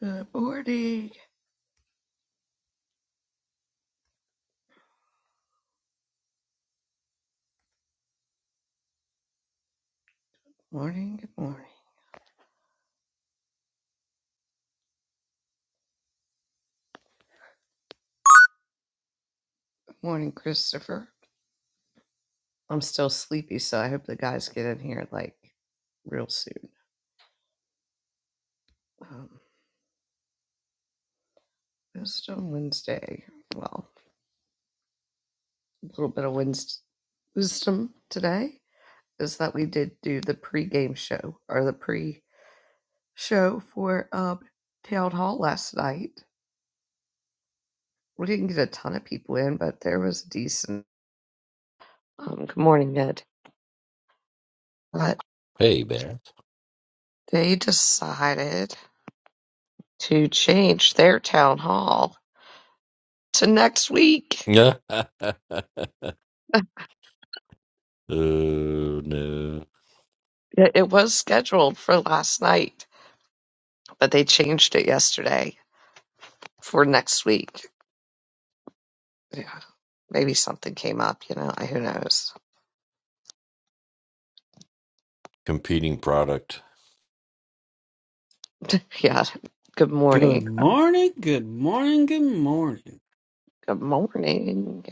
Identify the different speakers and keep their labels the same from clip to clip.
Speaker 1: Good morning. Morning, good morning. Good morning, Christopher. I'm still sleepy, so I hope the guys get in here like real soon. Um, Wisdom Wednesday. Well, a little bit of Wednesday wisdom today is that we did do the pre-game show or the pre-show for um, Town Hall last night. We didn't get a ton of people in, but there was decent. Um, good morning, Ed. But
Speaker 2: Hey, Bear.
Speaker 1: they decided to change their town hall to next week.
Speaker 2: Yeah. oh, no.
Speaker 1: It it was scheduled for last night, but they changed it yesterday for next week. Yeah. Maybe something came up, you know, who knows.
Speaker 2: Competing product.
Speaker 1: yeah. Good
Speaker 3: Good
Speaker 1: morning.
Speaker 3: morning, good morning, good morning.
Speaker 1: Good morning.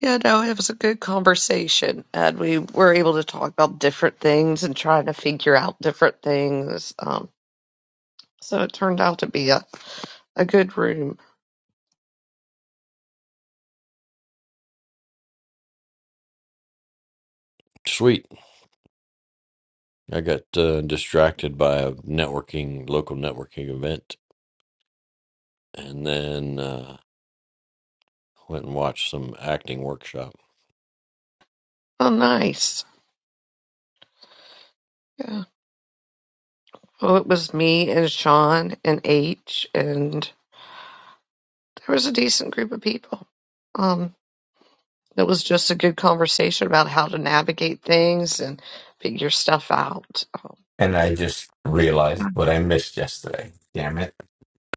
Speaker 1: Yeah, no, it was a good conversation, and we were able to talk about different things and trying to figure out different things. Um, so it turned out to be a, a good room.
Speaker 2: Sweet. I got uh, distracted by a networking, local networking event, and then uh, went and watched some acting workshop.
Speaker 1: Oh, nice. Yeah. Well, it was me and Sean and H and there was a decent group of people. Um, it was just a good conversation about how to navigate things and figure stuff out.
Speaker 4: And I just realized
Speaker 1: Um,
Speaker 4: what I missed yesterday. Damn it.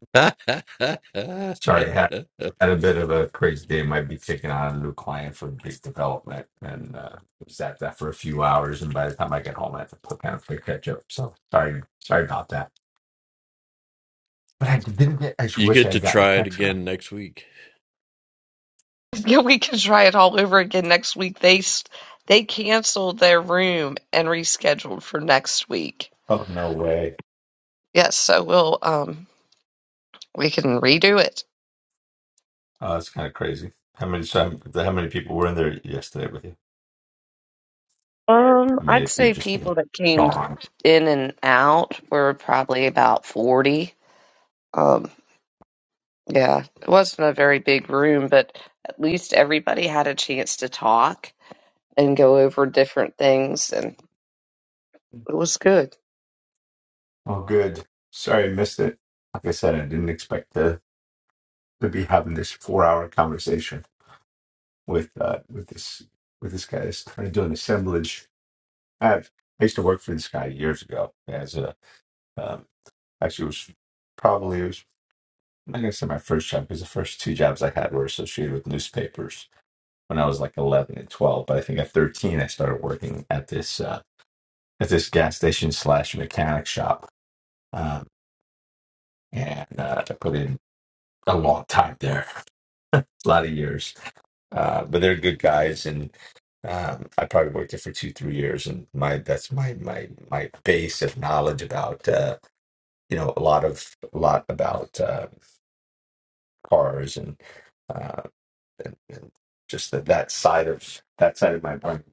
Speaker 2: you
Speaker 4: Sorry, I had, had a bit of a crazy day. Might be taking on a new client for big development and uh, was at that for a few hours. And by the time I get home, I have to put kind of play catch up. So sorry, sorry about that. But I didn't get, I just wish I
Speaker 2: get to
Speaker 4: had gotten a
Speaker 2: try it
Speaker 4: text from him.
Speaker 2: again next week.
Speaker 1: yeah, we can try it all over again next week. They they canceled their room and rescheduled for next week.
Speaker 4: Oh, no way.
Speaker 1: Yes, so we'll um we can redo it.
Speaker 4: Oh, that's kind of crazy. How many, so how many people were in there yesterday with you?
Speaker 1: Um,
Speaker 4: I mean,
Speaker 1: I'd
Speaker 4: it, it
Speaker 1: say
Speaker 4: just
Speaker 1: people that came
Speaker 4: gone.
Speaker 1: in and out were probably about forty. Um, Yeah, it wasn't a very big room, but at least everybody had a chance to talk and go over different things, and it was good.
Speaker 4: Oh, good. Sorry, I missed it. Like I said, I didn't expect to to be having this four hour conversation with uh with this with this guy. This trying to do an assemblage. I I used to work for this guy years ago as a um, Actually, it was probably, it was, I'm not going to say my first job because the first two jobs I had were associated with newspapers when I was like 11 and 12. But I think at 13, I started working at this, uh, at this gas station slash mechanic shop. Um, and uh, I put in a long time there, a lot of years. Uh, but they're good guys. And um, I probably worked there for two, three years, and my that's my my my base of knowledge about uh, you know a lot of a lot about uh, cars and uh, and, and just that that side of that side of my brain.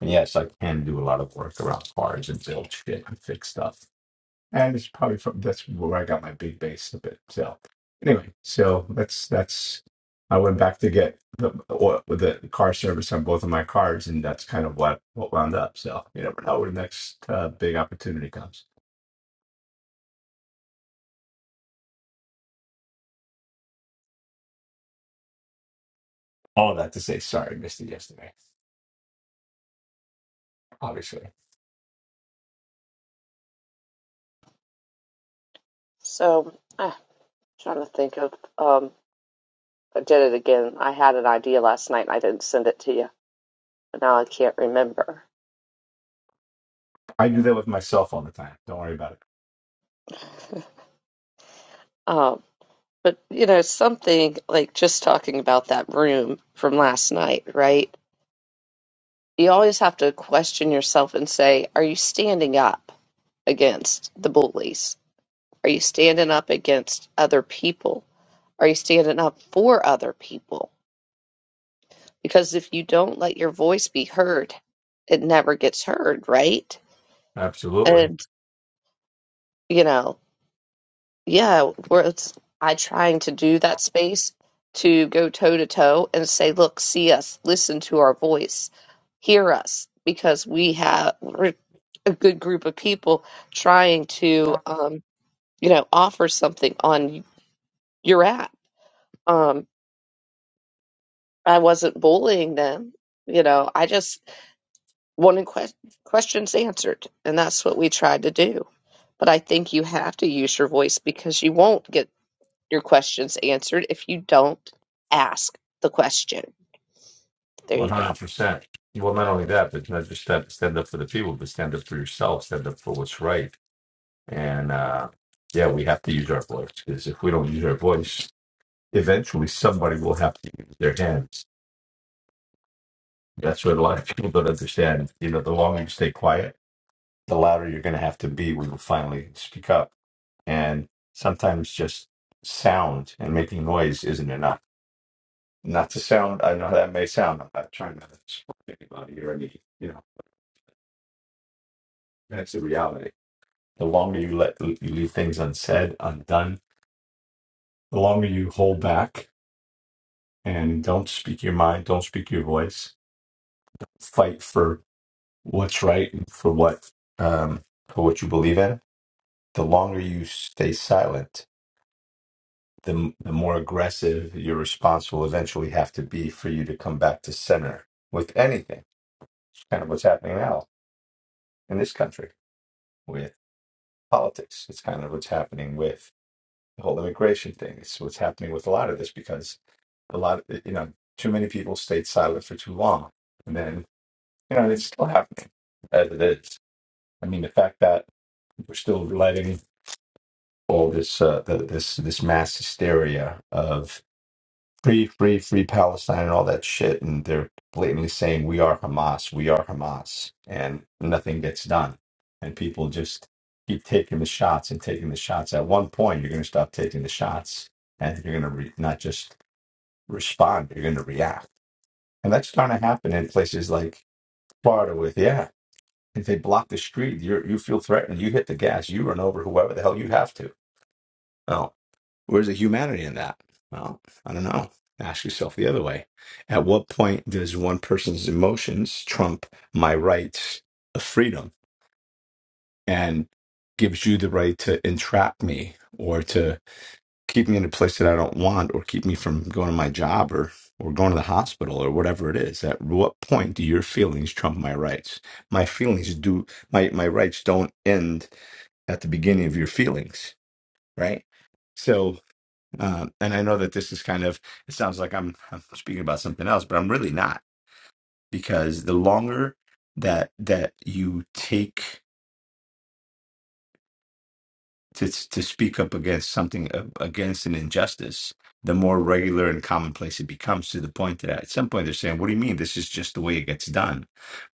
Speaker 4: And yes, I can do a lot of work around cars and build shit and fix stuff. And it's probably from that's where I got my big base a bit. So anyway, so that's that's I went back to get the oil with the car service on both of my cars, and that's kind of what what wound up. So you never know where the next uh, big opportunity comes. All that to say, sorry, missed it yesterday. Obviously,
Speaker 1: So, ah, trying to think of, um, I did it again. I had an idea last night and I didn't send it to you, but now I can't remember.
Speaker 4: I do that with myself all the time. Don't worry about it.
Speaker 1: Um, but you know, something like just talking about that room from last night, right? You always have to question yourself and say, are you standing up against the bullies? Are you standing up against other people? Are you standing up for other people? Because if you don't let your voice be heard, it never gets heard, right?
Speaker 4: Absolutely.
Speaker 1: And, you know, yeah, where it's, I trying to do that space to go toe to toe and say, look, see us, listen to our voice, hear us, because we have, we're a good group of people trying to, um, you know, offer something on your app. Um, I wasn't bullying them. You know, I just wanted que- questions answered, and that's what we tried to do. But I think you have to use your voice because you won't get your questions answered if you don't ask the question. There
Speaker 4: One
Speaker 1: you
Speaker 4: hundred
Speaker 1: go.
Speaker 4: percent. Well, not only that, but not just stand, stand up for the people, but stand up for yourself, stand up for what's right. And uh, yeah, we have to use our voice because if we don't use our voice, eventually somebody will have to use their hands. That's what a lot of people don't understand. You know, the longer you stay quiet, the louder you're going to have to be when you finally speak up. And sometimes just sound and making noise isn't enough. Not to sound, I know how that may sound. I'm not trying to support anybody or any, you know, that's the reality The longer you let you leave things unsaid, undone, the longer you hold back and don't speak your mind, don't speak your voice, fight for what's right and for what um, for what you believe in. The longer you stay silent, the m- the more aggressive your response will eventually have to be for you to come back to center with anything. It's kind of what's happening now in this country with politics. It's kind of what's happening with the whole immigration thing. It's what's happening with a lot of this because A lot, eh, you know, too many people stayed silent for too long, and then you know it's still happening as it is. I mean, the fact that we're still letting all this uh, the, this this mass hysteria of free, free, free Palestine and all that shit, and they're blatantly saying we are Hamas, we are Hamas, and nothing gets done, and people just keep taking the shots and taking the shots. At one point, you're going to stop taking the shots, and you're going to re- not just respond, you're going to react And that's starting to happen in places like Florida with, yeah, if they block the street, you you feel threatened, you hit the gas, you run over whoever the hell you have to. Well, where's the humanity in that? Well, I don't know. Ask yourself the other way. At what point does one person's emotions trump my rights of freedom and gives you the right to entrap me or to keep me in a place that I don't want or keep me from going to my job or or going to the hospital or whatever it is. At what point do your feelings trump my rights? My feelings do my my rights don't end at the beginning of your feelings, right? So, uh, and I know that this is kind of it sounds like I'm I'm speaking about something else, but I'm really not because the longer that that you take to to speak up against something uh, against an injustice, the more regular and commonplace it becomes to the point that at some point they're saying, "What do you mean? This is just the way it gets done."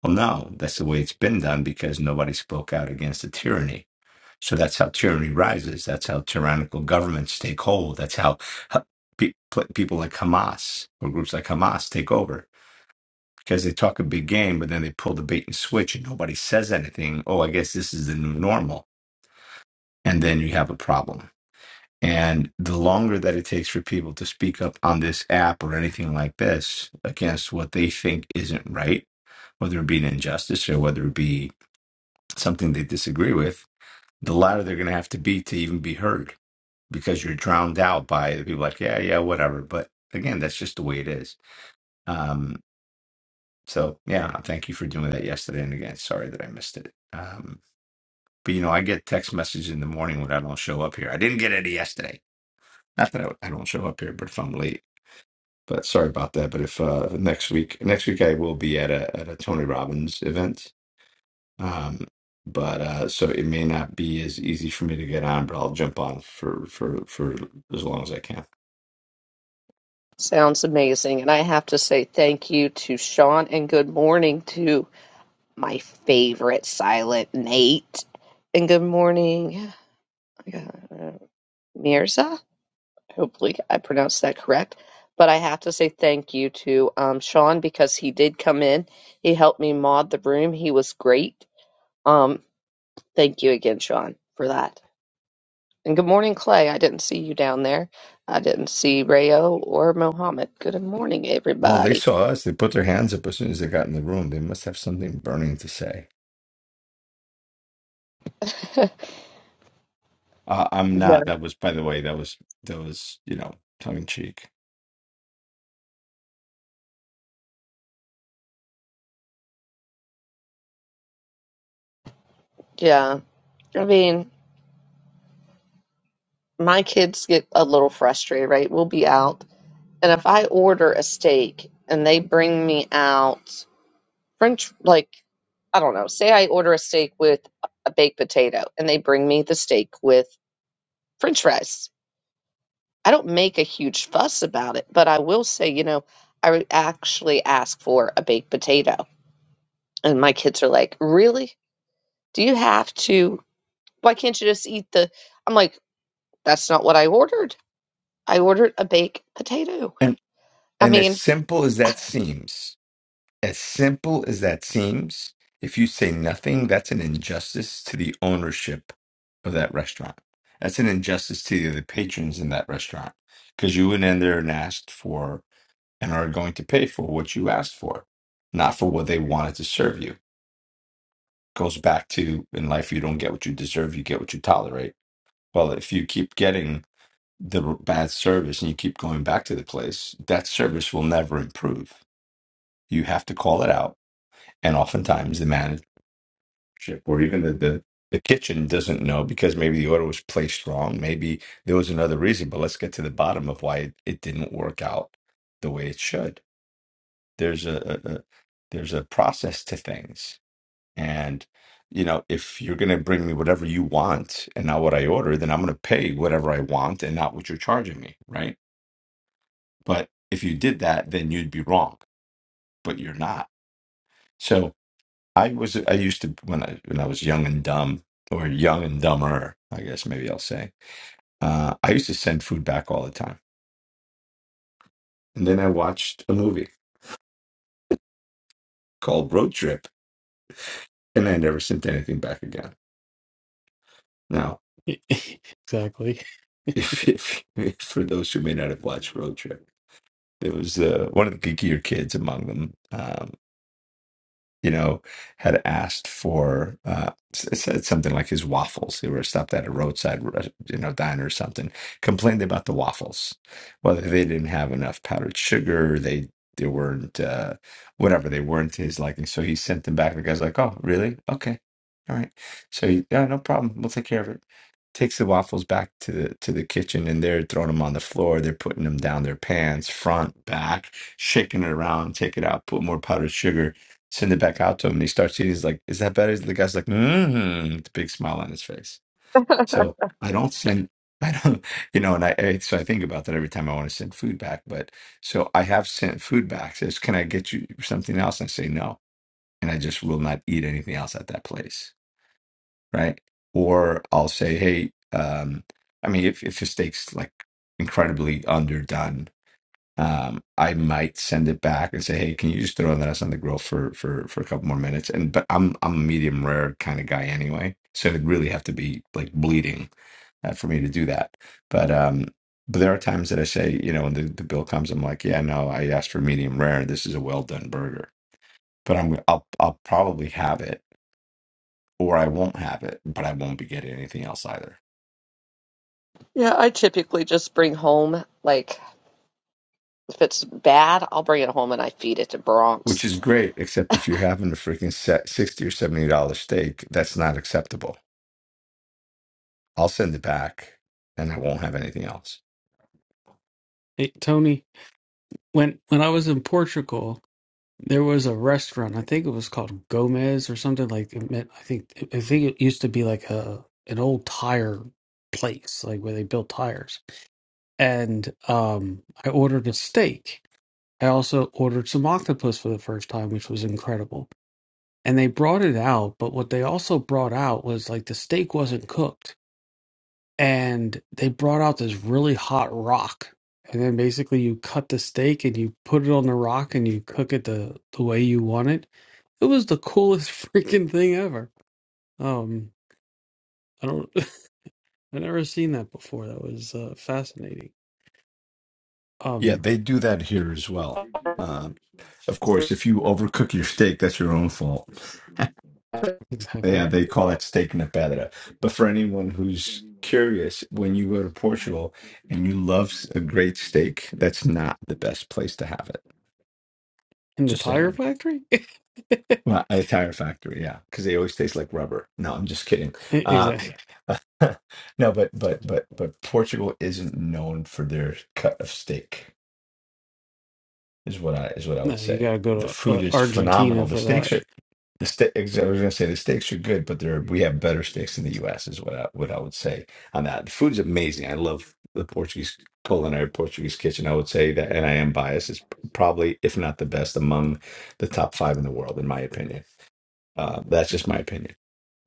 Speaker 4: Well, no, that's the way it's been done because nobody spoke out against the tyranny. So that's how tyranny rises. That's how tyrannical governments take hold. That's how ha- pe- pl- people like Hamas or groups like Hamas take over because they talk a big game, but then they pull the bait and switch, and nobody says anything. Oh, I guess this is the new normal, and then you have a problem and the longer that it takes for people to speak up on this app or anything like this against what they think isn't right, whether it be an injustice or whether it be something they disagree with, the louder they're going to have to be to even be heard because you're drowned out by the people like, yeah, yeah, whatever. But again, that's just the way it is. Um, so, yeah, thank you for doing that yesterday. And again, sorry that I missed it. Um, but, you know, I get text messages in the morning when I don't show up here. I didn't get any yesterday. Not that I, I don't show up here, but if I'm late. But sorry about that. But if uh, next week, next week I will be at a at a Tony Robbins event. Um, but uh, so it may not be as easy for me to get on, but I'll jump on for for for as long as I can.
Speaker 1: Sounds amazing. And I have to say thank you to Sean and good morning to my favorite silent Nate. And good morning, uh, Mirza. Hopefully I pronounced that correct. But I have to say thank you to um, Sean because he did come in. He helped me mod the room. He was great. Um, thank you again, Sean, for that. And good morning, Clay. I didn't see you down there. I didn't see Rayo or Mohammed. Good morning,
Speaker 4: Well, they
Speaker 1: everybody.
Speaker 4: saw us. They put their hands up as soon as they got in the room. They must have something burning to say. Uh, I'm not. That was, by the way, that was that was you know tongue in cheek.
Speaker 1: Yeah. I mean, my kids get a little frustrated, right? We'll be out, and if I order a steak and they bring me out French, like, I don't know, say I order a steak with a baked potato and they bring me the steak with French fries. I don't make a huge fuss about it, but I will say, you know, I would actually ask for a baked potato. And my kids are like, really? Do you have to? Why can't you just eat the? I'm like, that's not what I ordered I ordered a baked potato.
Speaker 4: And
Speaker 1: I
Speaker 4: and as
Speaker 1: mean,
Speaker 4: simple as that seems. As simple as that seems, if you say nothing, that's an injustice to the ownership of that restaurant. That's an injustice to the other patrons in that restaurant because you went in there and asked for and are going to pay for what you asked for, not for what they wanted to serve you. Goes back to in life, you don't get what you deserve, you get what you tolerate. Well, if you keep getting the bad service and you keep going back to the place, that service will never improve. You have to call it out. And oftentimes the manager. ship or even the, the the kitchen doesn't know because maybe the order was placed wrong maybe there was another reason but let's get to the bottom of why it, it didn't work out the way it should there's a, a, a there's a process to things and you know if you're going to bring me whatever you want and not what i order then i'm going to pay whatever i want and not what you're charging me right but if you did that then you'd be wrong but you're not so I was I used to when I when I was young and dumb or young and dumber, I guess maybe I'll say. Uh, I used to send food back all the time, and then I watched a movie called Road Trip, and I never sent anything back again. Now,
Speaker 3: Yeah, Exactly.
Speaker 4: if, if, if for those who may not have watched Road Trip, there was uh, one of the geekier kids among them. um, you know, had asked for uh, s- it said something like his waffles. They were stopped at a roadside, res- you know, diner or something. Complained about the waffles, whether they didn't have enough powdered sugar, they they weren't uh, whatever they weren't to his liking. So he sent them back. The guy's like, "Oh, really? Okay, all right." So he, yeah, no problem. We'll take care of it. Takes the waffles back to the to the kitchen, and they're throwing them on the floor. They're putting them down their pants, front, back, shaking it around. Take it out, put more powdered sugar Send it back out to him, and he starts eating. He's like, "Is that better?" The guy's like, "Mmm," with a big smile on his face. So I don't send. I don't, you know, and I I- so I think about that every time I want to send food back. But so I have sent food back. Says, "Can I get you something else?" And I say no, and I just will not eat anything else at that place, right? Or I'll say, "Hey, um, I mean, if if the steak's like incredibly underdone, um, I might send it back and say, "Hey, can you just throw that us on the grill for for for a couple more minutes?" And but I'm I'm a medium rare kind of guy anyway, so it'd really have to be like bleeding uh, for me to do that. But um, but there are times that I say, you know, when the, the bill comes, I'm like, "Yeah, no, I asked for medium rare. This is a well done burger." But I'm I'll I'll probably have it, or I won't have it, but I won't be getting anything else either.
Speaker 1: yeah, I typically just bring home, like, if it's bad, I'll bring it home and I feed it to
Speaker 4: Which
Speaker 1: Bronx.
Speaker 4: is great, except if you're having a freaking set sixty or seventy dollar steak, that's not acceptable I'll send it back and I won't have anything else.
Speaker 3: Hey, Tony, when when I was in Portugal, there was a restaurant. I think it was called Gomez or something like it meant, I think I think it used to be like a an old tire place, like where they built tires. And um I ordered a steak. I also ordered some octopus for the first time, which was incredible. And they brought it out, but what they also brought out was like the steak wasn't cooked and they brought out this really hot rock. And then basically you cut the steak and you put it on the rock and you cook it the, the way you want it. It was the coolest freaking thing ever. Um I don't I never seen that before. That was uh, fascinating.
Speaker 4: Yeah,
Speaker 3: Um
Speaker 4: they do that here as well. Um, of course, if you overcook your steak, that's your own fault.
Speaker 3: exactly.
Speaker 4: Yeah, they call that steak na pedra. But for anyone who's curious, when you go to Portugal and you love a great steak, that's not the best place to have it.
Speaker 3: In the
Speaker 4: Just
Speaker 3: tire
Speaker 4: saying.
Speaker 3: factory?
Speaker 4: Well, at a tire factory, yeah, because they always taste like rubber. No, I'm just kidding.
Speaker 3: E- exactly.
Speaker 4: Um, no, but but but but Portugal isn't known for their cut of steak. is what I is what I would
Speaker 3: No, you
Speaker 4: say.
Speaker 3: gotta
Speaker 4: The
Speaker 3: go to uh,
Speaker 4: food is
Speaker 3: Argentina
Speaker 4: phenomenal. The
Speaker 3: for
Speaker 4: steaks
Speaker 3: that.
Speaker 4: are the steak. I was going to say the steaks are good, but there we have better steaks in the U.S. is what I what I would say on that. The food's amazing. I love the Portuguese culinary Portuguese kitchen. I would say that, and I am biased. It's probably if not the best among the top five in the world, in my opinion. Uh, that's just my opinion.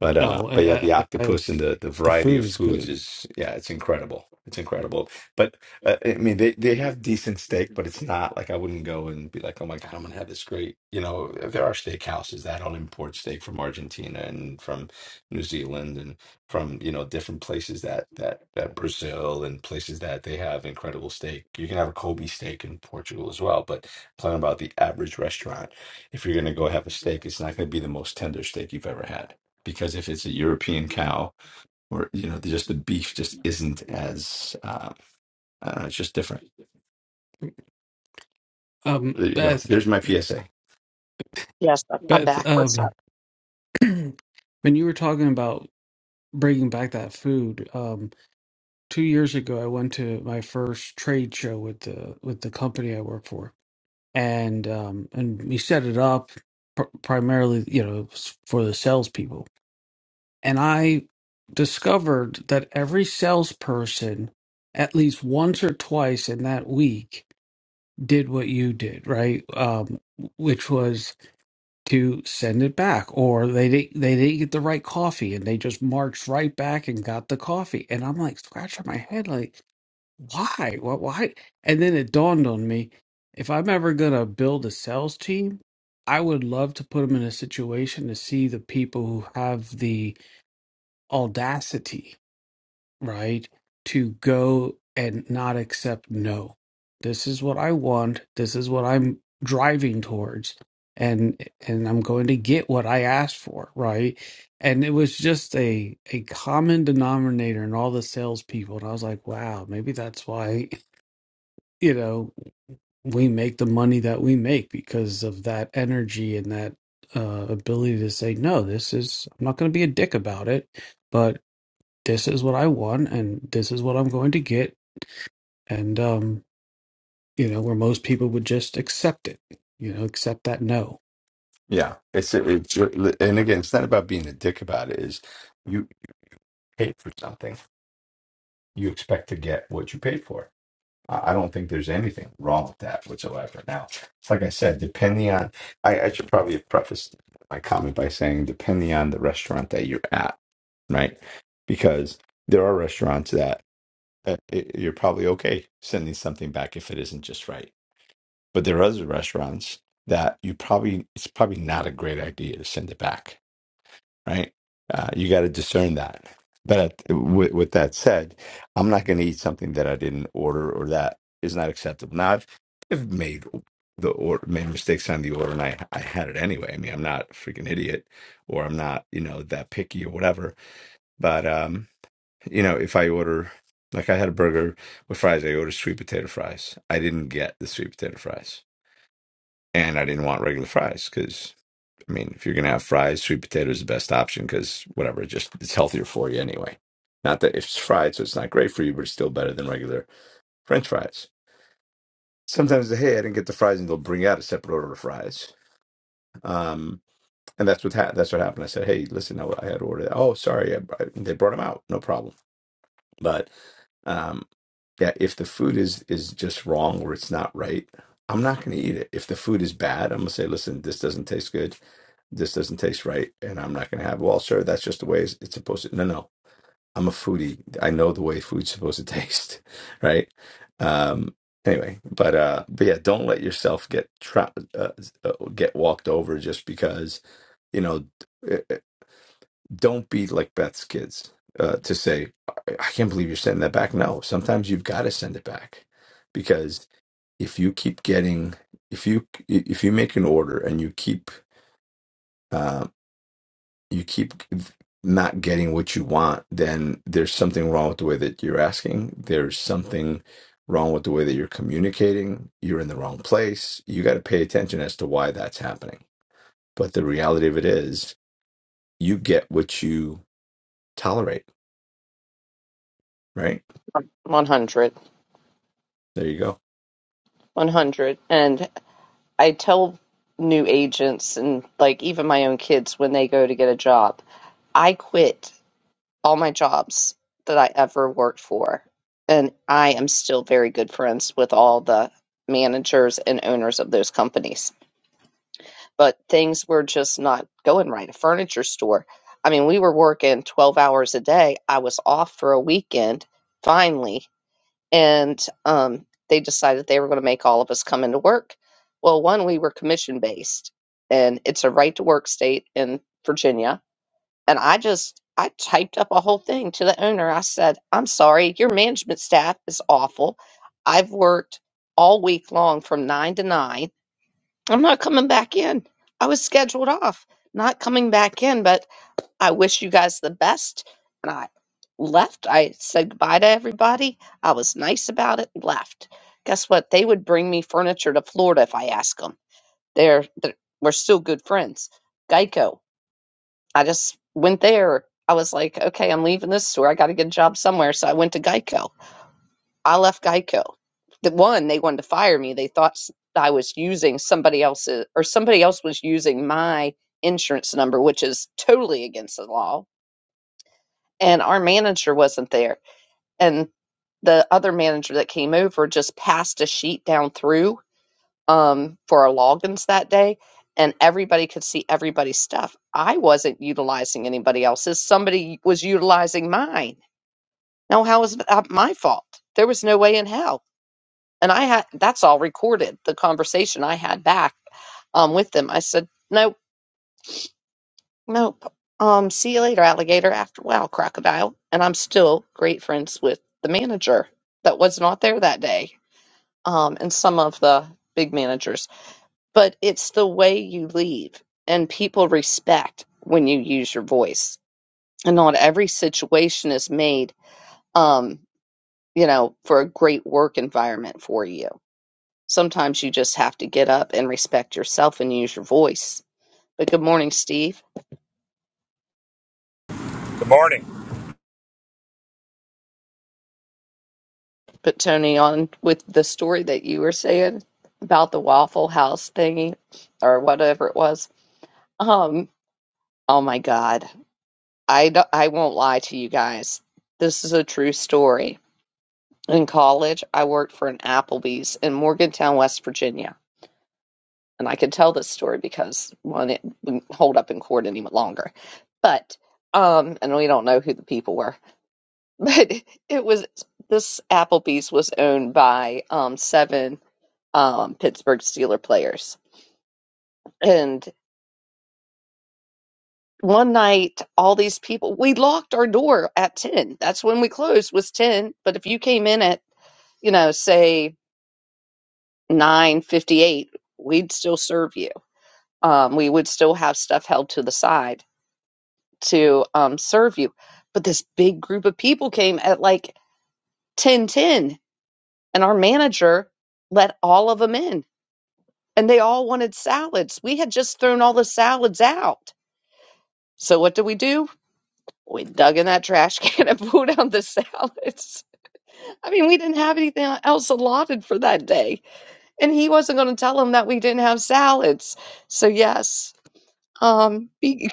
Speaker 4: But uh,
Speaker 3: Oh, I,
Speaker 4: but yeah,
Speaker 3: I,
Speaker 4: the
Speaker 3: I, I
Speaker 4: octopus and the the
Speaker 3: the
Speaker 4: variety
Speaker 3: food
Speaker 4: of
Speaker 3: is
Speaker 4: foods
Speaker 3: good.
Speaker 4: is yeah, it's incredible. It's incredible. But uh, I mean, they they have decent steak, but it's not like I wouldn't go and be like, oh my God, I'm gonna have this great. You know, there are steakhouses that don't import steak from Argentina and from New Zealand and from you know different places that that that Brazil and places that they have incredible steak. You can have a Kobe steak in Portugal as well, but I'm talking about the average restaurant if you're going to go have a steak, it's not going to be the most tender steak you've ever had because if it's a European cow or you know just the beef just isn't as uh, I don't know, it's just different.
Speaker 3: Um,
Speaker 4: There you go.
Speaker 3: Beth,
Speaker 4: There's my PSA.
Speaker 1: Yes, I'm
Speaker 3: Beth,
Speaker 1: back. What's
Speaker 3: um,
Speaker 1: up?
Speaker 3: When you were talking about bringing back that food, um, two years ago, I went to my first trade show with the with the company I work for, and um, and we set it up pr primarily, you know, s- for the salespeople. And I discovered that every salesperson, at least once or twice in that week, did what you did, right? Um, which was to send it back or they did they didn't get the right coffee and they just marched right back and got the coffee and i'm like scratching my head like why why, why? and then it dawned on me if i'm ever going to build a sales team i would love to put them in a situation to see the people who have the audacity right? To go and not accept no. This is what I want. This is what I'm driving towards. And and I'm going to get what I asked for, right? And it was just a a common denominator in all the salespeople. And I was like, wow, maybe that's why, you know, we make the money that we make because of that energy and that uh, ability to say, no, this is, I'm not going to be a dick about it this is what I want and this is what I'm going to get. And, um, you know, where most people would just accept it, you know, accept that no.
Speaker 4: Yeah, it's it's and again, it's not about being a dick about it. Is you paid for something, you expect to get what you paid for I I don't think there's anything wrong with that whatsoever. Now, like I said, depending on, I, I should probably have prefaced my comment by saying, depending on the restaurant that you're at, right? Because there are restaurants that uh, it, you're probably okay sending something back if it isn't just right. But there are other restaurants that you probably, it's probably not a great idea to send it back right? Uh, you got to discern that. But with, with that said, I'm not going to eat something that I didn't order or that is not acceptable. Now, I've, I've made the order, made mistakes on the order, and I, I had it anyway. I mean, I'm not a freaking idiot, or I'm not, you know, that picky or whatever. But um, you know, if I order, like I had a burger with fries, I ordered sweet potato fries. I didn't get the sweet potato fries, and I didn't want regular fries because I mean, if you're gonna have fries, sweet potato is the best option because whatever, it just it's healthier for you anyway. Not that it's fried, so it's not great for you, but it's still better than regular French fries. Sometimes, hey, I didn't get the fries, and they'll bring out a separate order of fries. Um, and that's what ha- that's what happened. I said, hey, listen, I, I had ordered. Oh, sorry, I, I- they brought them out, no problem. But um, that if the food is is just wrong or it's not right, I'm not going to eat it. If the food is bad, I'm going to say, listen, this doesn't taste good. This doesn't taste right, and I'm not going to have. It. Well, sir, that's just the way it's, it's supposed to. No, no, I'm a foodie. I know the way food's supposed to taste, right? Um, anyway, but uh, but yeah, don't let yourself get tra- uh, uh, get walked over just because you know don't be like Beth's kids uh, to say, I I can't believe you're sending that back. No, sometimes you've got to send it back because if you keep getting, if you if you make an order and you keep uh, you keep not getting what you want, then there's something wrong with the way that you're asking. There's something wrong with the way that you're communicating. You're in the wrong place. You got to pay attention as to why that's happening. But the reality of it is, you get what you tolerate, right?
Speaker 1: 100.
Speaker 4: There you go.
Speaker 1: 100. And I tell new agents and, like, even my own kids when they go to get a job, I quit all my jobs that I ever worked for. And I am still very good friends with all the managers and owners of those companies but things were just not going right. A furniture store. I mean, we were working 12 hours a day. I was off for a weekend finally, and um, they decided they were going to make all of us come into work. Well, one, we were commission based, and it's a right to work state in Virginia. And I just, I typed up a whole thing to the owner. I said, I'm sorry, your management staff is awful. I've worked all week long from nine to nine I'm not coming back in. I was scheduled off, not coming back in, but I wish you guys the best. And I left. I said goodbye to everybody. I was nice about it, left. Guess what? They would bring me furniture to Florida if I asked them. They're, they're we're still good friends. Geico. I just went there. I was like, okay, I'm leaving this store. I got to get a job somewhere. So I went to Geico I left Geico. The one, they wanted to fire me. They thought s- I was using somebody else's, or somebody else was using my insurance number, which is totally against the law. And our manager wasn't there. And the other manager that came over just passed a sheet down through um, for our logins that day, and everybody could see everybody's stuff. I wasn't utilizing anybody else's, somebody was utilizing mine. Now, how is that uh, my fault? There was no way in hell. And I had that's all recorded, the conversation I had back um, with them. I said, nope, nope. Um, see you later, alligator. After a while, crocodile. And I'm still great friends with the manager that was not there that day um, and some of the big managers. But it's the way you leave, and people respect when you use your voice. And not every situation is made, um, you know, for a great work environment for you Sometimes you just have to get up and respect yourself and use your voice. But good morning, Steve.
Speaker 5: Good morning.
Speaker 1: Put Tony on with the story that you were saying about the Waffle House thingy or whatever it was. Um, oh my God. I, d- I won't lie to you guys. This is a true story. In college, I worked for an Applebee's in Morgantown, West Virginia. And I could tell this story because, one, it wouldn't hold up in court any longer. But, um, and we don't know who the people were but it was this Applebee's was owned by um, seven um, Pittsburgh Steeler players, and one night all these people we locked our door at ten. That's when we closed was ten. But if you came in at you know say nine fifty eight, we'd still serve you. Um, we would still have stuff held to the side to um, serve you. But this big group of people came at like ten ten, and our manager let all of them in and they all wanted salads. We had just thrown all the salads out. So what did we do? We dug in that trash can and pulled out the salads. I mean, we didn't have anything else allotted for that day. And he wasn't going to tell them that we didn't have salads. So yes, um, be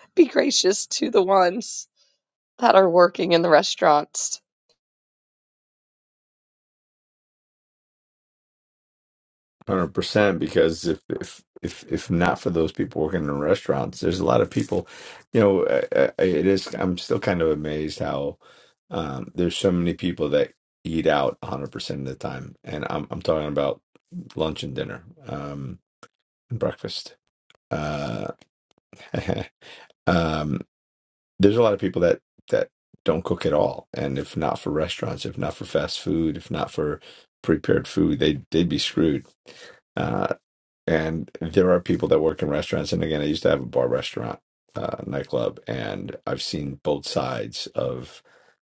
Speaker 1: be gracious to the ones that are working in the restaurants.
Speaker 4: Hundred percent, because if if if if not for those people working in restaurants, there's a lot of people. You know, I, I, it is. I'm still kind of amazed how um, there's so many people that eat out 100 percent of the time, and I'm I'm talking about lunch and dinner, um, and breakfast. Uh, um, there's a lot of people that that don't cook at all, and if not for restaurants, if not for fast food, if not for prepared food, they they'd be screwed Uh, and there are people that work in restaurants. And again, I used to have a bar restaurant, uh, nightclub, and I've seen both sides of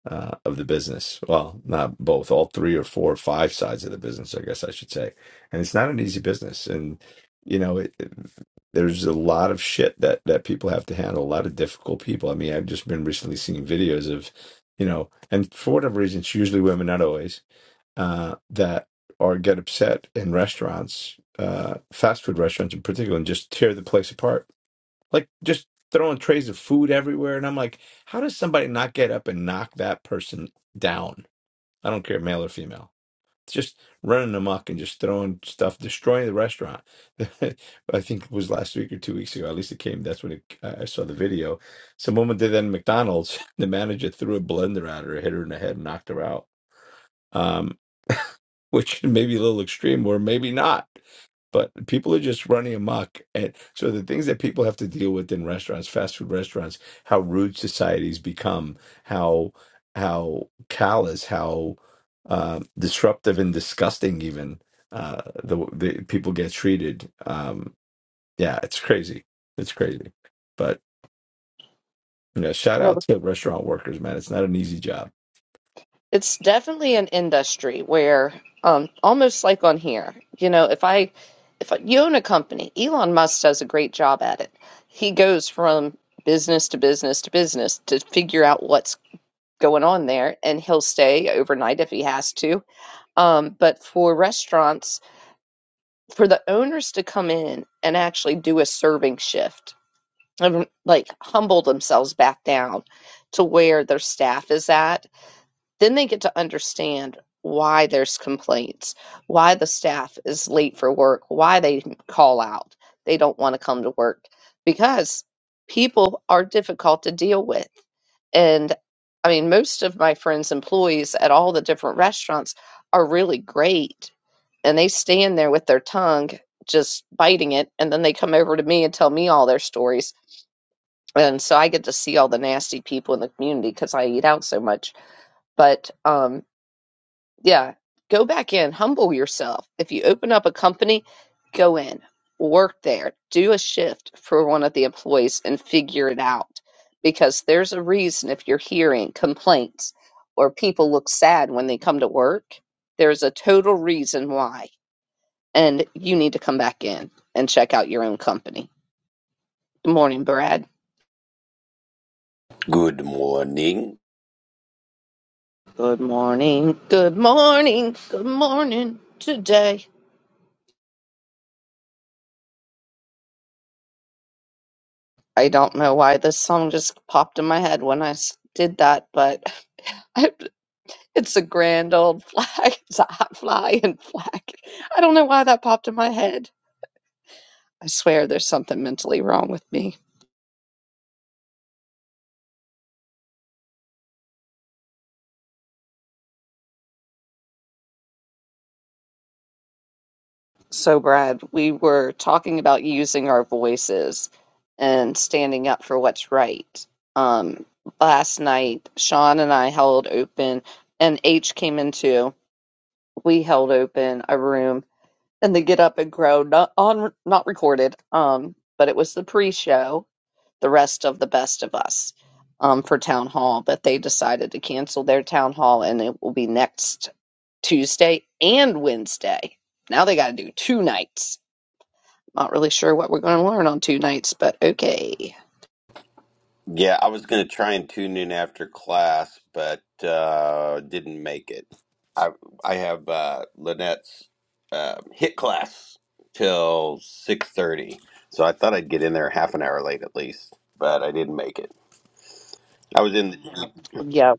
Speaker 4: uh, of the business. Well, not both, all three or four or five sides of the business, I guess I should say. And it's not an easy business. And you know, it, it- there's a lot of shit that that people have to handle. A lot of difficult people. I mean, I've just been recently seeing videos of, you know, and for whatever reason, it's usually women, not always uh, that or get upset in restaurants, uh, fast food restaurants in particular, and just tear the place apart. Like just throwing trays of food everywhere. And I'm like, how does somebody not get up and knock that person down? I don't care, male or female. It's Just running amok and just throwing stuff, destroying the restaurant. I think it was last week or two weeks ago. At least it came. That's when it, I I saw the video. Some woman did that in McDonald's. The manager threw a blender at her, hit her in the head, and knocked her out. Um which may be a little extreme or maybe not. But people are just running amok. And so the things that people have to deal with in restaurants, fast food restaurants, how rude societies become, how how callous, how uh, disruptive and disgusting even uh, the, the people get treated. Um, yeah, it's crazy. It's crazy. But you know, shout out to restaurant workers, man. It's not an easy job.
Speaker 1: It's definitely an industry where, um, almost like on here, you know, if I, if you own a company, Elon Musk does a great job at it. He goes from business to business to business to figure out what's going on there, and he'll stay overnight if he has to. Um, but for restaurants, for the owners to come in and actually do a serving shift, and, like humble themselves back down to where their staff is at then they get to understand why there's complaints, why the staff is late for work, why they call out. They don't want to come to work because people are difficult to deal with. And I mean, most of my friends' employees at all the different restaurants are really great and they stand there with their tongue just biting it. And then they come over to me and tell me all their stories. And so I get to see all the nasty people in the community because I eat out so much. But, um, yeah. Go back in, humble yourself. If you open up a company, go in, work there, do a shift for one of the employees and figure it out. Because there's a reason if you're hearing complaints or people look sad when they come to work, there's a total reason why. And you need to come back in and check out your own company. Good morning, Brad.
Speaker 6: Good morning.
Speaker 1: Good morning. Good morning. Good morning today. I don't know why this song just popped in my head when I s- did that, but I, it's a grand old flag. It's a hot flying flag. I don't know why that popped in my head. I swear there's something mentally wrong with me. So, Brad, we were talking about using our voices and standing up for what's right. Um, last night, Sean and I held open, and H came into. We held open a room and the Get Up and Grow not on not recorded um but it was the pre-show the rest of the best of us um for town hall but they decided to cancel their town hall and it will be next Tuesday and Wednesday now they got to do two nights not really sure what we're going to learn on two nights but okay
Speaker 6: Yeah, I was going to try and tune in after class, but uh, didn't make it. I I have uh, Lynette's uh, hit class till six thirty, so I thought I'd get in there half an hour late at least, but I didn't make it. I was in. The, Jeep.
Speaker 1: yeah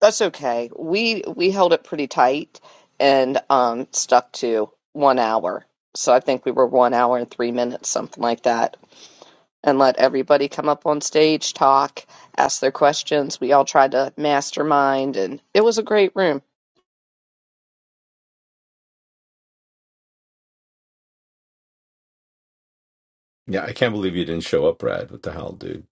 Speaker 1: that's okay we we held it pretty tight and um stuck to 1 hour so I think we were one hour and three minutes, something like that and let everybody come up on stage, talk, ask their questions. We all tried to mastermind, and it was a great room.
Speaker 4: Yeah, I can't believe you didn't show up, Brad. What the hell, dude?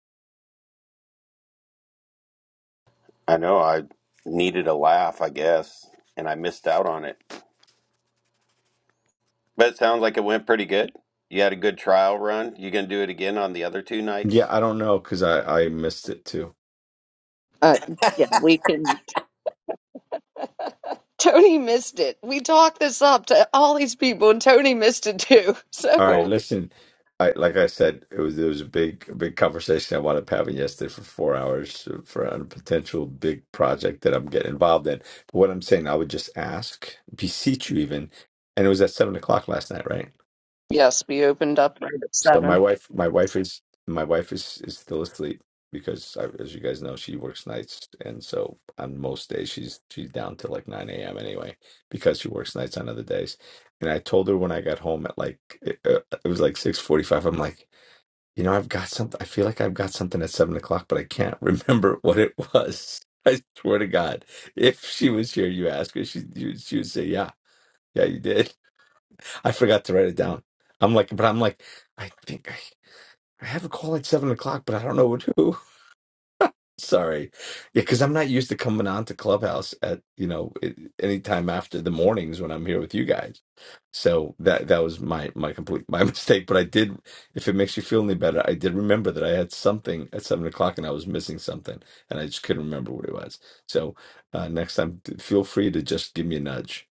Speaker 6: I know I needed a laugh, I guess, and I missed out on it. But it sounds like it went pretty good. You had a good trial run. You gonna do it again on the other two
Speaker 4: Yeah,
Speaker 6: nights?
Speaker 4: I don't know because I I missed it too.
Speaker 1: Uh, yeah, we can. Tony missed it. We talked this up to all these people, and Tony missed it too. So,
Speaker 4: All right, listen. I, like I said, it was it was a big a big conversation I wound up having yesterday for four hours for a potential big project that I'm getting involved in. But what I'm saying, I would just ask, beseech you, even, and it was at seven o'clock last night, right?
Speaker 1: yes, we opened up right at
Speaker 4: So my
Speaker 1: seven.
Speaker 4: wife, my wife is my wife is is still asleep because, I, as you guys know, she works nights, and so on most days she's she's down till like nine a.m. anyway because she works nights on other days. And I told her when I got home at like it, uh, it was like six forty-five. I'm like. You know, I've got something. I feel like I've got something at seven o'clock, but I can't remember what it was. I swear to God, if she was here, you ask her, she you, she would say, "Yeah, yeah, you did." I forgot to write it down. I'm like, but I'm like, I think I, I have a call at seven o'clock, but I don't know with who. Sorry. Yeah, because I'm not used to coming on to Clubhouse at, you know, it- any time after the mornings when I'm here with you guys. So that that was my my complete my mistake. But I did, if it makes you feel any better, I did remember that I had something at seven o'clock and I was missing something and I just couldn't remember what it was. So uh, next time, d- feel free to just give me a nudge.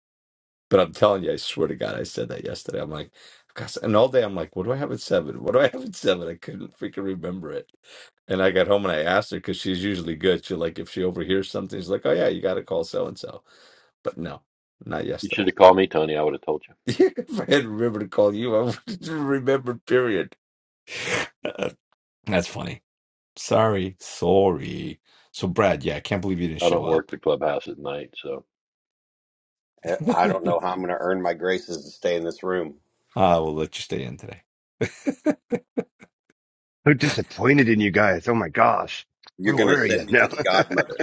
Speaker 4: But I'm telling you, I swear to God, I said that yesterday. I'm like, gosh, and all day I'm like, what do I have at seven? What do I have at seven? I couldn't freaking remember it. And I got home and I asked her because she's usually good. She like if she overhears something, she's like, oh yeah, you got to call so and so. But no, not
Speaker 2: You should
Speaker 4: yesterday.
Speaker 2: have called me, Tony. I would have told you.
Speaker 4: if I had remembered to call you, I would have remembered. Period. Uh, That's funny. Sorry, sorry. So Brad, yeah, I can't believe you didn't
Speaker 2: I
Speaker 4: show
Speaker 2: don't work
Speaker 4: up.
Speaker 2: the clubhouse at night, so
Speaker 6: Eh, I don't know how I'm going to earn my graces to stay in this room.
Speaker 4: Ah, we will let you stay in today.
Speaker 7: so disappointed in you guys. Oh my gosh.
Speaker 6: You're
Speaker 7: Where
Speaker 6: going to
Speaker 7: were you?
Speaker 6: send me
Speaker 7: No.
Speaker 6: to the godmother.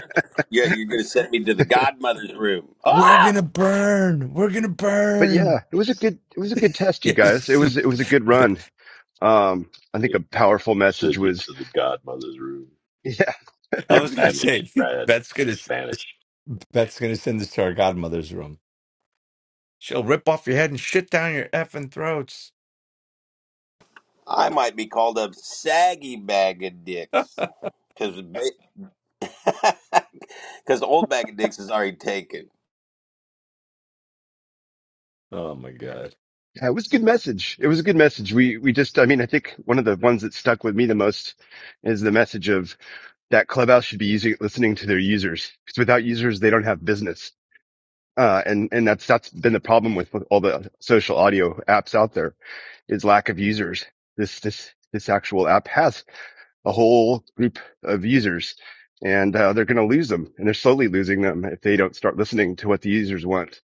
Speaker 6: Yeah, you're going to send me to the godmother's room.
Speaker 4: We're
Speaker 6: Ah!
Speaker 4: gonna burn. We're gonna
Speaker 7: but
Speaker 4: burn.
Speaker 7: yeah, it was a good, it was a good test, you guys. It
Speaker 4: Yes,
Speaker 7: was, it was a good run. Um, I think
Speaker 2: it
Speaker 7: a powerful message
Speaker 2: sent you
Speaker 7: was,
Speaker 2: to the godmother's room.
Speaker 7: yeah,
Speaker 4: I
Speaker 2: You're
Speaker 4: was gonna say
Speaker 2: banished, Brad.
Speaker 4: Beth's gonna
Speaker 2: Banished.
Speaker 4: Beth's gonna send this to our godmother's room. She'll rip off your head and shit down your effing throats.
Speaker 6: I might be called a saggy bag of
Speaker 4: oh
Speaker 6: dicks because because old bag of dicks is already taken.
Speaker 4: my god.
Speaker 7: yeah, it was a good message. It was a good message. We, we just, I mean, I think one of the ones that stuck with me the most is the message of that clubhouse should be using, listening to their users because without users, they don't have business. Uh, and, and that's, that's been the problem with with all the social audio apps out there is lack of users. This, this, this actual app has. a whole group of users and uh, they're going to lose them and they're slowly losing them if they don't start listening to what the users want.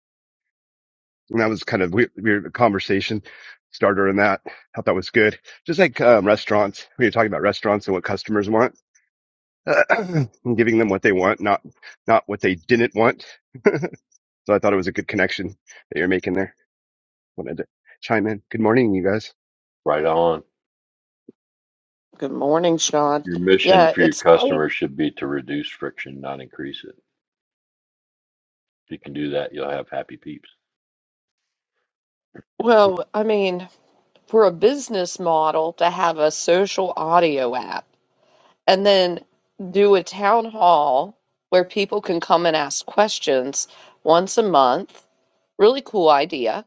Speaker 7: And that was kind of weird, weird conversation starter in that. I thought that was good. Just like um, restaurants, we were talking about restaurants and what customers want and giving them what they want, not, not what they didn't want. So I thought it was a good connection that you're making there. Wanted to chime in. Good morning, you guys.
Speaker 2: Right on.
Speaker 1: Good morning, Sean.
Speaker 2: Your mission
Speaker 1: Yeah,
Speaker 2: for your
Speaker 1: it's quite
Speaker 2: customers should be to reduce friction, not increase it. If you can do that, you'll have happy peeps.
Speaker 1: well,
Speaker 2: It
Speaker 1: I mean, for a business model to have a social audio app. and then do a town hall where people can come and ask questions once a month. Really cool idea,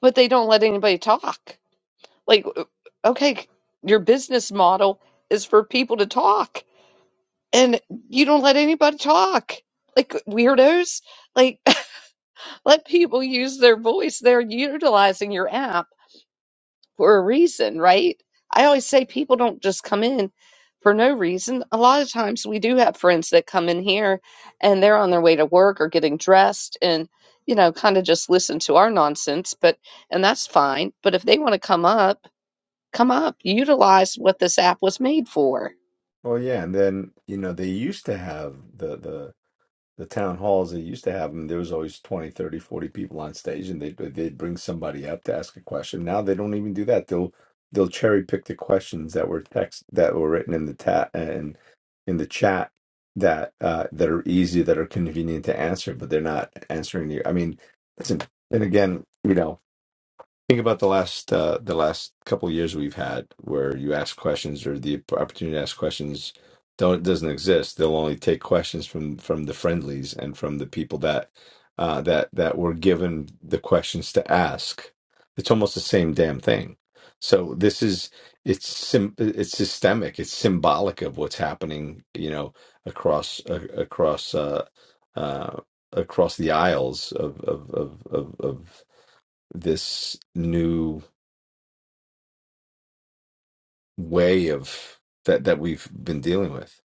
Speaker 1: but they don't let anybody talk. Like, okay, your business model is for people to talk, and you don't let anybody talk. Like, weirdos, like, let people use their voice. They're utilizing your app for a reason, right? I always say people don't just come in for no reason. A lot of times we do have friends that come in here and they're on their way to work or getting dressed and, you know, kind of just listen to our nonsense, but, and that's fine. But if they want to come up, come up, utilize what this app was made for.
Speaker 4: Well, yeah, and then you know they used to have the the the town halls that used to have them, there was always 20, 30, 40 people on stage and they'd, they'd bring somebody up to ask a question. Now they don't even do that. They'll, they'll cherry pick the questions that were text that were written in the ta- and in the chat that, uh, that are easy, that are convenient to answer, but they're not answering you. I mean, listen, and again, you know, Think about the last uh, the last couple of years we've had where you ask questions or the opportunity to ask questions don't doesn't exist. They'll only take questions from from the friendlies and from the people that uh, that that were given the questions to ask. It's almost the same damn thing. So this is it's sim- it's systemic. It's symbolic of what's happening. You know across uh, across uh, uh, across the aisles of of of of, of this new way of that that we've been dealing with.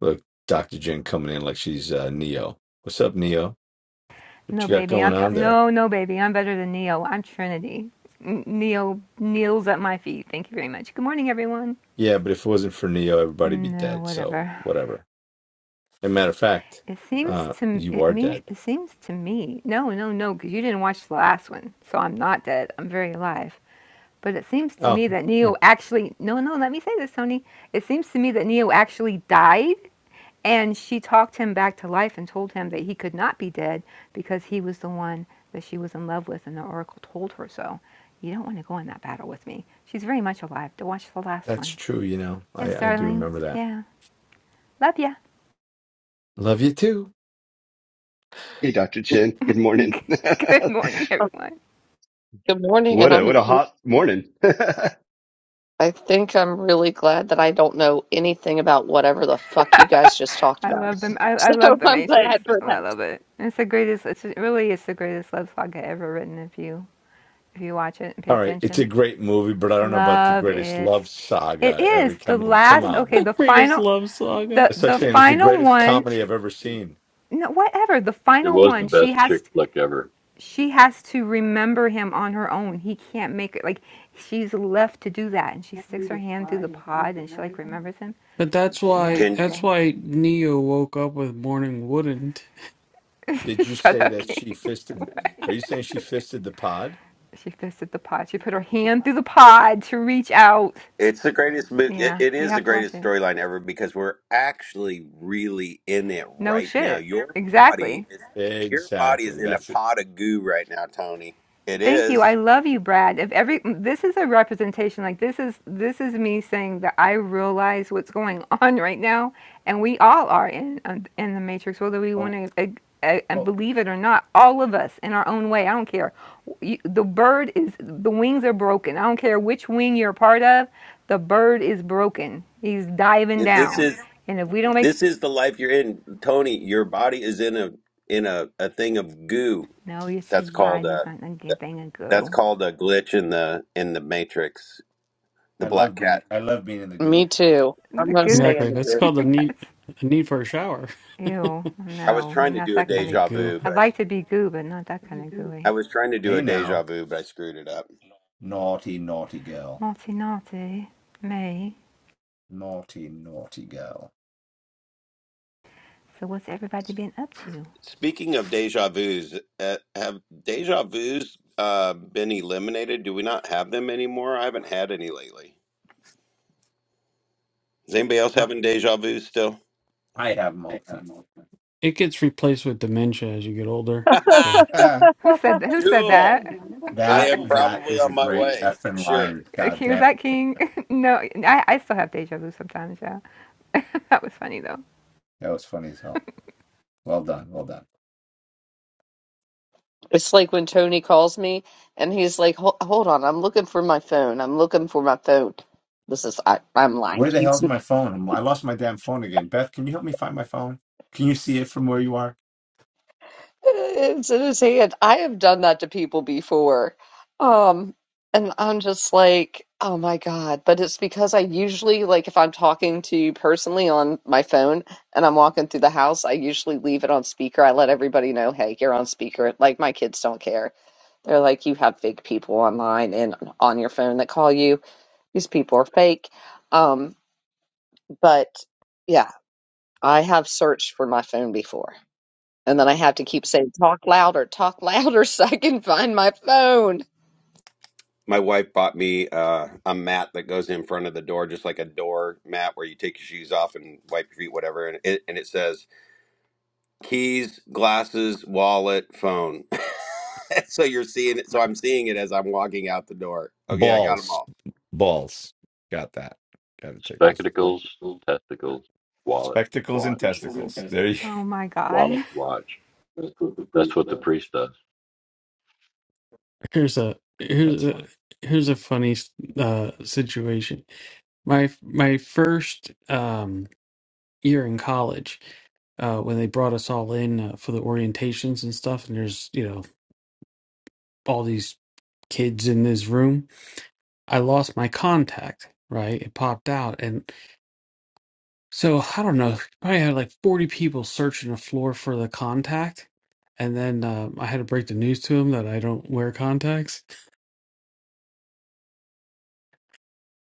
Speaker 4: Look, Dr. Jen coming in like she's uh, Neo. What's up, Neo? What
Speaker 8: No,
Speaker 4: you got
Speaker 8: baby, I'm
Speaker 4: going on there?
Speaker 8: no, no, baby, I'm better than Neo. I'm Trinity. N- Neo kneels at my feet. Thank you very much. Good morning, everyone.
Speaker 4: Yeah, but if it wasn't for Neo, everybody'd be
Speaker 8: No,
Speaker 4: dead. So
Speaker 8: whatever.
Speaker 4: whatever. And matter of fact,
Speaker 8: It seems
Speaker 4: uh,
Speaker 8: to
Speaker 4: you
Speaker 8: it
Speaker 4: are
Speaker 8: means
Speaker 4: dead.
Speaker 8: it seems to me. No, no, no, because you didn't watch the last one, so I'm not dead. I'm very alive. But it seems to
Speaker 4: Oh,
Speaker 8: me that
Speaker 4: yeah,
Speaker 8: Neo actually no, no. Let me say this, Tony. It seems to me that Neo actually died And she talked him back to life and told him that he could not be dead because he was the one that she was in love with, and the oracle told her so. You don't want to go in that battle with me. She's very much alive. To watch the last
Speaker 4: that's
Speaker 8: one.
Speaker 4: true. You know,
Speaker 8: Yes,
Speaker 4: I I do
Speaker 8: darling.
Speaker 4: remember that.
Speaker 8: Yeah, love ya.
Speaker 4: Love you too.
Speaker 7: Hey, Dr. Chin. Good morning.
Speaker 8: Good morning, everyone.
Speaker 1: Good morning,
Speaker 7: what
Speaker 1: and
Speaker 7: a, what
Speaker 1: I'm
Speaker 7: a hot morning.
Speaker 1: I think I'm really glad that I don't know anything about whatever the fuck you guys just talked
Speaker 8: I
Speaker 1: about.
Speaker 8: love them. I,
Speaker 1: So
Speaker 8: I love the
Speaker 1: I'm
Speaker 8: Matrix.
Speaker 1: glad for that.
Speaker 8: I love it. It's the greatest. It's really it's the greatest love saga ever written. If you if you watch it and pay
Speaker 4: All right, it's a
Speaker 8: attention,
Speaker 4: great movie, but I don't know about the
Speaker 8: love
Speaker 4: greatest
Speaker 8: it.
Speaker 4: love
Speaker 8: It
Speaker 4: saga ever
Speaker 8: is the
Speaker 4: coming. Come
Speaker 8: last.
Speaker 4: on,
Speaker 8: Okay,
Speaker 3: The
Speaker 8: the
Speaker 3: greatest
Speaker 8: final.
Speaker 3: love saga.
Speaker 8: The
Speaker 4: it's like
Speaker 8: the
Speaker 4: saying it's the
Speaker 8: final
Speaker 4: greatest
Speaker 8: one
Speaker 4: comedy I've ever seen.
Speaker 8: no whatever the final
Speaker 2: was the
Speaker 8: one she
Speaker 2: best
Speaker 8: has
Speaker 2: chick
Speaker 8: t-
Speaker 2: flick ever.
Speaker 8: she has to remember him on her own he can't make it like she's left to do that and she sticks her hand through the pod and she like remembers him
Speaker 3: But that's
Speaker 8: yeah
Speaker 3: why,
Speaker 6: Then
Speaker 3: that's
Speaker 8: okay
Speaker 3: why Neo woke up with Morning Wouldn't.
Speaker 4: Did you
Speaker 8: shut
Speaker 4: say
Speaker 8: up
Speaker 4: that she
Speaker 8: king
Speaker 4: fisted? the- Are you saying she fisted the pod?
Speaker 8: she fisted the pod she put her hand through the pod to reach out
Speaker 6: it's the greatest. mo- It,
Speaker 8: yeah
Speaker 6: it
Speaker 8: you
Speaker 6: is the
Speaker 8: have to watch
Speaker 6: greatest
Speaker 8: it
Speaker 6: storyline ever because we're actually really in it
Speaker 8: no
Speaker 6: right now.
Speaker 8: shit
Speaker 6: Your
Speaker 8: exactly
Speaker 6: body is your body is
Speaker 4: Exactly.
Speaker 6: in a
Speaker 4: That's it.
Speaker 6: pot of goo right now, Tony. It
Speaker 8: Thank you. I
Speaker 6: is.
Speaker 8: love you, Brad. If every this is a representation, like this is this is me saying that I realize what's going on right now, and we all are in um, in the matrix, whether we
Speaker 4: Oh,
Speaker 8: want to uh, uh,
Speaker 4: oh,
Speaker 8: believe it or not. All of us in our own way. I don't care. You, the bird is the wings are broken. I don't care which wing you're a part of. The bird is broken. He's diving
Speaker 6: It, this
Speaker 8: down,
Speaker 6: is.
Speaker 8: and if we don't make
Speaker 6: This is the life you're in, Tony. Your body is in a in a, a thing of goo.
Speaker 8: no, it's his
Speaker 6: That's called
Speaker 8: body's
Speaker 6: a
Speaker 8: not gonna get- they gonna
Speaker 6: that's
Speaker 8: go.
Speaker 6: called a glitch in the in the matrix. The
Speaker 4: I
Speaker 6: black
Speaker 4: love being
Speaker 6: cat.
Speaker 4: I love being in the
Speaker 1: Me
Speaker 4: goo.
Speaker 1: too. I'm
Speaker 8: The
Speaker 1: gonna
Speaker 8: goo.
Speaker 1: stay in
Speaker 3: Exactly.
Speaker 1: the
Speaker 3: That's
Speaker 1: group.
Speaker 3: called the need,
Speaker 8: That's
Speaker 3: a need for a shower.
Speaker 8: Ew,
Speaker 6: I was
Speaker 8: no, you're
Speaker 6: trying to
Speaker 8: not
Speaker 6: do a
Speaker 8: that kind
Speaker 3: The
Speaker 8: of.
Speaker 6: deja
Speaker 3: goo.
Speaker 6: vu, but
Speaker 8: I'd
Speaker 6: I,
Speaker 8: like to be goo, but not that kind of
Speaker 6: I
Speaker 8: gooey.
Speaker 6: was trying to do
Speaker 4: Hey
Speaker 6: a
Speaker 4: now,
Speaker 6: deja vu, but I screwed it up.
Speaker 4: naughty, naughty girl,
Speaker 8: Naughty, naughty, May.
Speaker 4: naughty, naughty girl.
Speaker 8: So what's everybody been up to?
Speaker 6: Speaking of deja vus, uh, have deja vus uh, been eliminated? Do we not have them anymore? I haven't had any lately. Is anybody else
Speaker 4: Not
Speaker 6: having deja vu still?
Speaker 4: I have multiple.
Speaker 3: It gets replaced with dementia as you get older. So
Speaker 4: Ah,
Speaker 8: Who said that? Who said
Speaker 6: cool.
Speaker 8: that?
Speaker 6: I
Speaker 4: that
Speaker 6: am
Speaker 4: that
Speaker 6: probably
Speaker 4: is a
Speaker 6: on my
Speaker 4: great
Speaker 6: way.
Speaker 4: effing
Speaker 6: Sure.
Speaker 4: line.
Speaker 8: Uh,
Speaker 4: God
Speaker 8: King- Was
Speaker 4: damn,
Speaker 8: that King? no, I, I still have deja vu sometimes. Yeah, that was funny though.
Speaker 4: that was funny as hell. Well done, well done.
Speaker 1: It's like when Tony calls me and he's like, "Hol- "Hold on, I'm looking for my phone. I'm looking for my phone." This is I, I'm lying.
Speaker 4: Where the
Speaker 1: He's,
Speaker 4: hell's my phone? I lost my damn phone again. Beth, can you help me find my phone? Can you see it from where you are?
Speaker 1: it's in his hand. I have done that to people before, um, and I'm just like, "Oh my god!" But it's because I usually like if I'm talking to you personally on my phone and I'm walking through the house, I usually leave it on speaker. I let everybody know, "Hey, you're on speaker." Like my kids don't care They're like, you have fake people online and on your phone that call you. These people are fake. Um, but yeah, I have searched for my phone before. And then I have to keep saying, talk louder, talk louder so I can find my phone.
Speaker 6: My wife bought me uh, a mat that goes in front of the door, just like a door mat where you take your shoes off and wipe your feet, whatever. And it, and it says keys, glasses, wallet, phone. so you're seeing it. So I'm seeing it as I'm walking out the door. Okay, I got them
Speaker 4: Balls.
Speaker 6: all.
Speaker 4: Balls. Got that. Got to take those.
Speaker 2: Spectacles, testicles, wallet,
Speaker 4: Spectacles and
Speaker 2: watch,
Speaker 4: testicles. There you
Speaker 8: Oh my
Speaker 2: wallet,
Speaker 8: god,
Speaker 2: watch. That's what the priest does.
Speaker 3: here's a, here's
Speaker 4: That's
Speaker 3: a,
Speaker 4: funny.
Speaker 3: Here's a funny uh, situation. My my first um, year in college, uh, when they brought us all in uh, for the orientations and stuff, and there's, you know, all these kids in this room, I lost my contact, right? It popped out. And so I don't know, probably had like 40 people searching the floor for the contact. And then um, I had to break the news to him that I don't wear contacts.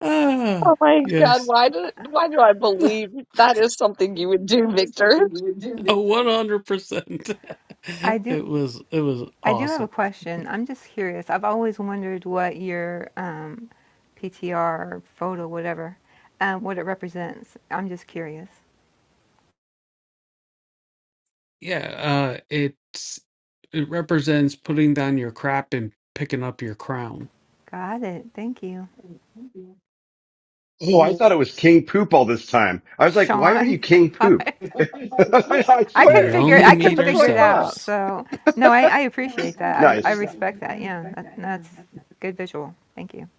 Speaker 3: Ah,
Speaker 1: Oh my God,
Speaker 3: yes.
Speaker 1: why do, why do I believe that is something you would do, Victor?
Speaker 3: 100%.
Speaker 8: I do.
Speaker 3: It was it was
Speaker 8: I do have a
Speaker 3: awesome.
Speaker 8: question. I'm just curious. I've always wondered what your um, PTR photo, whatever, um, what it represents. I'm just curious.
Speaker 3: Yeah, uh, it's it represents putting down your crap and picking up your crown.
Speaker 8: Got it. Thank you.
Speaker 7: Oh, I thought it was King Poop all this time. I was like, why are you
Speaker 8: Sean,
Speaker 7: King
Speaker 8: God,
Speaker 7: Poop? I, I
Speaker 8: I couldn't
Speaker 7: swear.
Speaker 8: figure I couldn't
Speaker 7: That's what
Speaker 8: figure
Speaker 7: I
Speaker 8: it
Speaker 7: thought.
Speaker 8: out.
Speaker 3: Yourselves.
Speaker 8: So no, I, I appreciate that. I, I
Speaker 7: Nice.
Speaker 8: respect that. Yeah, that, that's good visual. Thank you.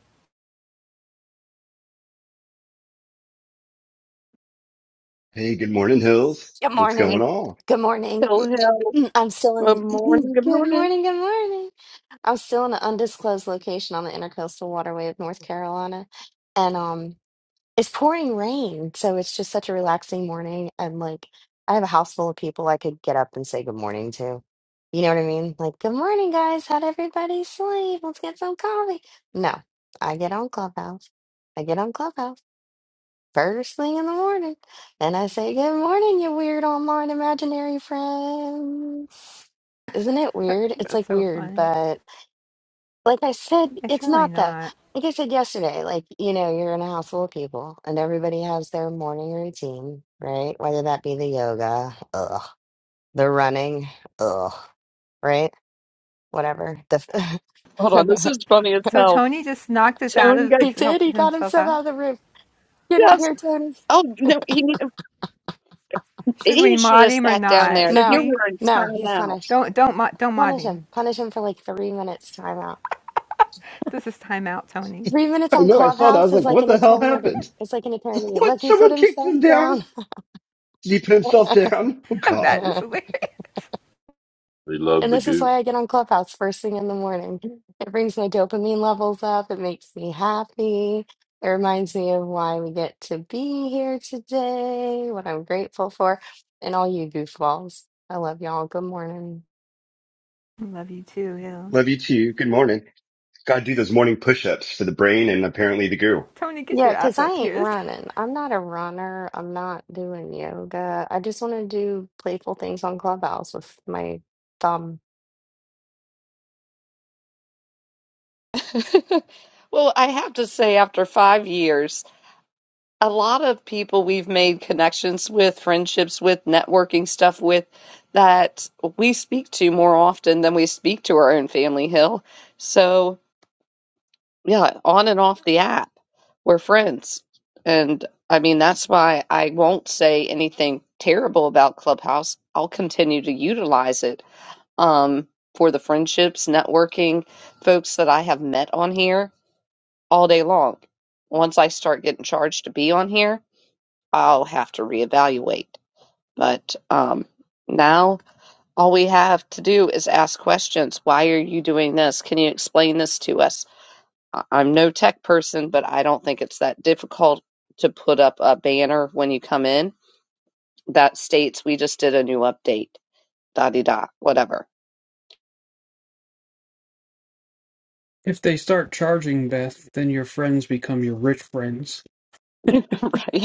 Speaker 7: Hey, good morning, Hills.
Speaker 9: Good
Speaker 7: What's going
Speaker 1: Hey,
Speaker 9: morning.
Speaker 7: on?
Speaker 9: Good morning.
Speaker 1: Hill Hill.
Speaker 9: I'm still
Speaker 1: Good
Speaker 9: in.
Speaker 1: morning, good
Speaker 9: Good
Speaker 1: morning.
Speaker 9: morning. Good morning. I'm still in an undisclosed location on the intercoastal waterway of North Carolina, and um, it's pouring rain, so it's just such a relaxing morning. And like, I have a house full of people I could get up and say good morning to. You know what I mean? Like, good morning, guys. How'd everybody sleep? Let's get some coffee. No, I get on Clubhouse. I get on Clubhouse first thing in the morning. And I say, Good morning, you weird online imaginary friends. Isn't it weird? It's
Speaker 8: That's
Speaker 9: like
Speaker 8: so
Speaker 9: weird,
Speaker 8: funny.
Speaker 9: but like I said,
Speaker 8: It's
Speaker 9: it's
Speaker 8: really
Speaker 9: not though.
Speaker 8: not.
Speaker 9: Like I said yesterday, like, you know, you're in a house full of people and everybody has their morning routine, right? Whether that be the yoga, ugh, the running, ugh, right? Whatever. The
Speaker 1: Hold on, this is funny as
Speaker 8: So
Speaker 1: hell.
Speaker 8: Tony just knocked us out
Speaker 1: Tony got,
Speaker 8: of
Speaker 9: he did,
Speaker 8: helped
Speaker 9: he got
Speaker 8: himself
Speaker 9: himself
Speaker 8: out.
Speaker 9: out of the room. Get up
Speaker 1: yes.
Speaker 9: here, Tony.
Speaker 1: Oh, no, he,
Speaker 8: Should
Speaker 1: he
Speaker 8: we
Speaker 1: should
Speaker 8: mod
Speaker 1: have
Speaker 8: him or
Speaker 1: sat down
Speaker 8: not?
Speaker 1: there.
Speaker 8: Should
Speaker 1: You
Speaker 9: No,
Speaker 8: we?
Speaker 1: were in
Speaker 9: no, he's
Speaker 1: timeout.
Speaker 9: punished.
Speaker 8: Don't don't mod don't mod
Speaker 9: Punish
Speaker 8: him.
Speaker 9: him. Punish him for like three minutes timeout.
Speaker 8: This is timeout, Tony.
Speaker 9: Three minutes
Speaker 7: I
Speaker 9: on
Speaker 7: know, I saw that. I
Speaker 9: Clubhouse
Speaker 7: was
Speaker 9: is
Speaker 7: like,
Speaker 9: like
Speaker 7: what
Speaker 9: an
Speaker 7: the hell
Speaker 9: eternity.
Speaker 7: happened?
Speaker 9: It's like an eternity.
Speaker 7: What?
Speaker 9: Look, he put
Speaker 7: Someone kicked
Speaker 9: himself
Speaker 7: him down?
Speaker 9: down.
Speaker 7: Did he put himself down? Oh, God.
Speaker 8: that is
Speaker 9: and
Speaker 8: hilarious.
Speaker 2: They love the
Speaker 9: this is
Speaker 2: goo.
Speaker 9: why I get on Clubhouse first thing in the morning. It brings my dopamine levels up. It makes me happy. It reminds me of why we get to be here today, what I'm grateful for, and all you goofballs. I love y'all. Good morning.
Speaker 8: I Love you too, Hill.
Speaker 7: Love you too. Good morning. Gotta do those morning push ups for the brain and apparently the goo.
Speaker 8: Tony, get
Speaker 9: Yeah,
Speaker 8: your
Speaker 9: because
Speaker 8: ass
Speaker 9: I
Speaker 8: up
Speaker 9: ain't
Speaker 8: here.
Speaker 9: running. I'm not a runner. I'm not doing yoga. I just want to do playful things on Clubhouse with my thumb.
Speaker 1: Well, I have to say, after five years, a lot of people we've made connections with, friendships with, networking stuff with, that we speak to more often than we speak to our own family, Hill. So, yeah, on and off the app, we're friends. And I mean, that's why I won't say anything terrible about Clubhouse. I'll continue to utilize it um, for the friendships, networking, folks that I have met on here all day long. Once I start getting charged to be on here, I'll have to reevaluate. But um, now all we have to do is ask questions. Why are you doing this? Can you explain this to us? I- I'm no tech person, but I don't think it's that difficult to put up a banner when you come in that states we just did a new update, da di da, whatever.
Speaker 3: If they start charging, Beth, then your friends become your rich friends.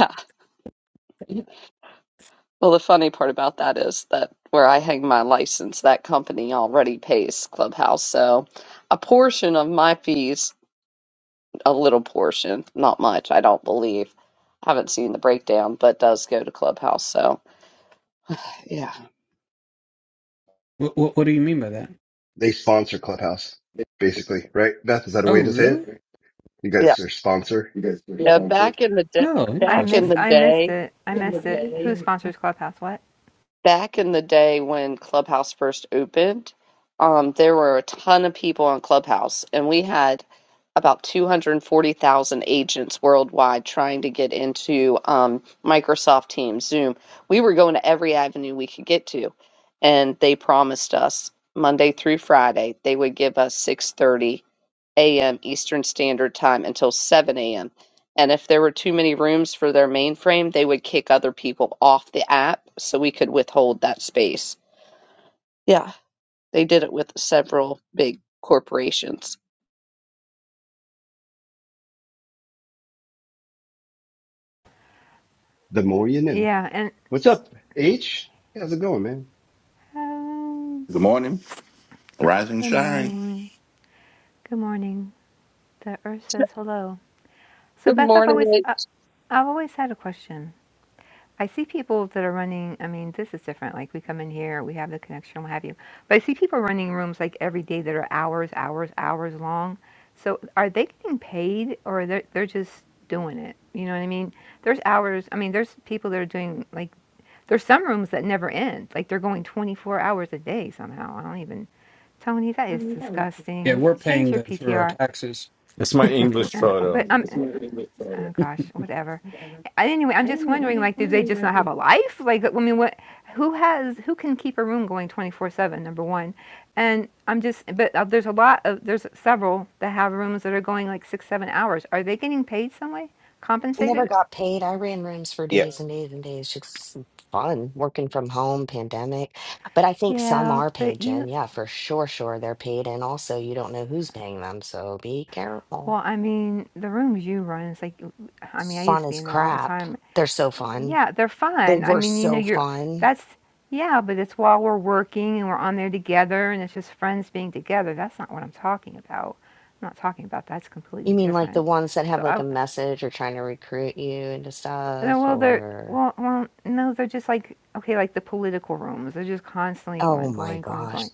Speaker 1: Well, the funny part about that is that where I hang my license, that company already pays Clubhouse. So a portion of my fees, a little portion, not much, I don't believe. I haven't seen the breakdown, but does go to Clubhouse. So yeah.
Speaker 3: What what, what do you mean by that?
Speaker 7: They sponsor Clubhouse, basically, right? Beth, is that a
Speaker 3: Oh,
Speaker 7: way to say
Speaker 3: really?
Speaker 7: it? You
Speaker 1: Yeah.
Speaker 7: guys are sponsor.
Speaker 1: Yeah, back in the day,
Speaker 3: Oh,
Speaker 8: I
Speaker 1: back in
Speaker 8: miss
Speaker 3: interesting.
Speaker 1: the
Speaker 8: I
Speaker 1: day,
Speaker 8: missed it. I missed it. Who sponsors Clubhouse? What?
Speaker 1: back in the day when Clubhouse first opened, um, there were a ton of people on Clubhouse, and we had about 240,000 agents worldwide trying to get into um, Microsoft Teams, Zoom. We were going to every avenue we could get to, and they promised us Monday through Friday they would give us 6:30 a.m. Eastern Standard Time until 7 a.m. And if there were too many rooms for their mainframe, they would kick other people off the app so we could withhold that space. Yeah, they did it with several big corporations.
Speaker 7: The more you know.
Speaker 8: Yeah, and.
Speaker 7: What's up, H? How's it going, man?
Speaker 8: Um,
Speaker 10: Good morning. Rise and
Speaker 8: good
Speaker 10: shine.
Speaker 8: morning. Good morning. The earth says hello. So
Speaker 1: Good
Speaker 8: Beth, I've
Speaker 1: morning.
Speaker 8: always, uh, I've always had a question. I see people that are running. I mean, this is different. Like we come in here, we have the connection, what have you. But I see people running rooms like every day that are hours, hours, hours long. So are they getting paid, or they're they're just doing it? You know what I mean? There's hours. I mean, there's people that are doing like there's some rooms that never end. Like they're going 24 hours a day somehow. I don't even Tony, that is disgusting.
Speaker 3: We're
Speaker 8: Change
Speaker 3: paying
Speaker 8: your
Speaker 3: them through our
Speaker 8: PTR.
Speaker 3: taxes.
Speaker 4: It's my English
Speaker 8: Uh,
Speaker 4: photo.
Speaker 8: But I'm, oh gosh, whatever. I- Anyway, I'm just wondering, like, do they just not have a life? Like, I mean, what? Who has? Who can keep a room going 24/7? Number one, and I'm just, but uh, there's a lot of, there's several that have rooms that are going like six, seven hours. Are they getting paid some way?
Speaker 9: I never
Speaker 8: Compensated?
Speaker 9: got paid. I ran rooms for
Speaker 6: Yeah.
Speaker 9: days and days and days. Just fun working from home, pandemic. But I think some
Speaker 8: Yeah,
Speaker 9: are paid,
Speaker 8: but
Speaker 9: Jen.
Speaker 8: you.
Speaker 9: Yeah, for sure, sure they're paid. And also, you don't know who's paying them, so be careful.
Speaker 8: Well, I mean, the rooms you run, it's like, I mean, I used
Speaker 9: Fun
Speaker 8: to be
Speaker 9: is
Speaker 8: in there all the
Speaker 9: crap.
Speaker 8: time,
Speaker 9: They're so fun.
Speaker 8: Yeah, they're
Speaker 9: They
Speaker 8: fun. I
Speaker 9: were
Speaker 8: mean, you know,
Speaker 9: so
Speaker 8: you're
Speaker 9: fun.
Speaker 8: that's yeah, but it's while we're working and we're on there together and it's just friends being together. That's not what I'm talking about. I'm not talking about that's completely
Speaker 9: You mean like the
Speaker 8: different.
Speaker 9: ones that have
Speaker 8: So
Speaker 9: like
Speaker 8: I
Speaker 9: a message or trying to recruit you into
Speaker 8: no,
Speaker 9: stuff
Speaker 8: well they're
Speaker 9: or
Speaker 8: well well no, they're just like okay, like the political rooms. They're just constantly
Speaker 9: oh
Speaker 8: going,
Speaker 9: my
Speaker 8: going, going,
Speaker 9: gosh.
Speaker 8: going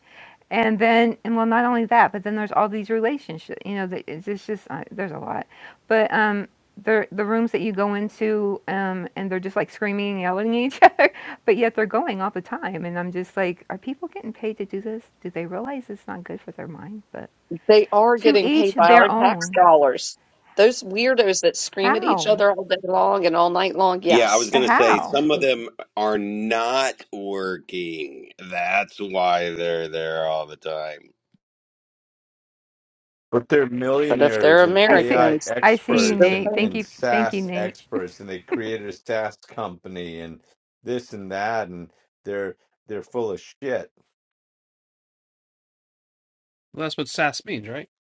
Speaker 8: and then and well not only that but then there's all these relationships you know that it's it's just uh, there's a lot but um the the rooms that you go into um and they're just like screaming and yelling at each other but yet they're going all the time and i'm just like are people getting paid to do this do they realize it's not good for their mind but
Speaker 1: They are
Speaker 8: to
Speaker 1: getting
Speaker 8: each
Speaker 1: paid by
Speaker 8: their
Speaker 1: our tax
Speaker 8: own
Speaker 1: dollars. Those weirdos that scream at each
Speaker 8: how
Speaker 1: other all day long and all night long,
Speaker 6: Yeah, I was
Speaker 1: yes.
Speaker 8: but
Speaker 6: going to say
Speaker 8: how
Speaker 6: some of them are not working. That's why they're there all the time.
Speaker 4: But they're
Speaker 1: But if
Speaker 4: millionaires
Speaker 1: they're
Speaker 4: and
Speaker 8: i see
Speaker 4: AI
Speaker 1: Americans,
Speaker 8: i
Speaker 1: they're
Speaker 8: see you
Speaker 4: experts
Speaker 1: still
Speaker 8: nate
Speaker 4: and,
Speaker 1: paying
Speaker 8: thank
Speaker 4: and
Speaker 8: you thank you
Speaker 4: SaaS
Speaker 8: nate
Speaker 4: experts, and they created a SaaS company and this and that, and they're they're full of shit.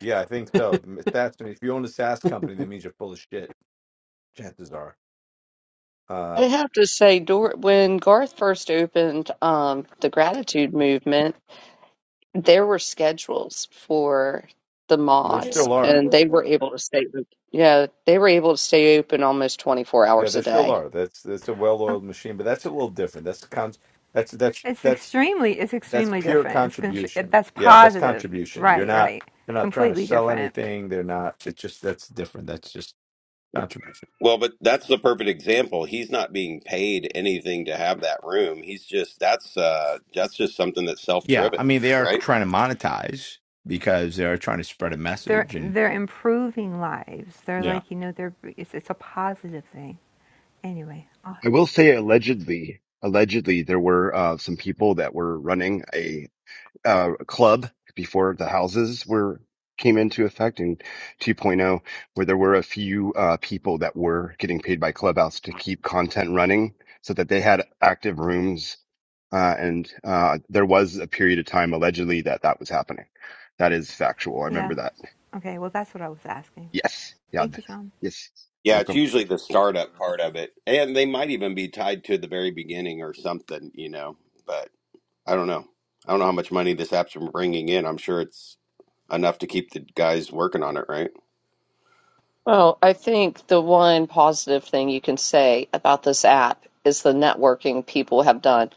Speaker 4: Yeah, I think so. That's if you own a SaaS company, that means you're full of shit. Chances are,
Speaker 1: I
Speaker 4: uh,
Speaker 1: have to say, Dor when Garth first opened um, the gratitude movement, there were schedules for the
Speaker 4: there
Speaker 1: mods,
Speaker 4: still are.
Speaker 1: and they were able to stay. Yeah, they were able to stay open almost 24
Speaker 4: Yeah,
Speaker 1: hours
Speaker 4: there
Speaker 1: a
Speaker 4: still
Speaker 1: day.
Speaker 4: are. That's that's a well-oiled machine, but that's a little different. That's con- That's that's
Speaker 8: it's
Speaker 4: that's
Speaker 8: extremely it's
Speaker 4: that's
Speaker 8: extremely
Speaker 4: pure
Speaker 8: different it's constr-
Speaker 4: contribution.
Speaker 8: that's
Speaker 4: Yeah, that's
Speaker 8: positive
Speaker 4: contribution. You're
Speaker 8: right
Speaker 4: not
Speaker 8: right
Speaker 4: they're not trying to
Speaker 8: completely
Speaker 4: sell
Speaker 8: different
Speaker 4: anything. They're not. It's just that's different. That's just controversial.
Speaker 6: Well, but that's the perfect example. He's not being paid anything to have that room. He's just that's uh that's just something that's
Speaker 4: Yeah, I
Speaker 6: self-driven,
Speaker 4: mean they are
Speaker 6: right?
Speaker 4: trying to monetize because they are trying to spread a
Speaker 8: They're
Speaker 4: message, and
Speaker 8: they're improving lives. They're
Speaker 4: yeah,
Speaker 8: like, you know, they're it's it's a positive thing. Anyway, I'll
Speaker 7: I
Speaker 8: hush.
Speaker 7: will say allegedly, allegedly there were uh, some people that were running a uh, club before the houses were came into effect in 2.0, where there were a few uh, people that were getting paid by Clubhouse to keep content running, so that they had active rooms, uh, and uh, there was a period of time allegedly that that was happening. That is factual. I
Speaker 8: Yeah.
Speaker 7: remember that.
Speaker 8: Okay. Well, that's what I was asking.
Speaker 7: Yes. Yeah.
Speaker 8: Thank
Speaker 7: th-
Speaker 8: you, Sean.
Speaker 7: Yes. You're
Speaker 6: Yeah, it's usually the startup part of it. And they might even be tied to the very beginning or something, you know. But I don't know. I don't know how much money this app's been bringing in. I'm sure it's enough to keep the guys working on it, right?
Speaker 1: Well, I think the one positive thing you can say about this app is the networking people have done.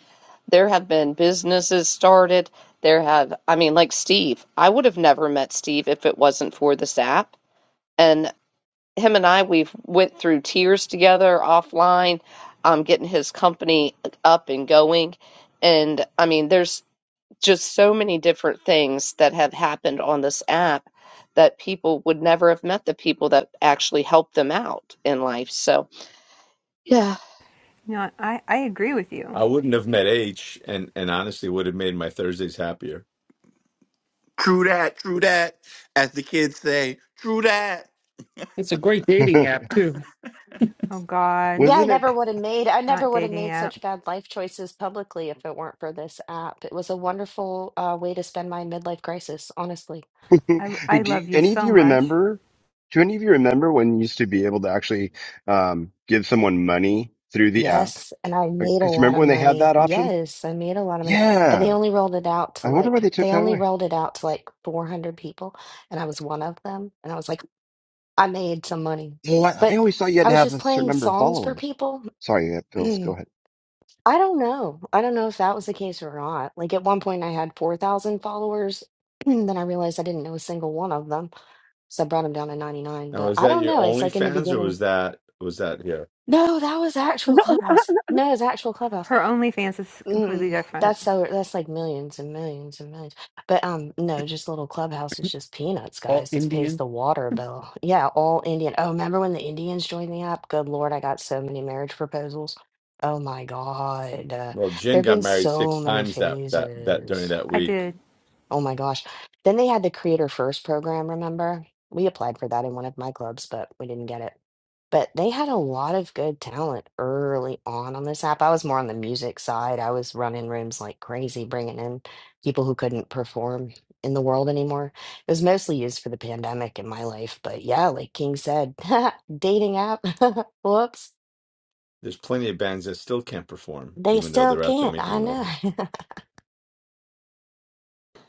Speaker 1: There have been businesses started. There have, I mean, like Steve. I would have never met Steve if it wasn't for this app. And him and I we've went through tears together offline, um, getting his company up and going, and I mean, there's just so many different things that have happened on this app that people would never have met the people that actually helped them out in life. So yeah,
Speaker 8: No, I I agree with you.
Speaker 4: I wouldn't have met H, and and honestly would have made my Thursdays happier.
Speaker 10: True that, true that. As the kids say, true that.
Speaker 3: It's a great dating
Speaker 7: welcome.
Speaker 3: app too.
Speaker 8: Oh God,
Speaker 9: Yeah, I
Speaker 7: Wasn't it?
Speaker 9: never would have made I
Speaker 8: not
Speaker 9: never would have
Speaker 8: dating
Speaker 9: made
Speaker 8: app.
Speaker 9: such bad life choices publicly if it weren't for this app. It was a wonderful uh, way to spend my midlife crisis, honestly.
Speaker 8: I
Speaker 7: Hey,
Speaker 8: I
Speaker 7: do
Speaker 8: love
Speaker 7: you,
Speaker 8: you
Speaker 7: any of
Speaker 8: so
Speaker 7: you
Speaker 8: much.
Speaker 7: remember? Do any of you remember when you used to be able to actually um, give someone money through the app?
Speaker 9: Yes, and I made a
Speaker 7: Because
Speaker 9: lot
Speaker 7: remember
Speaker 9: of
Speaker 7: when they had
Speaker 9: money.
Speaker 7: that option?
Speaker 9: Yes, I made a lot of money. And they
Speaker 7: Yeah.
Speaker 9: only rolled it out to
Speaker 7: I wonder why
Speaker 9: like
Speaker 7: they took
Speaker 9: they
Speaker 7: that
Speaker 9: only
Speaker 7: away.
Speaker 9: rolled it out to like 400 people and I was one of them and I was like I made some money.
Speaker 7: Well, I,
Speaker 9: But
Speaker 7: I always thought you
Speaker 9: I
Speaker 7: had to
Speaker 9: was
Speaker 7: have
Speaker 9: just
Speaker 7: a certain
Speaker 9: playing
Speaker 7: number of
Speaker 9: songs for
Speaker 7: followers.
Speaker 9: people
Speaker 7: Sorry, uh, Phil, go
Speaker 9: Mm.
Speaker 7: ahead.
Speaker 9: I don't know. I don't know if that was the case or not. Like at one point, I had 4,000 followers. Then I realized I didn't know a single one of them. So I brought them down to 99.
Speaker 4: Now,
Speaker 9: But
Speaker 4: is
Speaker 9: I
Speaker 4: that
Speaker 9: don't
Speaker 4: your
Speaker 9: know. It's
Speaker 4: only
Speaker 9: like in the
Speaker 4: fans, or
Speaker 9: beginning.
Speaker 4: was that was that here?
Speaker 9: No, that was actual Clubhouse. No, it's actual Clubhouse.
Speaker 8: Her OnlyFans is completely
Speaker 9: Mm-mm.
Speaker 8: different.
Speaker 9: That's so that's like millions and millions and millions. But um no, just little clubhouse is just peanuts,
Speaker 3: All
Speaker 9: guys. This pays
Speaker 3: Indians.
Speaker 9: the water bill. Yeah, all Indian. Oh, remember when the Indians joined the app? Good Lord, I got so many marriage proposals. Oh my God. Uh,
Speaker 4: Well,
Speaker 9: there
Speaker 4: Jin
Speaker 9: have
Speaker 4: got
Speaker 9: been
Speaker 4: married
Speaker 9: so
Speaker 4: six
Speaker 9: many
Speaker 4: times that that that during
Speaker 9: phases.
Speaker 4: that
Speaker 8: I
Speaker 4: week.
Speaker 8: did
Speaker 9: Oh my gosh. Then they had the Creator First program, remember? We applied for that in one of my clubs, but we didn't get it. But they had a lot of good talent early on on this app. I was more on the music side. I was running rooms like crazy, bringing in people who couldn't perform in the world anymore. It was mostly used for the pandemic in my life. But yeah, like King said, dating app. Whoops.
Speaker 4: There's plenty of bands that still can't perform,
Speaker 9: They
Speaker 4: even though
Speaker 9: still
Speaker 4: they're out there
Speaker 9: can't. I
Speaker 4: making noise.
Speaker 9: know.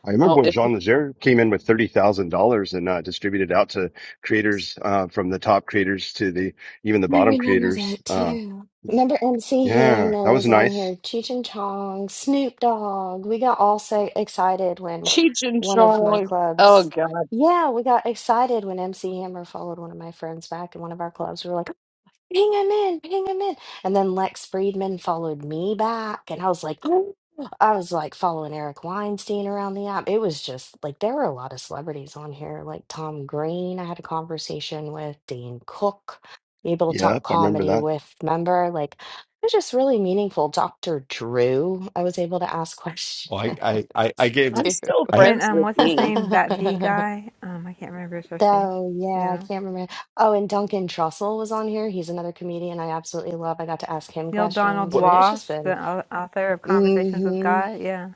Speaker 7: I remember
Speaker 1: well,
Speaker 7: when
Speaker 1: if
Speaker 7: Jean Leger came in with thirty thousand dollars and uh, distributed out to creators uh, from the top creators to the even the
Speaker 9: I
Speaker 7: bottom
Speaker 9: remember that
Speaker 7: creators. Uh,
Speaker 9: too. Remember MC
Speaker 7: yeah, that
Speaker 9: Hammer
Speaker 7: was
Speaker 9: was on
Speaker 7: nice.
Speaker 9: here, Cheech and Chong, Snoop Dogg. We got all so excited when
Speaker 1: Cheech and
Speaker 9: one of my
Speaker 1: Chong, oh
Speaker 9: clubs.
Speaker 1: god,
Speaker 9: Yeah, we got excited when MC Hammer followed one of my friends back in one of our clubs. We were like, ping him in, ping him in. And then Lex Friedman followed me back, and I was like, "Oh." I was like following Eric Weinstein around the app. It was just like there were a lot of celebrities on here, like Tom Green. I had a conversation with Dane Cook, able to talk
Speaker 7: Yep, I remember
Speaker 9: comedy
Speaker 7: that.
Speaker 9: with, remember? Like it was just really meaningful. Dr. Drew, I was able to ask questions
Speaker 4: Oh, I I I, I gave
Speaker 1: I'm
Speaker 9: to.
Speaker 1: still
Speaker 4: I
Speaker 8: even
Speaker 1: friends
Speaker 8: um
Speaker 1: with
Speaker 8: what's his
Speaker 1: Dean.
Speaker 8: name that V guy um I can't remember his first name.
Speaker 9: Oh yeah, I
Speaker 8: Yeah.
Speaker 9: can't remember. Oh, and Duncan Trussell was on here. He's another comedian I absolutely love. I got to ask him
Speaker 8: Neil Donald
Speaker 9: questions. I
Speaker 4: what
Speaker 9: mean, it's just
Speaker 8: Walsh,
Speaker 9: been.
Speaker 8: the au- author of Conversations with
Speaker 9: hmm
Speaker 8: God. Yeah.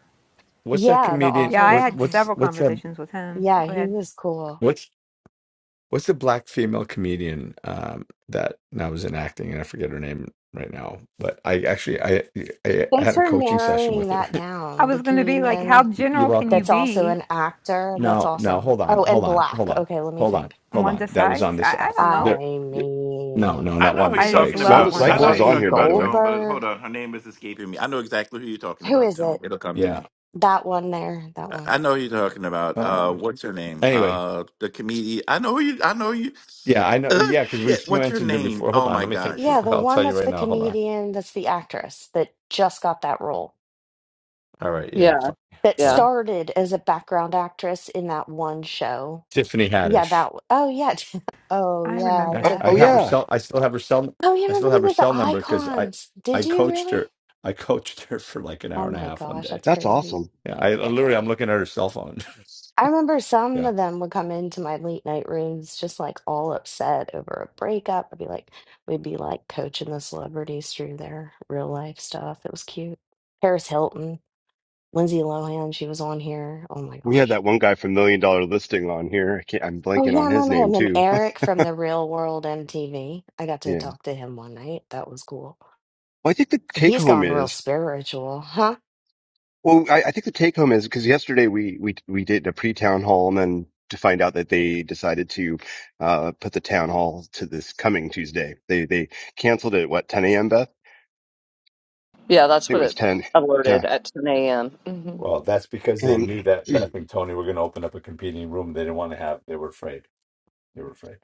Speaker 4: what's that
Speaker 9: Yeah, the
Speaker 4: comedian?
Speaker 8: Yeah,
Speaker 9: author
Speaker 8: I
Speaker 9: was
Speaker 4: What
Speaker 9: on
Speaker 8: had
Speaker 9: here.
Speaker 4: what's
Speaker 8: several
Speaker 4: what's that?
Speaker 8: conversations with him.
Speaker 9: Yeah,
Speaker 8: Go ahead.
Speaker 9: he was cool.
Speaker 4: what's. What's the black female comedian um, that now was in acting, and I forget her name right now. But I actually I I, I
Speaker 9: Thanks
Speaker 4: had a
Speaker 9: for
Speaker 4: coaching session
Speaker 9: narrowing
Speaker 4: with
Speaker 9: that
Speaker 4: her.
Speaker 8: I
Speaker 9: down. The
Speaker 8: was going to be like, how
Speaker 9: comedian
Speaker 4: You're
Speaker 8: general can you
Speaker 9: that's
Speaker 4: welcome.
Speaker 9: also
Speaker 8: be,
Speaker 9: an actor. That's
Speaker 4: No, no,
Speaker 9: awesome.
Speaker 4: hold on,
Speaker 9: Oh,
Speaker 4: hold
Speaker 9: and
Speaker 4: on,
Speaker 9: black.
Speaker 4: hold on,
Speaker 9: Okay, let me
Speaker 4: hold on,
Speaker 9: think.
Speaker 4: hold on.
Speaker 8: Wanda
Speaker 4: That was on
Speaker 8: Sykes?
Speaker 4: this
Speaker 8: I, I
Speaker 4: app.
Speaker 8: don't know.
Speaker 9: I
Speaker 4: There, no,
Speaker 9: mean,
Speaker 4: no,
Speaker 10: I
Speaker 4: not
Speaker 10: know who
Speaker 4: Wanda
Speaker 10: you're
Speaker 8: I just
Speaker 10: talking
Speaker 4: Sykes.
Speaker 7: Wanda
Speaker 8: love
Speaker 10: about.
Speaker 4: It's
Speaker 8: Wanda
Speaker 10: I
Speaker 7: Sykes
Speaker 10: know
Speaker 4: uh,
Speaker 10: who
Speaker 7: was
Speaker 10: you're
Speaker 8: Sykes.
Speaker 7: on
Speaker 9: Whoopi
Speaker 10: talking
Speaker 7: here, by
Speaker 10: about,
Speaker 7: the way.
Speaker 10: Tone, but hold
Speaker 9: Goldberg.
Speaker 10: on. Her name is escaping me. I know exactly who you're talking
Speaker 9: Who
Speaker 10: about,
Speaker 9: is
Speaker 10: Tone.
Speaker 9: it?
Speaker 10: It'll come to
Speaker 4: yeah.
Speaker 10: me.
Speaker 9: That one there. That
Speaker 10: I
Speaker 9: one.
Speaker 10: I know who you're talking about.
Speaker 4: Uh,
Speaker 10: Uh, what's her name?
Speaker 4: anyway,
Speaker 10: Uh, the comedian. I know who you. I know you.
Speaker 4: yeah, I know.
Speaker 10: Oh
Speaker 4: Yeah, because
Speaker 10: shit!
Speaker 4: we've
Speaker 10: What's her
Speaker 4: mentioned her
Speaker 10: name?
Speaker 4: before. Hold
Speaker 10: Oh
Speaker 4: on,
Speaker 10: my
Speaker 4: let me think.
Speaker 10: gosh.
Speaker 9: Yeah, the
Speaker 4: I'll tell
Speaker 9: one
Speaker 4: you
Speaker 9: that's
Speaker 4: right
Speaker 9: the
Speaker 4: now. Hold on.
Speaker 9: comedian, that's the actress that just got that role.
Speaker 4: All right, yeah, you're
Speaker 1: Yeah,
Speaker 4: fine.
Speaker 9: That
Speaker 4: Hold
Speaker 1: yeah,
Speaker 4: on.
Speaker 9: started as a background actress in that one show.
Speaker 4: Tiffany
Speaker 9: Yeah,
Speaker 4: Haddish.
Speaker 9: that. w- Oh, yeah. Oh,
Speaker 8: I
Speaker 9: yeah.
Speaker 8: remember
Speaker 7: Oh,
Speaker 4: Actually,
Speaker 8: that.
Speaker 4: I
Speaker 7: oh
Speaker 9: Tiffany
Speaker 4: have her
Speaker 9: Haddish.
Speaker 7: yeah,
Speaker 4: cell. I still have her cell.
Speaker 9: Oh, yeah.
Speaker 4: I
Speaker 9: Remember
Speaker 4: still
Speaker 9: they
Speaker 4: have her
Speaker 9: did the
Speaker 4: cell number because I,
Speaker 9: icons?
Speaker 4: I
Speaker 9: Did you
Speaker 4: coached
Speaker 9: really?
Speaker 4: her. I coached her for like an hour
Speaker 9: Oh
Speaker 4: and a
Speaker 9: my
Speaker 4: half one
Speaker 9: gosh,
Speaker 4: day.
Speaker 9: that's
Speaker 7: that's
Speaker 9: crazy.
Speaker 7: awesome.
Speaker 4: Yeah, I literally I'm looking at her cell phone.
Speaker 9: I remember some
Speaker 4: Yeah,
Speaker 9: of them would come into my late night rooms just like all upset over a breakup. I'd be like, we'd be like coaching the celebrities through their real life stuff. It was cute. Paris Hilton. Lindsay Lohan, she was on here. Oh my
Speaker 7: We had
Speaker 9: gosh.
Speaker 7: that one guy from Million Dollar Listing on here. I can't, I'm
Speaker 9: Oh
Speaker 7: blanking
Speaker 9: yeah, I
Speaker 7: on his
Speaker 9: remember
Speaker 7: name
Speaker 9: him. And
Speaker 7: too.
Speaker 9: Eric from the Real World MTV. I got to
Speaker 7: yeah.
Speaker 9: talk to him one night. That was cool.
Speaker 7: Well, I think the take
Speaker 9: He's
Speaker 7: home
Speaker 9: gone real
Speaker 7: is,
Speaker 9: spiritual, huh?
Speaker 7: well, I, I think the take home is because yesterday we, we, we did a pre town hall and then to find out that they decided to, uh, put the town hall to this coming Tuesday. They, they canceled it at what, 10 a.m., Beth? I
Speaker 1: yeah. That's
Speaker 7: think it
Speaker 1: what
Speaker 7: was
Speaker 1: it
Speaker 7: 10.
Speaker 1: alerted
Speaker 7: Yeah.
Speaker 1: at 10 a.m.
Speaker 4: Well, that's because they
Speaker 7: And
Speaker 4: knew that Beth and Tony were going to open up a competing room. They didn't want to have. They were afraid. They were afraid.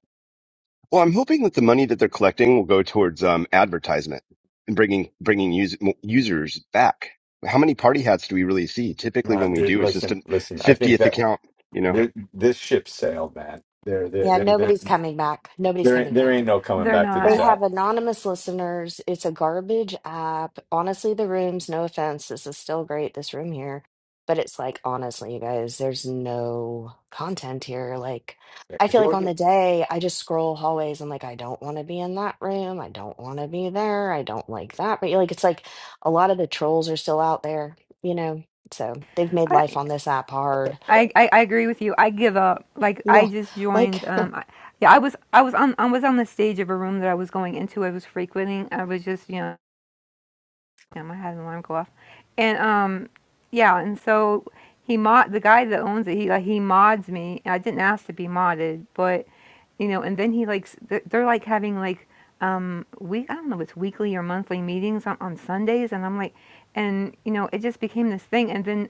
Speaker 7: Well, I'm hoping that the money that they're collecting will go towards um, advertisement and bringing bringing us- mo- users back. How many party hats do we really see? Typically,
Speaker 4: Nah,
Speaker 7: when we
Speaker 4: dude,
Speaker 7: do, it's just
Speaker 4: listen,
Speaker 7: a
Speaker 4: listen. I think
Speaker 7: 50th
Speaker 4: that
Speaker 7: account. You know.
Speaker 4: th- this ship sailed, man. They're they
Speaker 9: Yeah,
Speaker 4: are they
Speaker 9: nobody's
Speaker 4: are
Speaker 9: coming back. Nobody's
Speaker 4: There ain't
Speaker 9: coming
Speaker 4: there
Speaker 9: back.
Speaker 4: ain't no coming
Speaker 8: They're
Speaker 4: back to
Speaker 9: They
Speaker 4: this
Speaker 8: not.
Speaker 4: app.
Speaker 9: have anonymous listeners. It's a garbage app. Honestly, the rooms, no offense, this is still great, this room here. But it's like, honestly, you guys, there's no content here. Like, I
Speaker 4: If
Speaker 9: feel
Speaker 4: it
Speaker 9: like on the
Speaker 4: wasn't-
Speaker 9: day, I just scroll hallways. I'm like, I don't want to be in that room. I don't want to be there. I don't like that. But like, it's like a lot of the trolls are still out there, you know? So they've made
Speaker 8: I,
Speaker 9: life on this app hard.
Speaker 8: I, I I agree with you. I give up. Like I
Speaker 9: Yeah.
Speaker 8: just
Speaker 9: like.
Speaker 8: joined. Um, I, yeah, I was I was on I was on the stage of a room that I was going into. I was frequenting. I was just you know him. I had an alarm go off, and um, yeah, and so he mod the guy that owns it. He like he mods me. I didn't ask to be modded, but you know, and then he like s- they're they're, like having like um week I don't know if it's weekly or monthly meetings on, on Sundays, and I'm like, and you know, it just became this thing, and then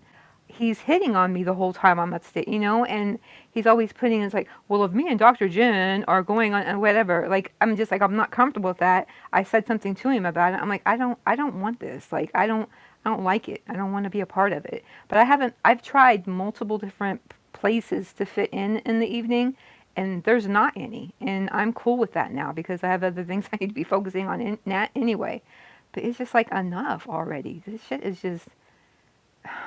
Speaker 8: he's hitting on me the whole time I'm upstate, you know, and he's always putting it's like, well, if me and Dr. Jen are going on and whatever, like I'm just like I'm not comfortable with that, I said something to him about it. I'm like, I don't, I don't want this. Like, I don't, I don't like it. I don't want to be a part of it. But I haven't. I've tried multiple different p- places to fit in in the evening, and there's not any. And I'm cool with that now because I have other things I need to be focusing on in that anyway. But it's just like enough already. This shit is just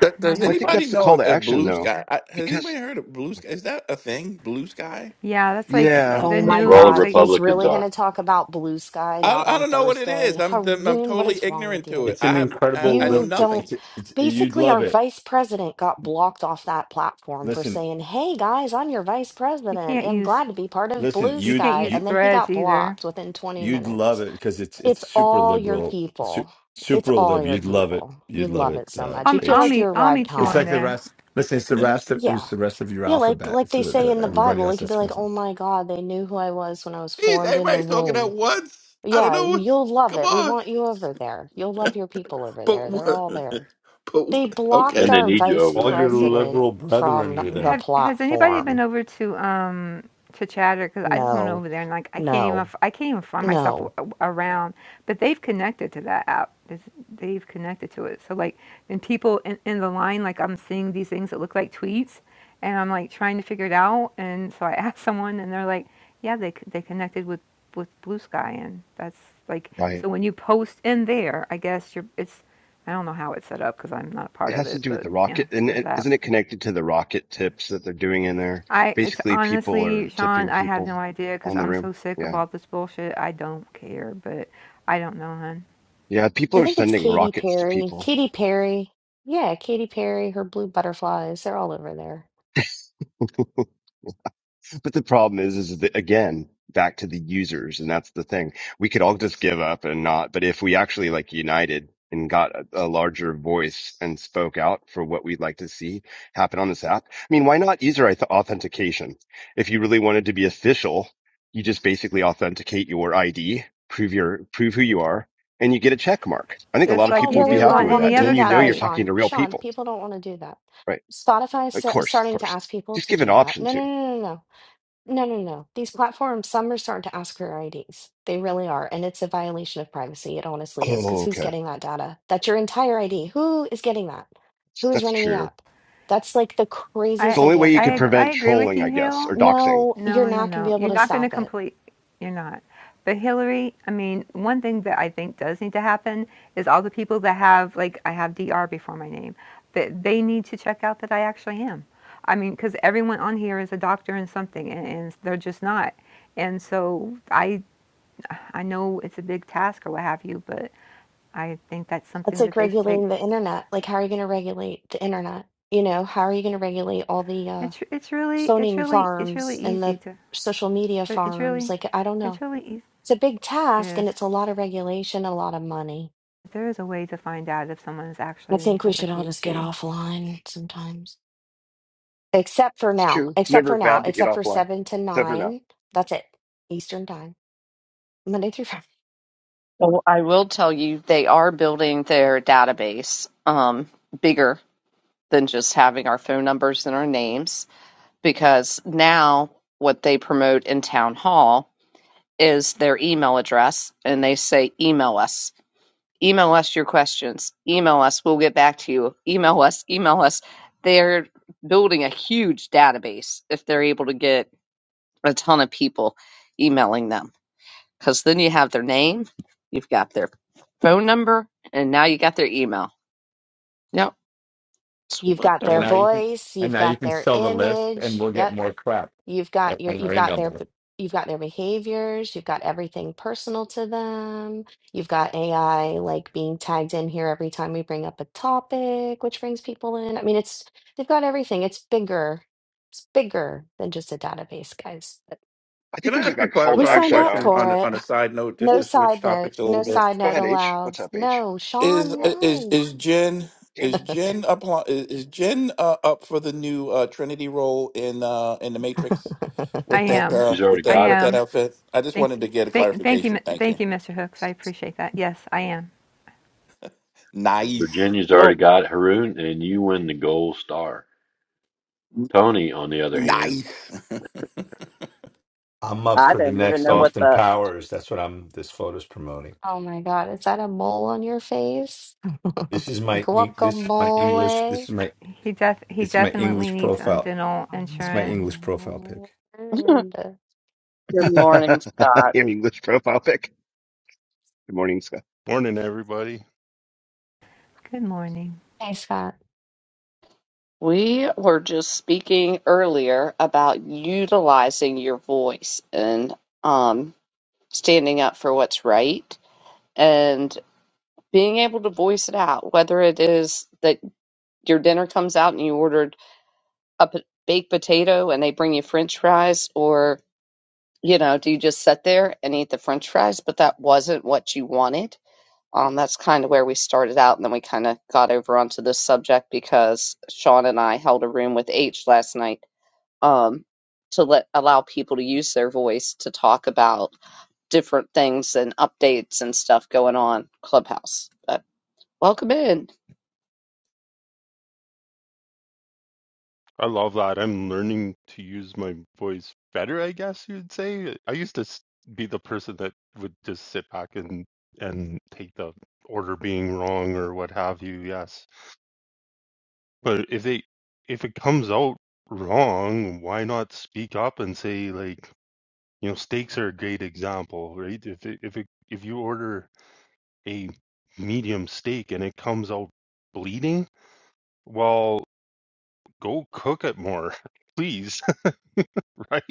Speaker 10: Th-
Speaker 8: not
Speaker 10: Does
Speaker 7: Well, I think
Speaker 8: healthy.
Speaker 10: anybody
Speaker 7: that's the
Speaker 10: know
Speaker 7: call
Speaker 10: if,
Speaker 7: to
Speaker 10: if
Speaker 7: action,
Speaker 10: Blue
Speaker 7: though,
Speaker 10: Sky? I, has anybody
Speaker 7: because
Speaker 10: heard of Blue Sky? Is that a thing? Blue Sky?
Speaker 8: Yeah, that's like
Speaker 7: yeah,
Speaker 8: the
Speaker 9: Oh my
Speaker 2: That's where
Speaker 8: new.
Speaker 2: all the
Speaker 8: It's
Speaker 9: God,
Speaker 8: like
Speaker 9: he's
Speaker 2: Republicans
Speaker 9: really going
Speaker 2: are.
Speaker 9: to talk about blue sky,
Speaker 10: I,
Speaker 9: not
Speaker 10: I
Speaker 9: on
Speaker 10: don't know what it
Speaker 9: Thursday.
Speaker 10: is. I'm I'm
Speaker 9: Haroon, what
Speaker 10: totally
Speaker 9: is wrong with
Speaker 10: ignorant to it.
Speaker 9: you?
Speaker 4: It's
Speaker 10: I
Speaker 4: an
Speaker 10: have I,
Speaker 4: incredible.
Speaker 10: I know
Speaker 4: Lib-
Speaker 9: You don't.
Speaker 10: nothing.
Speaker 4: It's, it's you'd
Speaker 9: Basically,
Speaker 4: love
Speaker 9: our
Speaker 4: it.
Speaker 9: vice president got blocked off that platform for
Speaker 4: Listen,
Speaker 9: saying, Hey guys, I'm your vice
Speaker 8: you
Speaker 9: president.
Speaker 8: can't
Speaker 9: I'm
Speaker 8: use
Speaker 9: glad to be part of
Speaker 4: listen,
Speaker 9: Blue
Speaker 8: you
Speaker 4: you
Speaker 8: can't
Speaker 9: Sky.
Speaker 8: use
Speaker 9: And
Speaker 4: you
Speaker 9: then he
Speaker 8: threads
Speaker 9: got
Speaker 8: either.
Speaker 9: blocked within 20
Speaker 4: you'd love
Speaker 9: minutes.
Speaker 4: it because it's it's
Speaker 9: It's
Speaker 4: super
Speaker 9: all your
Speaker 4: liberal, su-
Speaker 9: people. It's
Speaker 4: super
Speaker 9: all
Speaker 4: lib.
Speaker 9: your
Speaker 4: You'd love it.
Speaker 9: people. You
Speaker 4: You'd love
Speaker 9: love
Speaker 4: it.
Speaker 9: it so
Speaker 4: Uh,
Speaker 9: much.
Speaker 8: I'll
Speaker 9: You'd feel
Speaker 8: I'll
Speaker 9: like
Speaker 4: H.
Speaker 9: you
Speaker 8: meet I'll
Speaker 9: arrived
Speaker 8: meet you
Speaker 4: It's
Speaker 8: on
Speaker 4: like
Speaker 9: home.
Speaker 4: the
Speaker 8: there.
Speaker 4: rest. Listen, it's the
Speaker 9: Y-
Speaker 4: rest of
Speaker 9: yeah.
Speaker 4: it's the rest of your
Speaker 9: Yeah, like
Speaker 4: alphabet.
Speaker 9: like
Speaker 4: It's
Speaker 9: they
Speaker 4: the,
Speaker 9: say
Speaker 4: the
Speaker 9: in the
Speaker 4: everybody
Speaker 9: Bible, it
Speaker 4: else
Speaker 9: could be
Speaker 4: that's
Speaker 9: like,
Speaker 4: missing.
Speaker 9: "Oh my God, they knew who I was when I was
Speaker 10: Jeez,
Speaker 9: formed in the
Speaker 10: everybody's talking at
Speaker 9: womb."
Speaker 10: once. I don't
Speaker 9: Yeah,
Speaker 10: know
Speaker 9: well,
Speaker 10: what's.
Speaker 9: you'll love
Speaker 10: Come
Speaker 9: it. We
Speaker 10: on.
Speaker 9: want you over there. You'll love your people over
Speaker 10: But
Speaker 9: there. They're
Speaker 10: what?
Speaker 9: all there.
Speaker 10: But
Speaker 9: They
Speaker 10: what?
Speaker 9: blocked
Speaker 2: And
Speaker 10: Okay.
Speaker 2: they
Speaker 9: our
Speaker 2: need you
Speaker 9: vice
Speaker 2: over
Speaker 4: All
Speaker 2: there.
Speaker 4: your
Speaker 8: You
Speaker 9: president
Speaker 4: liberal brethren
Speaker 9: from
Speaker 4: are
Speaker 9: the
Speaker 4: there.
Speaker 8: Have has anybody been
Speaker 9: platform.
Speaker 8: over to um to Chatter? Because I just went
Speaker 9: No,
Speaker 8: over there and like I can't even
Speaker 9: no,
Speaker 8: f- I can't even find myself
Speaker 9: no.
Speaker 8: a- a- around. But they've connected to that app. There's- They've connected to it. So like, and people in, in the line, like I'm seeing these things that look like tweets, and I'm like trying to figure it out. And so I asked someone, and they're like, yeah, they c- they connected with with Blue Sky, and that's like
Speaker 7: right.
Speaker 8: so when you post in there, I guess you're it's I don't know how it's set up because I'm not a
Speaker 7: It
Speaker 8: part of
Speaker 7: has to
Speaker 8: it,
Speaker 7: do with
Speaker 8: but
Speaker 7: the
Speaker 8: yeah,
Speaker 7: rocket, and
Speaker 8: there's
Speaker 7: it,
Speaker 8: that.
Speaker 7: isn't it connected to the rocket tips that they're doing in there?
Speaker 8: I it's
Speaker 7: Basically, people
Speaker 8: honestly,
Speaker 7: are
Speaker 8: Sean,
Speaker 7: tipping
Speaker 8: I have no
Speaker 7: people
Speaker 8: idea because
Speaker 7: on the
Speaker 8: I'm
Speaker 7: room.
Speaker 8: so sick of
Speaker 7: Yeah,
Speaker 8: all this bullshit. I don't care, but I don't know, hun.
Speaker 7: yeah. People
Speaker 9: I
Speaker 7: are
Speaker 9: think it's
Speaker 7: sending
Speaker 9: Katy
Speaker 7: rockets to
Speaker 9: Perry.
Speaker 7: people.
Speaker 9: Katy Perry. Yeah, Katy Perry, her blue butterflies, they're all over there.
Speaker 7: But the problem is, is that again, back to the users, and that's the thing. We could all just give up and not, but if we actually like united and got a, a larger voice and spoke out for what we'd like to see happen on this app, I mean, why not user auth- authentication? If you really wanted to be official, you just basically authenticate your ID, prove your, prove who you are, and you get a check mark. I think a lot
Speaker 8: Just
Speaker 7: of
Speaker 8: like
Speaker 9: People
Speaker 8: you
Speaker 7: people would be
Speaker 9: really
Speaker 8: do
Speaker 7: happy
Speaker 8: on
Speaker 9: don't
Speaker 7: with
Speaker 9: want
Speaker 7: that.
Speaker 9: to
Speaker 8: any
Speaker 7: And
Speaker 9: do
Speaker 7: then
Speaker 8: other
Speaker 7: you
Speaker 9: that,
Speaker 7: know
Speaker 9: though,
Speaker 7: you're
Speaker 8: site.
Speaker 7: talking
Speaker 9: Sean.
Speaker 7: to real
Speaker 9: Sean,
Speaker 7: people,
Speaker 9: people don't want to do that.
Speaker 7: right?
Speaker 9: Spotify is
Speaker 7: Of
Speaker 9: sta-
Speaker 7: course, of
Speaker 9: starting to
Speaker 7: course.
Speaker 9: ask people
Speaker 7: Just
Speaker 9: to
Speaker 7: give an
Speaker 9: do that.
Speaker 7: option
Speaker 9: No,
Speaker 7: to.
Speaker 9: no, no, no, no, no, no, no. These platforms, some are starting to ask for your IDs. They really are, and it's a violation of privacy. It honestly is,
Speaker 7: Oh,
Speaker 9: because who's
Speaker 7: okay.
Speaker 9: getting that data? That's your entire ID. Who is getting that? Who is
Speaker 7: That's
Speaker 9: running the
Speaker 7: true.
Speaker 9: app? That's like the
Speaker 7: It's
Speaker 8: I
Speaker 7: the
Speaker 9: craziest
Speaker 7: only
Speaker 9: idea
Speaker 7: way
Speaker 9: I've
Speaker 7: you
Speaker 8: I
Speaker 7: could
Speaker 9: ever
Speaker 8: ag- I
Speaker 9: heard.
Speaker 7: prevent
Speaker 8: agree with
Speaker 7: trolling,
Speaker 8: you,
Speaker 7: I guess,
Speaker 8: Hill.
Speaker 7: or doxing.
Speaker 9: No,
Speaker 8: No,
Speaker 9: you're
Speaker 8: no,
Speaker 9: not going to
Speaker 8: no.
Speaker 9: be able
Speaker 8: You're
Speaker 9: to
Speaker 8: not going to
Speaker 9: stop it.
Speaker 8: complete. You're not. But Hillary, I mean, one thing that I think does need to happen is all the people that have like I have D R before my name, that they need to check out that I actually am. I mean, because everyone on here is a doctor in something, and, and they're just not. And so I I know it's a big task or what have you, but I think that's
Speaker 9: That's
Speaker 8: something
Speaker 9: like
Speaker 8: that they should take.
Speaker 9: regulating the internet. Like, how are you going to regulate the internet? You know, how are you going to regulate all the uh,
Speaker 8: It's it's really it's
Speaker 9: zoning
Speaker 8: really it's really
Speaker 9: farms and
Speaker 8: easy
Speaker 9: the
Speaker 8: to.
Speaker 9: social media
Speaker 8: It- It's
Speaker 9: farms.
Speaker 8: really,
Speaker 9: Like, I don't
Speaker 8: it's
Speaker 9: know.
Speaker 8: really eas-
Speaker 9: It's a big
Speaker 8: it
Speaker 9: task and
Speaker 8: is.
Speaker 9: it's a lot of regulation, a lot of money.
Speaker 8: There is a way to find out if someone is
Speaker 9: I
Speaker 8: actually
Speaker 9: think we
Speaker 8: has a
Speaker 9: should all just get
Speaker 8: PhD.
Speaker 9: offline sometimes. Except for
Speaker 7: It's
Speaker 9: now.
Speaker 7: true. It's
Speaker 9: Except
Speaker 7: never
Speaker 9: for now.
Speaker 7: bad to get
Speaker 9: Except for
Speaker 7: offline,
Speaker 9: seven to
Speaker 7: except for now.
Speaker 9: nine. That's it. Eastern time. Monday through Friday.
Speaker 1: Well, I will tell you, they are building their database um, bigger than just having our phone numbers and our names, because now what they promote in town hall is their email address, and they say, email us, email us your questions, email us, we'll get back to you, email us, email us. They're building a huge database if they're able to get a ton of people emailing them because then you have their name, you've got their phone number, and now you got their email. Yep. It's
Speaker 9: You've
Speaker 1: what
Speaker 9: got
Speaker 1: they're
Speaker 4: And
Speaker 9: their
Speaker 4: now you can
Speaker 9: voice.
Speaker 4: and
Speaker 9: You've
Speaker 4: now you
Speaker 9: got
Speaker 4: can
Speaker 9: their
Speaker 4: sell the list, and
Speaker 9: image.
Speaker 4: we'll
Speaker 9: Yep.
Speaker 4: get more crap
Speaker 9: You've got your
Speaker 4: on our
Speaker 9: you've got
Speaker 4: email
Speaker 9: their b- you've got their behaviors, you've got everything personal to them. You've got AI like being tagged in here every time we bring up a topic, which brings people in. I mean, it's they've got everything. It's bigger. It's bigger than just a database, guys. But
Speaker 7: I
Speaker 10: Can
Speaker 7: think
Speaker 10: I
Speaker 7: there's
Speaker 10: ask
Speaker 7: like
Speaker 10: you a
Speaker 7: a call
Speaker 9: We
Speaker 7: to
Speaker 10: clarifying
Speaker 9: signed
Speaker 7: action
Speaker 9: up
Speaker 10: question
Speaker 7: though.
Speaker 9: for
Speaker 10: on a-
Speaker 9: it.
Speaker 10: on a side note, just
Speaker 9: No
Speaker 10: to
Speaker 7: Oh,
Speaker 9: side
Speaker 10: switch
Speaker 9: note.
Speaker 10: topics a little
Speaker 9: No
Speaker 10: bit?
Speaker 9: side
Speaker 7: go
Speaker 9: note
Speaker 7: ahead, H.
Speaker 9: allowed.
Speaker 7: What's up, H?
Speaker 9: No,
Speaker 10: Is
Speaker 9: Sean,
Speaker 7: Oh,
Speaker 10: is
Speaker 9: no.
Speaker 10: is Jen
Speaker 7: damn
Speaker 10: is
Speaker 7: it.
Speaker 10: Jen up is is Jen uh, up for the new uh, Trinity role in uh, in the Matrix
Speaker 8: I
Speaker 10: with that
Speaker 8: am.
Speaker 10: uh,
Speaker 2: She's
Speaker 10: with
Speaker 2: already
Speaker 8: I
Speaker 10: that
Speaker 2: got it.
Speaker 10: with that
Speaker 8: am.
Speaker 10: outfit? I just
Speaker 8: Thank you.
Speaker 10: wanted to get a
Speaker 8: Thank, thank you,
Speaker 10: clarification. Thank
Speaker 8: thank
Speaker 10: you.
Speaker 8: you, Mr. Hooks. I appreciate that. Yes, I am.
Speaker 10: Nice.
Speaker 2: Virginia's already
Speaker 1: Well,
Speaker 2: got it, Haroon, and you win the gold star. Tony, on the other hand,
Speaker 10: Nice.
Speaker 4: I'm up
Speaker 1: I
Speaker 4: for the
Speaker 1: didn't even
Speaker 4: next
Speaker 1: know
Speaker 2: mm,
Speaker 1: what
Speaker 4: Austin
Speaker 1: the.
Speaker 4: Powers. That's what I'm. This photo's promoting.
Speaker 9: Oh my God, is that a mole on your face?
Speaker 4: This is my Eng- this is my English.
Speaker 9: Guacamole.
Speaker 4: This is my
Speaker 8: He def, he
Speaker 4: it's my
Speaker 8: definitely
Speaker 4: English
Speaker 8: needs um,
Speaker 4: profile.
Speaker 8: dental
Speaker 9: Oh
Speaker 4: It's
Speaker 9: my
Speaker 4: my
Speaker 8: insurance.
Speaker 4: English profile
Speaker 9: God.
Speaker 4: pic.
Speaker 1: Good morning, Scott.
Speaker 7: Damn English profile pic. Good morning, Scott.
Speaker 11: Morning, everybody.
Speaker 8: Good morning.
Speaker 9: Hey, Scott.
Speaker 1: We were just speaking earlier about utilizing your voice and um, standing up for what's right and being able to voice it out, whether it is that your dinner comes out and you ordered a p- baked potato and they bring you french fries, or you know, do you just sit there and eat the french fries? But that wasn't what you wanted. Um, that's kind of where we started out, and then we kind of got over onto this subject because Sean and I held a room with H last night um, to let allow people to use their voice to talk about different things and updates and stuff going on Clubhouse. But welcome in.
Speaker 11: I love that. I'm learning to use my voice better, I guess you'd say. I used to s- be the person that would just sit back and and take the order being wrong or what have you. Yes, but if they if it comes out wrong, why not speak up and say like, you know, steaks are a great example, right? If it, if it, if you order a medium steak and it comes out bleeding, well, go cook it more. please right?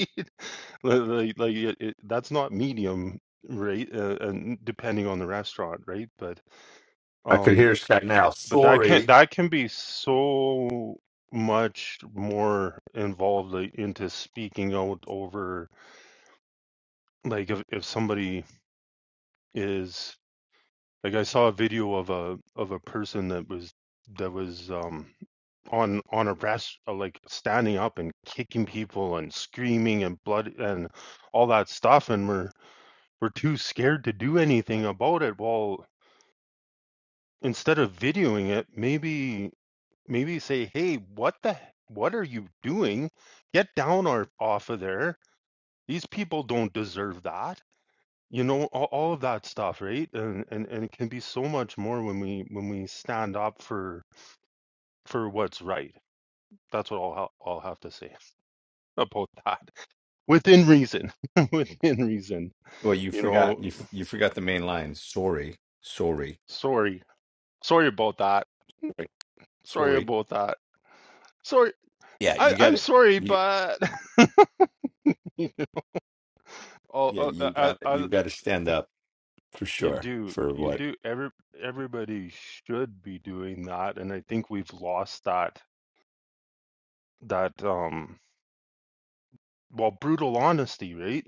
Speaker 11: Like, like, like, it, it, that's not medium rate, uh, and depending on the restaurant, right? But
Speaker 4: I could
Speaker 11: um,
Speaker 4: hear Scott now.
Speaker 11: but that can
Speaker 4: Sorry.
Speaker 11: that can be so much more involved like, into speaking out over like if if somebody is like I saw a video of a of a person that was that was um on on a rest uh, like standing up and kicking people and screaming and blood and all that stuff and we're we're too scared to do anything about it. Well, instead of videoing it, maybe maybe say, "Hey, what the what are you doing? Get down or off of there. These people don't deserve that." You know, all, all of that stuff, right? And, and and it can be so much more when we when we stand up for for what's right. That's what I'll ha- I'll have to say about that. Within reason. Within reason.
Speaker 4: Well, you
Speaker 11: You
Speaker 4: forgot
Speaker 11: know,
Speaker 4: you f- you forgot the main line. Sorry, sorry,
Speaker 11: sorry. Sorry about that. Sorry
Speaker 4: sorry.
Speaker 11: about that. Sorry.
Speaker 4: Yeah,
Speaker 11: I,
Speaker 4: you got
Speaker 11: I'm
Speaker 4: it.
Speaker 11: sorry,
Speaker 4: You,
Speaker 11: but oh,
Speaker 4: yeah,
Speaker 11: oh, I,
Speaker 4: you
Speaker 11: I,
Speaker 4: got it. You got to stand up for
Speaker 11: you
Speaker 4: sure.
Speaker 11: do,
Speaker 4: For
Speaker 11: you
Speaker 4: what
Speaker 11: do. Every everybody should be doing that, and I think we've lost that that um well brutal honesty, right?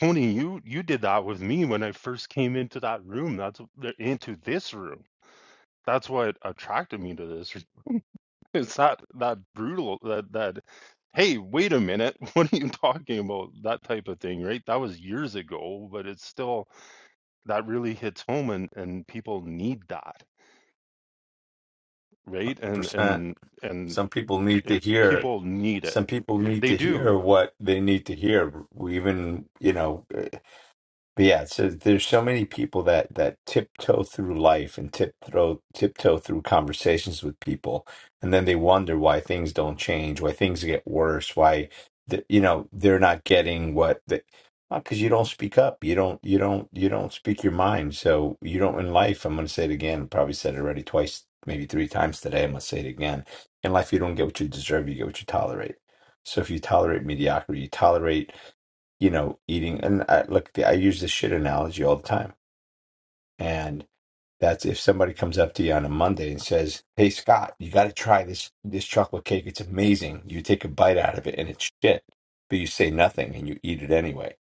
Speaker 11: Tony, you you did that with me when I first came into that room. That's into this room. That's what attracted me to this. It's that that brutal that that hey, wait a minute, what are you talking about? That type of thing, right? That was years ago, but it's still. that really hits home and and people need that right and
Speaker 4: percent?
Speaker 11: and and
Speaker 4: Some people need to
Speaker 11: it,
Speaker 4: hear.
Speaker 11: people need it
Speaker 4: Some people need
Speaker 11: they
Speaker 4: to hear
Speaker 11: do
Speaker 4: what they need to hear. We even you know. But yeah, so there's so many people that that tiptoe through life and tiptoe tiptoe through conversations with people, and then they wonder why things don't change, why things get worse, why the, you know they're not getting what they because you don't speak up, you don't you don't you don't speak your mind, so you don't in life. I'm going to say it again. Probably said it already twice, maybe three times today. I'm going to say it again. In life, you don't get what you deserve. You get what you tolerate. So if you tolerate mediocrity, you tolerate you know, eating. And I, look, I use this shit analogy all the time. And that's if somebody comes up to you on a Monday and says, "Hey, Scott, you got to try this this chocolate cake. It's amazing." You take a bite out of it and it's shit, but you say nothing and you eat it anyway.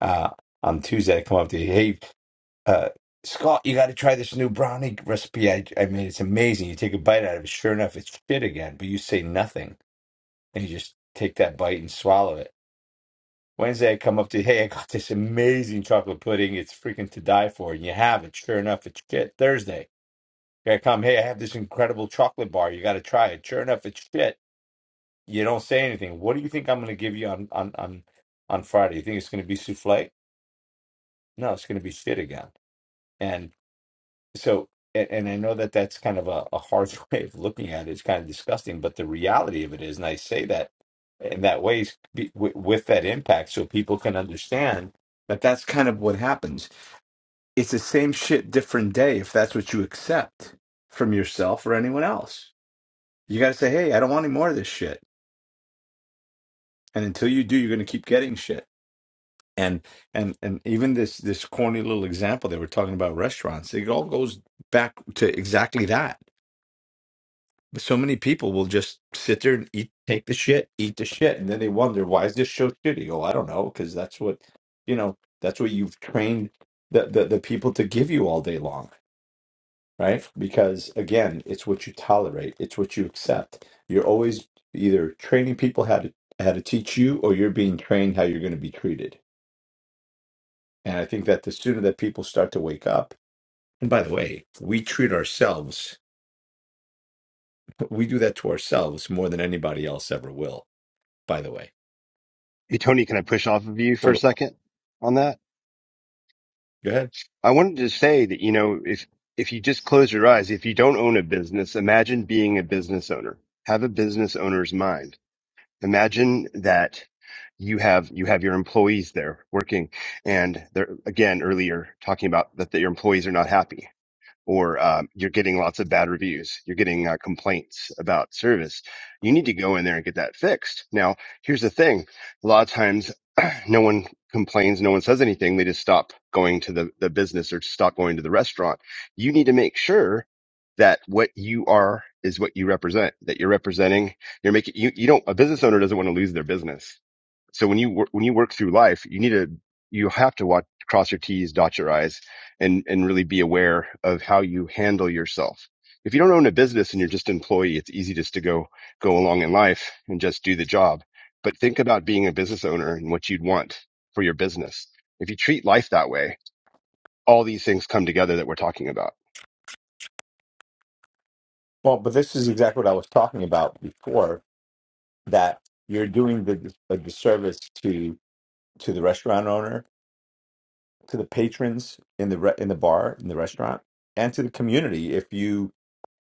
Speaker 4: Uh, on Tuesday, I come up to you, "Hey, uh, Scott, you got to try this new brownie recipe. I, I mean, it's amazing." You take a bite out of it. Sure enough, it's shit again, but you say nothing and you just take that bite and swallow it Wednesday, I come up to, hey, I got this amazing chocolate pudding. It's freaking to die for. And you have it. Sure enough, it's shit. Thursday, I come, hey, I have this incredible chocolate bar. You got to try it. Sure enough, it's shit. You don't say anything. What do you think I'm going to give you on on on on Friday? You think it's going to be souffle? No, it's going to be shit again. so and, and I know that that's kind of a, a harsh way of looking at it. It's kind of disgusting, but the reality of it is, and I say that in that way is be, with, with that impact, so people can understand that that's kind of what happens. It's the same shit, different day. If that's what you accept from yourself or anyone else, you got to say, "Hey, I don't want any more of this shit." And until you do, you're going to keep getting shit. And and and even this this corny little example they were talking about restaurants, it all goes back to exactly that But so many people will just sit there and eat, take the shit, eat the shit, and then they wonder why is this show shitty? Oh, I don't know, because that's what you know. That's what you've trained the, the the people to give you all day long, right? Because again, it's what you tolerate, it's what you accept. You're always either training people how to how to teach you, or you're being trained how you're going to be treated. And I think that the sooner that people start to wake up, and by the way, we treat ourselves, we do that to ourselves more than anybody else ever will. By the way
Speaker 7: Hey, Tony, can I push off of you for
Speaker 4: So
Speaker 7: a second on that?
Speaker 4: go ahead.
Speaker 7: I wanted to say that, you know, if, if you just close your eyes, if you don't own a business, imagine being a business owner. Have a business owner's mind Imagine that you have you have your employees there working, and they're again earlier talking about that, that your employees are not happy or uh, you're getting lots of bad reviews, you're getting uh, complaints about service, you need to go in there and get that fixed. Now, here's the thing: a lot of times, no one complains, no one says anything. They just stop going to the the business or stop going to the restaurant. You need to make sure that what you are is what you represent, that you're representing. You're making you you don't a business owner doesn't want to lose their business so when you when you work through life, you need to you have to watch, cross your T's, dot your I's, and and really be aware of how you handle yourself. If you don't own a business and you're just an employee, it's easy just to go go along in life and just do the job. But think about being a business owner and what you'd want for your business. If you treat life that way, all these things come together that we're talking about.
Speaker 4: Well, but this is exactly what I was talking about before that you're doing the a disservice to to the restaurant owner, to the patrons in the re, in the bar, in the restaurant, and to the community if you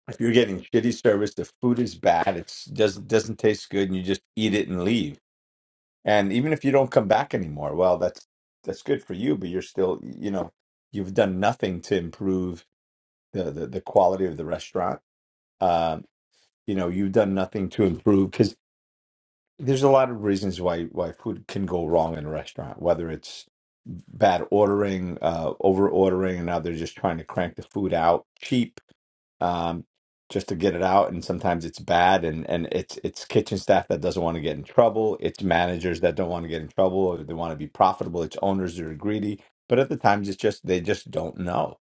Speaker 4: if you're getting shitty service, the food is bad, it's doesn't doesn't taste good and you just eat it and leave. And even if you don't come back anymore, well, that's that's good for you, but you're still, you know, you've done nothing to improve the the, the quality of the restaurant Um, you know you've done nothing to improve because there's a lot of reasons why why food can go wrong in a restaurant whether it's bad ordering uh over ordering and now they're just trying to crank the food out cheap um just to get it out and sometimes it's bad and and it's it's kitchen staff that doesn't want to get in trouble it's managers that don't want to get in trouble or they want to be profitable it's owners that are greedy but at the times it's just they just don't know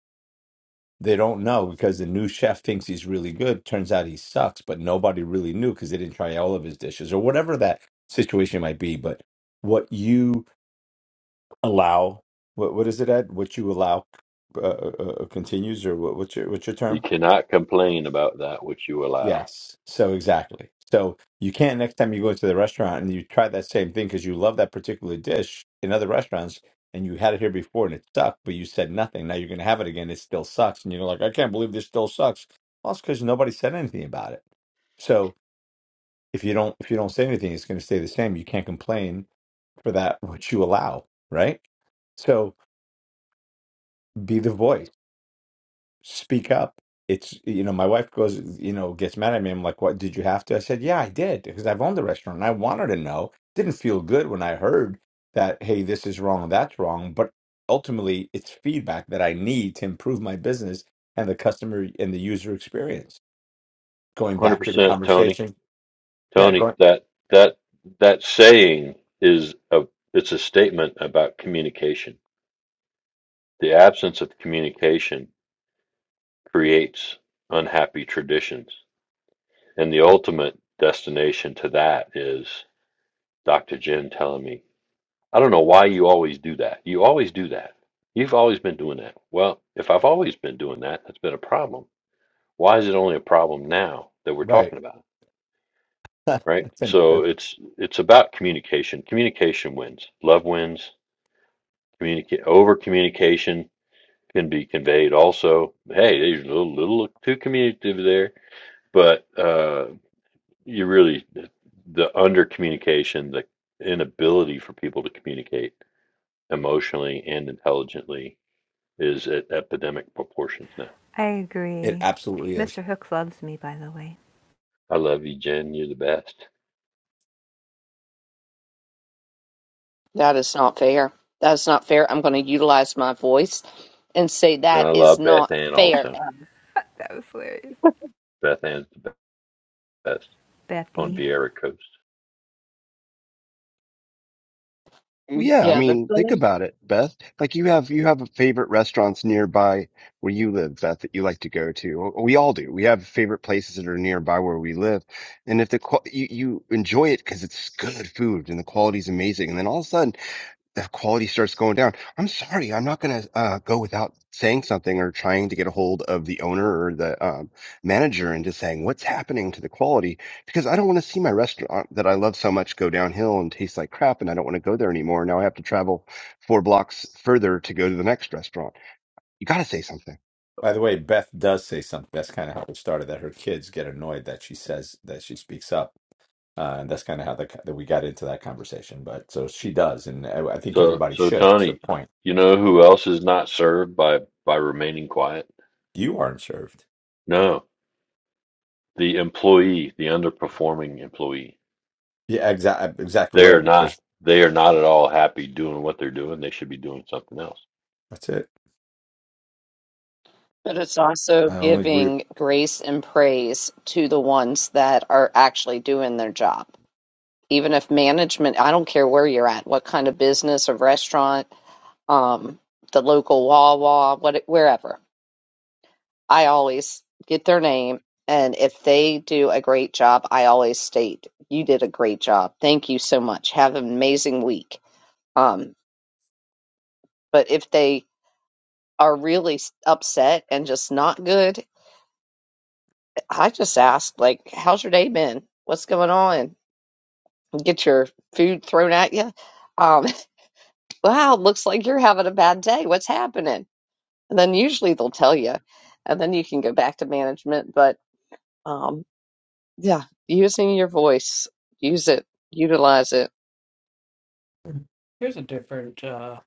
Speaker 4: they don't know because the new chef thinks he's really good. Turns out he sucks, but nobody really knew because they didn't try all of his dishes or whatever that situation might be. But what you allow, what what is it, Ed? What you allow uh, uh, uh, continues, or what, what's your what's your term?
Speaker 2: you cannot complain about that which you allow.
Speaker 4: Yes. So exactly. So you can't next time you go to the restaurant and you try that same thing because you love that particular dish in other restaurants and you had it here before and it sucked, but you said nothing. Now you're going to have it again. It still sucks. And you're like, I can't believe this still sucks. Well, it's because nobody said anything about it. So if you don't, if you don't say anything, it's going to stay the same. You can't complain for that, which you allow. Right. So be the voice speak up. It's, you know, my wife goes, you know, gets mad at me. I'm like, what, did you have to? I said, yeah, I did because I've owned the restaurant and I wanted to know. Didn't feel good when I heard that, hey, this is wrong, that's wrong. But ultimately, it's feedback that I need to improve my business and the customer and the user experience. Going back to the
Speaker 2: 100% Tony.
Speaker 4: conversation. Yeah,
Speaker 2: Tony,
Speaker 4: going,
Speaker 2: that that that saying is a it's a statement about communication. The absence of communication creates unhappy traditions. And the ultimate destination to that is Dr. Jen telling me, I don't know why you always do that. You always do that. You've always been doing that. Well, if I've always been doing that, that's been a problem. Why is it only a problem now that we're
Speaker 4: right.
Speaker 2: talking about? it, Right?
Speaker 4: it's an,
Speaker 2: So it's it's about communication. Communication wins. Love wins Communicate over communication can be conveyed also. Hey, there's a little, little too communicative there, but uh, you really the under communication, the inability for people to communicate emotionally and intelligently is at epidemic proportions now.
Speaker 8: I
Speaker 4: it
Speaker 8: agree.
Speaker 4: absolutely is.
Speaker 8: Mr. Hooks loves me, by the way.
Speaker 2: I love you, Jen. You're the best,
Speaker 1: That is not fair. That is not fair. I'm going to utilize my voice and say
Speaker 2: and
Speaker 1: that
Speaker 2: I
Speaker 1: is
Speaker 2: love Beth
Speaker 1: not
Speaker 2: Ann
Speaker 1: fair.
Speaker 2: also.
Speaker 8: That was hilarious,
Speaker 2: Beth Ann's the best on
Speaker 8: Bethy.
Speaker 2: Vieira Coast.
Speaker 7: Well, yeah, I
Speaker 1: Yeah, the
Speaker 7: mean, think
Speaker 1: thing
Speaker 7: about it, Beth. Like you have you have favorite restaurants nearby where you live, Beth, that you like to go to. We all do. We have favorite places that are nearby where we live, and if the qual you, you enjoy it because it's good food and the quality's amazing, and then all of a sudden the quality starts going down. I'm sorry, I'm not going to uh, go without saying something or trying to get a hold of the owner or the um, manager and just saying what's happening to the quality because I don't want to see my restaurant that I love so much go downhill and taste like crap, and I don't want to go there anymore. Now I have to travel four blocks further to go to the next restaurant. You got to say something.
Speaker 4: By the way, Beth does say something. That's kind of how it started that her kids get annoyed that she says that she speaks up Uh, and that's kind of how the, that we got into that conversation. But so she does, and I, I think
Speaker 2: So,
Speaker 4: everybody
Speaker 2: so
Speaker 4: should. That's the
Speaker 2: Tony,
Speaker 4: point.
Speaker 2: you know who else is not served by by remaining quiet?
Speaker 4: You aren't served.
Speaker 2: No, the employee, the underperforming employee.
Speaker 4: Yeah, exactly, exactly
Speaker 2: They are
Speaker 4: right.
Speaker 2: not
Speaker 4: Because
Speaker 2: they are not at all happy doing what they're doing. They should be doing something else.
Speaker 4: that's it.
Speaker 1: But it's also
Speaker 4: I only agree.
Speaker 1: giving grace and praise to the ones that are actually doing their job. Even if management, I don't care where you're at, what kind of business or restaurant, um, the local Wawa, what, wherever. I always get their name, and if they do a great job, I always state, "You did a great job. Thank you so much. Have an amazing week." Um, but if they are really s- upset and just not good I just asked, like, how's your day been? What's going on? Get your food thrown at you. Um, wow, looks like you're having a bad day. What's happening? And then usually they'll tell you, and then you can go back to management. But um, yeah, using your voice, use it, utilize it.
Speaker 3: Here's a different uh,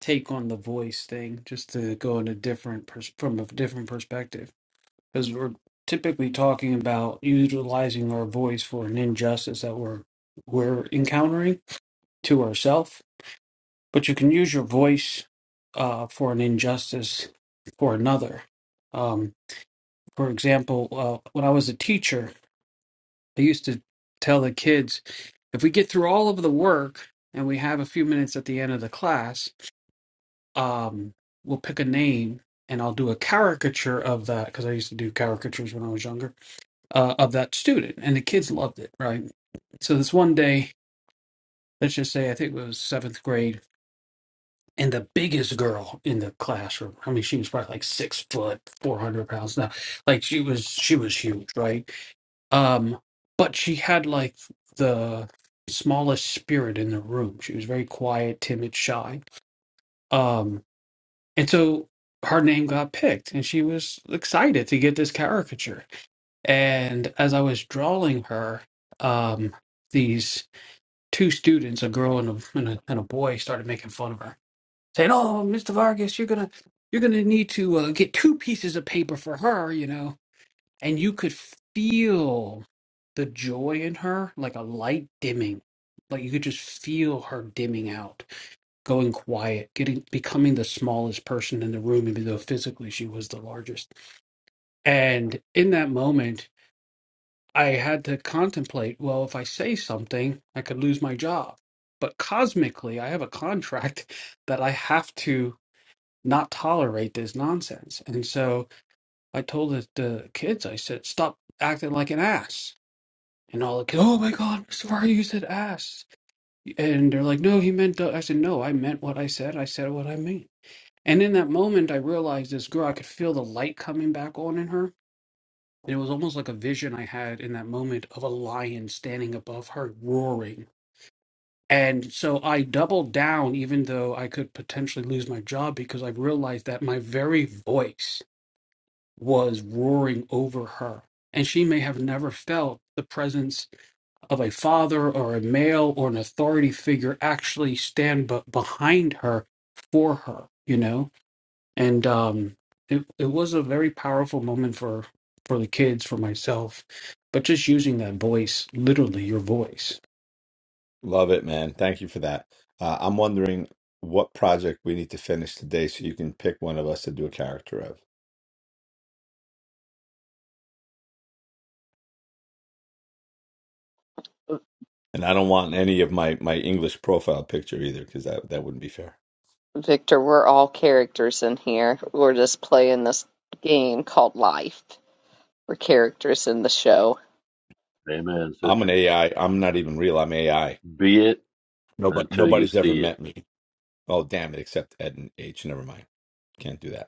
Speaker 3: take on the voice thing, just to go in a different pers- from a different perspective, because we're typically talking about utilizing our voice for an injustice that we're we're encountering to ourselves. But you can use your voice uh, for an injustice for another. Um, for example, uh, when I was a teacher, I used to tell the kids, if we get through all of the work and we have a few minutes at the end of the class um, we'll pick a name and I'll do a caricature of that because I used to do caricatures when I was younger uh, of that student, and the kids loved it, right? So this one day, let's just say I think it was seventh grade, and the biggest girl in the classroom. I mean, she was probably like six foot, four hundred pounds now. Like she was, she was huge, right? Um, but she had like the smallest spirit in the room. She was very quiet, timid, shy. Um. And so her name got picked, and she was excited to get this caricature. And as I was drawing her, um, these two students, a girl and a, and a and a boy, started making fun of her, saying, "Oh, Mr. Vargas, you're gonna you're gonna need to uh, get two pieces of paper for her, you know." And you could feel the joy in her, like a light dimming, like you could just feel her dimming out going quiet, getting becoming the smallest person in the room, even though physically she was the largest. And in that moment, I had to contemplate, well, if I say something, I could lose my job. But cosmically, I have a contract that I have to not tolerate this nonsense. And so I told the, the kids, I said, stop acting like an ass. And all the kids, oh my God, Mr. Varga, you said ass. And they're like, no, he meant, du-" I said, no, I meant what I said. I said what I mean. And in that moment, I realized this girl, I could feel the light coming back on in her. And it was almost like a vision I had in that moment of a lion standing above her, roaring. And so I doubled down, even though I could potentially lose my job, because I realized that my very voice was roaring over her. And she may have never felt the presence of a father or a male or an authority figure actually stand but behind her for her, you know? and um, it it was a very powerful moment for for the kids, for myself, but just using that voice, literally your voice.
Speaker 4: Love it, man. Thank you for that. Uh, I'm wondering what project we need to finish today, so you can pick one of us to do a character of. And I don't want any of my my English profile picture either, because that that wouldn't be fair.
Speaker 1: Victor, we're all characters in here. We're just playing this game called life. We're characters in the show.
Speaker 2: Amen,
Speaker 4: I'm an
Speaker 2: sister.
Speaker 4: AI. I'm not even real. I'm AI.
Speaker 2: Be it
Speaker 4: Nobody
Speaker 2: until you
Speaker 4: nobody's ever
Speaker 2: see it.
Speaker 4: met me. Oh damn it! Except Ed and H. Never mind. Can't do that.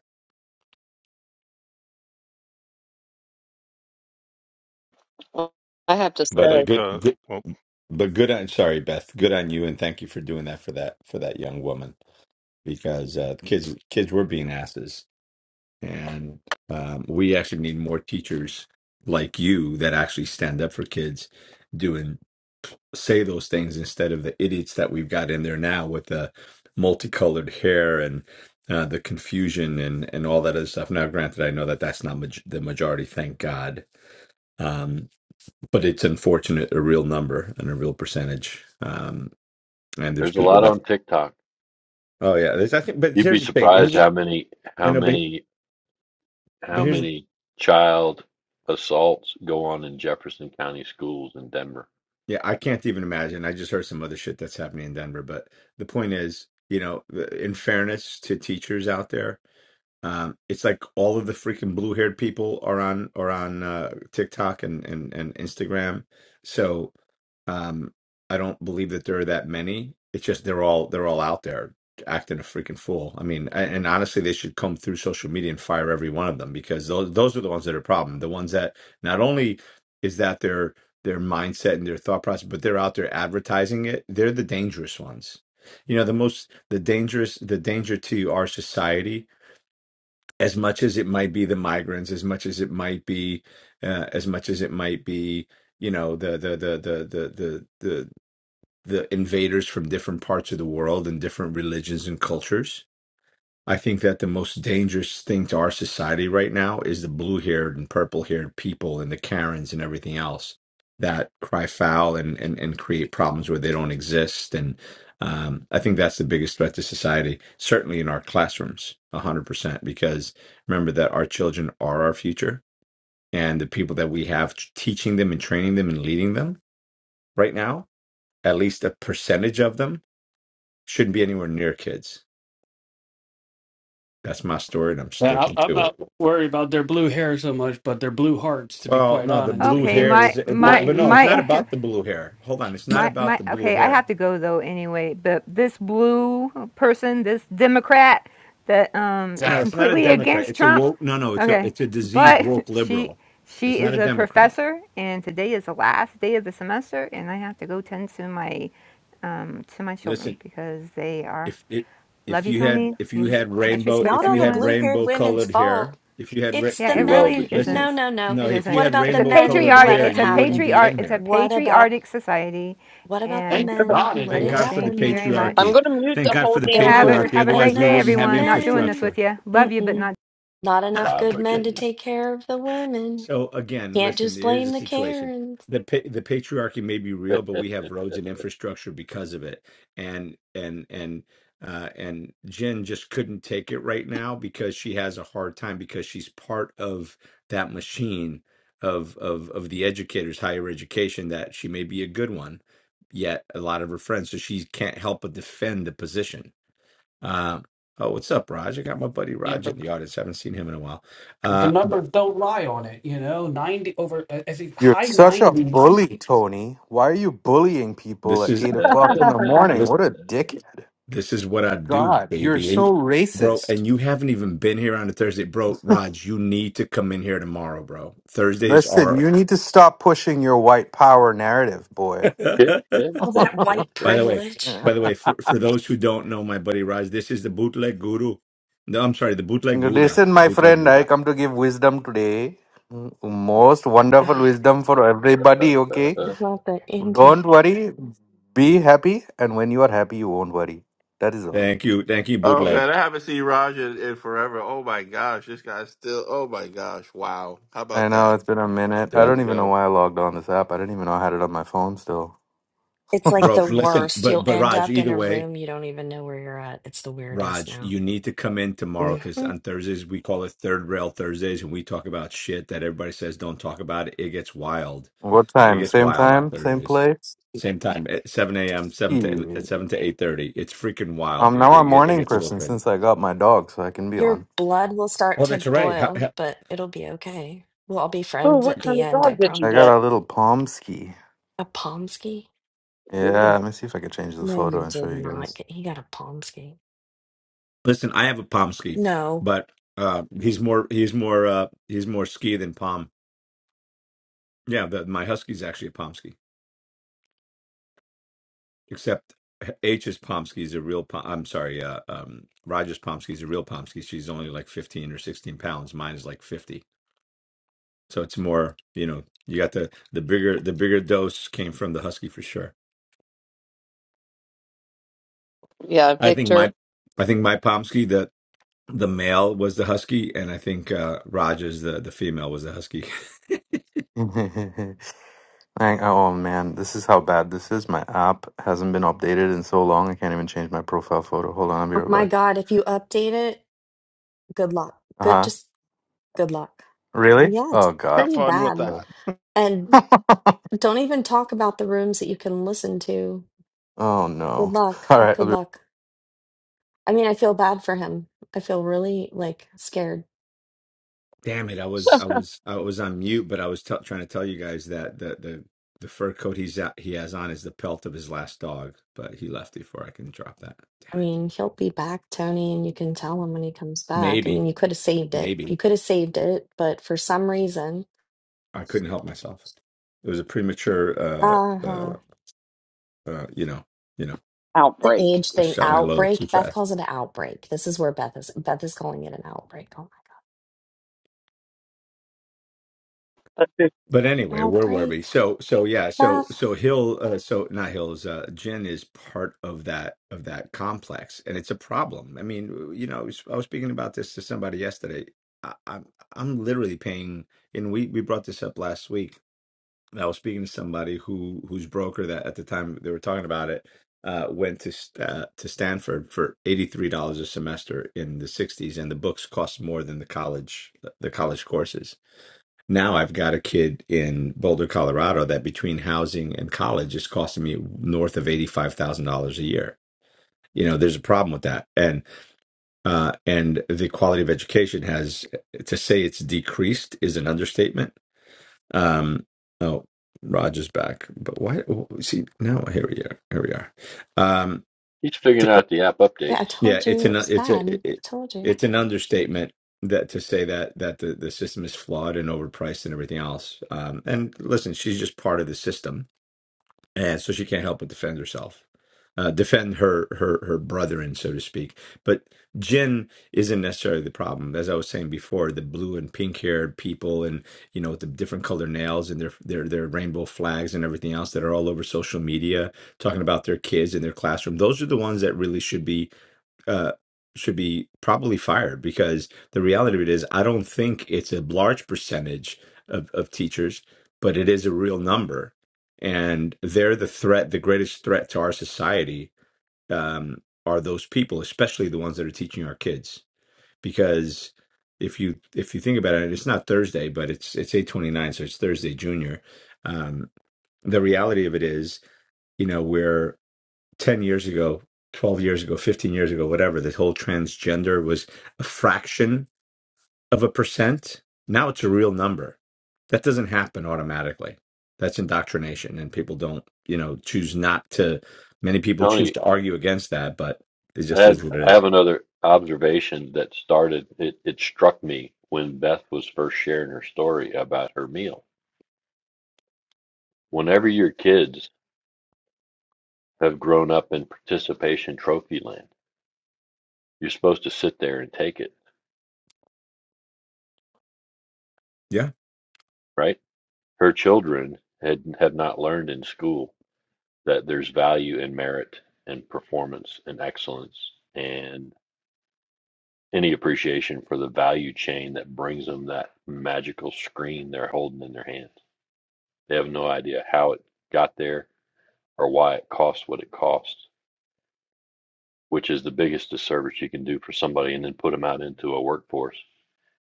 Speaker 1: I have to
Speaker 11: i'd
Speaker 4: But a
Speaker 1: say,
Speaker 11: like
Speaker 4: good,
Speaker 11: to
Speaker 4: good
Speaker 11: well
Speaker 4: but good on sorry, Beth. Good on you, and thank you for doing that for that for that young woman because uh, kids kids were being asses, and um, we actually need more teachers like you that actually stand up for kids, doing say those things instead of the idiots that we've got in there now with the multicolored hair and. Uh, the confusion and and all that other stuff. Now, granted, I know that that's not maj- the majority. Thank God. Um, but it's unfortunate a real number and a real percentage um and there's
Speaker 2: There's a
Speaker 4: people
Speaker 2: lot
Speaker 4: that
Speaker 2: on TikTok.
Speaker 4: oh yeah there's i think but
Speaker 2: You'd be
Speaker 4: here's the thing here's
Speaker 2: surprised
Speaker 4: the-
Speaker 2: how many
Speaker 4: i
Speaker 2: how
Speaker 4: know but,
Speaker 2: many
Speaker 4: but
Speaker 2: how
Speaker 4: here's
Speaker 2: many child assaults go on in Jefferson County schools in Denver.
Speaker 4: yeah i can't even imagine i just heard some other shit that's happening in denver but the point is you know in fairness to teachers out there um it's like all of the freaking blue haired people are on are on uh tiktok and and, and instagram so Um, I don't believe that there are that many. It's just they're all they're all out there acting a freaking fool. I mean, a- and honestly, they should come through social media and fire every one of them because those those are the ones that are a problem. The ones that not only is that their their mindset and their thought process, but they're out there advertising it. They're the dangerous ones. You know, the most the dangerous the danger to our society. As much as it might be the migrants, as much as it might be, uh, as much as it might be, you know, the the the the the the the the invaders from different parts of the world and different religions and cultures. I think that the most dangerous thing to our society right now is the blue haired and purple haired people and the Karens and everything else that cry foul and, and, and create problems where they don't exist. And um, I think that's the biggest threat to society, certainly in our classrooms, 100%, because remember that our children are our future. And the people that we have t- teaching them and training them and leading them right now, at least a percentage of them shouldn't be anywhere near kids. That's my story, and I'm
Speaker 3: Yeah,
Speaker 4: sticking
Speaker 3: I, I'm
Speaker 4: to
Speaker 3: not
Speaker 4: it.
Speaker 3: worried about their blue hair so much, but their blue hearts, to be
Speaker 4: Well,
Speaker 3: quite
Speaker 4: no, the
Speaker 3: honest,
Speaker 4: blue
Speaker 8: Okay,
Speaker 4: hair
Speaker 3: because
Speaker 8: my
Speaker 4: is, uh, but
Speaker 8: my
Speaker 4: but no,
Speaker 3: ninety
Speaker 4: it's not
Speaker 8: my
Speaker 4: about the blue hair. Hold on, it's not
Speaker 8: My
Speaker 4: about
Speaker 8: my
Speaker 4: the blue
Speaker 8: okay, I have
Speaker 4: hair.
Speaker 8: to go though anyway, but this blue person, this Democrat that um is
Speaker 4: No, it's
Speaker 3: exactly.
Speaker 4: not a
Speaker 8: completely
Speaker 4: Democrat.
Speaker 8: against
Speaker 4: It's a
Speaker 8: Trump.
Speaker 4: woke. No, no, it's a
Speaker 8: Okay.
Speaker 4: it's a diseased
Speaker 8: But
Speaker 4: woke
Speaker 8: she
Speaker 4: liberal. It's
Speaker 8: she
Speaker 4: not
Speaker 8: is
Speaker 4: a
Speaker 8: a
Speaker 4: Democrat.
Speaker 8: professor and today is the last day of the semester and I have to go tend to my um to my children
Speaker 4: Listen,
Speaker 8: because they are
Speaker 4: if it
Speaker 8: love
Speaker 4: if
Speaker 8: you
Speaker 4: you had
Speaker 8: Tony.
Speaker 4: if you
Speaker 8: Lo-
Speaker 4: had
Speaker 8: Much
Speaker 9: It's
Speaker 4: rainbow
Speaker 8: respect
Speaker 9: not
Speaker 4: if
Speaker 9: all
Speaker 4: you
Speaker 9: the
Speaker 4: had
Speaker 8: everyone.
Speaker 9: blue-haired
Speaker 4: rainbow
Speaker 9: women's
Speaker 4: colored
Speaker 9: fault.
Speaker 4: hair if you had ra-
Speaker 9: It's
Speaker 8: Yeah,
Speaker 9: the
Speaker 8: it
Speaker 2: Be well,
Speaker 9: men.
Speaker 8: really
Speaker 2: Virginia.
Speaker 4: listen
Speaker 9: No,
Speaker 8: isn't.
Speaker 9: no, no.
Speaker 4: no
Speaker 8: It
Speaker 4: if you
Speaker 8: isn't.
Speaker 9: What
Speaker 4: had
Speaker 9: about
Speaker 8: It's
Speaker 9: the
Speaker 8: a
Speaker 4: rainbow
Speaker 9: men who
Speaker 4: colored
Speaker 8: patriotic
Speaker 9: let
Speaker 4: hair
Speaker 9: it
Speaker 8: it's a
Speaker 4: you wouldn't
Speaker 9: happen?
Speaker 4: be
Speaker 8: patriarch
Speaker 4: in
Speaker 8: it's a
Speaker 4: here.
Speaker 9: What about
Speaker 8: patriotic society
Speaker 9: what about the
Speaker 8: and
Speaker 9: men who let
Speaker 4: Thank
Speaker 9: it
Speaker 4: God for the
Speaker 8: thank
Speaker 9: happen
Speaker 8: you very
Speaker 9: though?
Speaker 8: much.
Speaker 1: I'm
Speaker 4: patriarchy.
Speaker 1: going
Speaker 4: Thank God for the
Speaker 9: There
Speaker 8: Have a,
Speaker 1: to.
Speaker 9: weren't
Speaker 4: patriarchy.
Speaker 8: have a
Speaker 4: Otherwise,
Speaker 8: great
Speaker 4: we
Speaker 8: day,
Speaker 4: wouldn't
Speaker 9: enough
Speaker 4: have
Speaker 8: everyone. Not doing this
Speaker 9: men.
Speaker 4: infrastructure.
Speaker 8: with you. Love you, but
Speaker 9: Mm-mm.
Speaker 8: not
Speaker 9: Not enough
Speaker 2: Bye,
Speaker 9: good men to
Speaker 2: Virginia.
Speaker 9: take care of the women.
Speaker 4: So again,
Speaker 9: Can't
Speaker 4: listen,
Speaker 9: just
Speaker 4: here's
Speaker 9: blame
Speaker 4: the
Speaker 9: the
Speaker 4: situation.
Speaker 9: Karens.
Speaker 4: The pa- the patriarchy may be real, but we have roads and infrastructure because of it. And and and uh and Jen just couldn't take it right now because she has a hard time because she's part of that machine of of of the educators, higher education, that she may be a good one, yet a lot of her friends, so she can't help but defend the position. Uh, oh, what's up, Raj? I got my buddy
Speaker 3: Yeah,
Speaker 4: Raj
Speaker 3: but
Speaker 4: in the audience. haven't seen him in a while.
Speaker 3: the
Speaker 4: Uh, but
Speaker 3: numbers don't lie on it. You know, ninety over. I I think
Speaker 12: You're
Speaker 3: high
Speaker 12: such a
Speaker 3: nineties.
Speaker 12: bully, Tony. Why are you bullying people
Speaker 4: this
Speaker 12: at
Speaker 4: is
Speaker 12: eight o'clock in the morning?
Speaker 4: Listen,
Speaker 12: What a dickhead.
Speaker 4: this is what I do,
Speaker 12: God, you're
Speaker 4: baby.
Speaker 12: so
Speaker 4: And bro,
Speaker 12: racist.
Speaker 4: and you haven't even been here on a Thursday. Bro, Raj, you need to come in here tomorrow, bro. Thursdays
Speaker 12: Listen,
Speaker 4: are
Speaker 12: you need to stop pushing your white power narrative, boy.
Speaker 9: All that white
Speaker 4: By the way,
Speaker 9: privilege.
Speaker 4: by the way, for, for those who don't know my buddy Raj, this is the bootleg guru. No, I'm sorry, the bootleg Buddha.
Speaker 12: Listen, my
Speaker 4: Bootleg
Speaker 12: friend, I
Speaker 4: Buddha.
Speaker 12: come to give wisdom today. Most wonderful
Speaker 9: Ugh,
Speaker 12: wisdom for everybody, okay?
Speaker 9: not the Indian.
Speaker 12: Don't worry, be happy, and when you are happy, you won't worry. That is all.
Speaker 4: Thank you. Thank you,
Speaker 10: Oh
Speaker 4: bootleg.
Speaker 10: man, I haven't seen Raj in, in forever. Oh my gosh, this guy's still. Oh my gosh, wow. How
Speaker 12: I
Speaker 10: about
Speaker 12: know
Speaker 10: that?
Speaker 12: it's been a minute.
Speaker 10: There
Speaker 12: I
Speaker 4: That-
Speaker 12: don't
Speaker 10: you
Speaker 12: even know
Speaker 10: go.
Speaker 12: why I logged on this app. I didn't even know I had it on my phone still.
Speaker 9: It's like the
Speaker 4: Bro, listen,
Speaker 9: worst. You'll
Speaker 4: but but
Speaker 9: end
Speaker 4: Raj,
Speaker 9: up in
Speaker 4: either
Speaker 9: a
Speaker 4: way,
Speaker 9: room you don't even know where you're at. It's the weirdest
Speaker 4: Raj,
Speaker 9: now.
Speaker 4: you need to come in tomorrow because
Speaker 9: hmm
Speaker 4: on Thursdays we call it Third Rail Thursdays, and we talk about shit that everybody says don't talk about. It gets wild.
Speaker 12: What
Speaker 4: It
Speaker 12: time?
Speaker 4: gets
Speaker 12: Same
Speaker 4: wild on
Speaker 12: time? Same
Speaker 4: Thursdays.
Speaker 12: place?
Speaker 4: Same time at seven a.m. seven to
Speaker 12: Yeah.
Speaker 4: at seven to eight thirty. It's freaking wild,
Speaker 12: Um,
Speaker 4: dude.
Speaker 12: now
Speaker 4: It,
Speaker 12: I'm a
Speaker 4: get, it
Speaker 12: morning
Speaker 4: gets a little
Speaker 12: person
Speaker 4: crazy.
Speaker 12: since I got my dog, so I can be
Speaker 9: Your
Speaker 12: on.
Speaker 9: blood will start
Speaker 4: Well,
Speaker 9: to
Speaker 4: that's all right. Ha-
Speaker 9: boil,
Speaker 4: ha-
Speaker 9: but it'll be okay. We'll all be
Speaker 1: Oh,
Speaker 9: friends
Speaker 1: what
Speaker 9: at the
Speaker 1: kind of
Speaker 9: end,
Speaker 1: dog
Speaker 9: I
Speaker 1: did you
Speaker 12: I got
Speaker 9: promise.
Speaker 1: get?
Speaker 12: a little palm ski.
Speaker 9: A Pomsky?
Speaker 12: Yeah, let me see if I can change the
Speaker 9: No, you
Speaker 12: photo and show
Speaker 9: did
Speaker 12: you
Speaker 9: not
Speaker 12: guys.
Speaker 9: get. He got a Pomsky.
Speaker 4: Listen, I have a palm ski,
Speaker 9: No.
Speaker 4: but uh, he's more he's more uh, he's more ski than palm. Yeah, the, my husky's actually a palm ski, except H's palm ski is a real. Palm, I'm sorry, uh, um, Roger's palm ski is a real palm ski. She's only like fifteen or sixteen pounds. Mine is like fifty. So it's more, you know, you got the the bigger the bigger dose came from the husky for sure.
Speaker 1: Yeah,
Speaker 4: I think
Speaker 1: Victor
Speaker 4: my I think my Pomsky the the male was the husky, and I think uh, Rogers the the female was the husky.
Speaker 12: Hang- oh man, this is how bad this is. My app hasn't been updated in so long. I can't even change my profile photo. Hold on, I'll be
Speaker 9: Oh
Speaker 12: right
Speaker 9: my
Speaker 12: back.
Speaker 9: God, if you update it, good luck.
Speaker 12: Uh
Speaker 9: Good,
Speaker 12: huh.
Speaker 9: just good luck.
Speaker 12: Really?
Speaker 9: Yeah, it's
Speaker 12: Oh god.
Speaker 11: have
Speaker 9: pretty
Speaker 11: fun with
Speaker 9: bad.
Speaker 12: Yeah.
Speaker 11: that
Speaker 9: And don't even talk about the rooms that you can listen to.
Speaker 12: oh
Speaker 9: Good
Speaker 12: no.
Speaker 9: luck.
Speaker 12: All right. I'll
Speaker 9: Good
Speaker 12: be-
Speaker 9: luck. I mean, I feel bad for him. I feel really like scared.
Speaker 4: Damn it! I was I was I was on mute, but I was tell trying to tell you guys that the the the fur coat he's at, he has on is the pelt of his last dog, but he left before I can drop that. Damn
Speaker 9: I
Speaker 4: it!
Speaker 9: mean, he'll be back, Tony, and you can tell him when he comes back. I mean,
Speaker 4: Maybe,
Speaker 9: you could have saved it.
Speaker 4: maybe.
Speaker 9: You could have saved it, but for some reason,
Speaker 4: I couldn't help myself. It was a premature, uh, uh,
Speaker 9: uh-huh.
Speaker 4: uh, you know, you know,
Speaker 9: The
Speaker 1: outbreak.
Speaker 9: age
Speaker 4: I
Speaker 9: thing,
Speaker 4: shot my load too
Speaker 9: outbreak. Beth
Speaker 4: fast.
Speaker 9: calls it an outbreak. This is where Beth is. Beth is calling it an outbreak. Oh
Speaker 1: But this-
Speaker 4: But
Speaker 9: my,
Speaker 4: anyway, where were
Speaker 9: outbreak.
Speaker 4: we? So, so yeah, so
Speaker 9: Beth.
Speaker 4: so Hill, uh, so not Hill's, uh, Jen is part of that of that complex, and it's a problem. I mean, you know, I was, I was speaking about this to somebody yesterday. I, I'm I'm literally paying, and we we brought this up last week And I was speaking to somebody who whose broker that at the time they were talking about it uh, went to St- uh, to Stanford for eighty three dollars a semester in the sixties, and the books cost more than the college the college courses. Now I've got a kid in Boulder, Colorado, that between housing and college is costing me north of eighty five thousand dollars a year. You know, there's a problem with that, and uh, and the quality of education has to say it's decreased is an understatement um, oh, Raj is back, but why? oh, See now, here we are. Here we are. Um,
Speaker 2: He's figuring out the app
Speaker 9: Yeah, I
Speaker 2: updates.
Speaker 4: yeah,
Speaker 9: told
Speaker 4: it's
Speaker 9: you
Speaker 4: an
Speaker 9: it was
Speaker 4: it's
Speaker 9: bad.
Speaker 4: a
Speaker 9: I
Speaker 4: it,
Speaker 9: told you.
Speaker 4: it's an understatement that to say that that the the system is flawed and overpriced and everything else. Um, and listen, she's just part of the system and so she can't help but defend herself uh, defend her her her brethren so to speak but jen isn't necessarily the problem as i was saying before the blue and pink haired people and you know with the different color nails and their their their rainbow flags and everything else that are all over social media talking about their kids in their classroom those are the ones that really should be uh, should be probably fired because the reality of it is, I don't think it's a large percentage of, of teachers, but it is a real number. And they're the threat, the greatest threat to our society um, are those people, especially the ones that are teaching our kids. Because if you if you think about it, it's not Thursday, but it's it's eight twenty nine, so it's Thursday Junior. Um, the reality of it is, you know, we're 10 years ago, 12 years ago, 15 years ago, whatever, this whole transgender was a fraction of a percent. Now it's a real number. That doesn't happen automatically. That's indoctrination, and people don't, you know, choose not to. Many people choose
Speaker 2: Tony
Speaker 4: to argue against that, but it
Speaker 2: I
Speaker 4: just
Speaker 2: had
Speaker 4: is what it
Speaker 2: I
Speaker 4: is.
Speaker 2: have another observation that started it, it struck me when Beth was first sharing her story about her meal. Whenever your kids have grown up in participation trophy land, you're supposed to sit there and take it,
Speaker 4: Yeah.
Speaker 2: right? Her children had have not learned in school that there's value in merit and performance and excellence and any appreciation for the value chain that brings them that magical screen they're holding in their hands. They have no idea how it got there or why it costs what it costs, which is the biggest disservice you can do for somebody, and then put them out into a workforce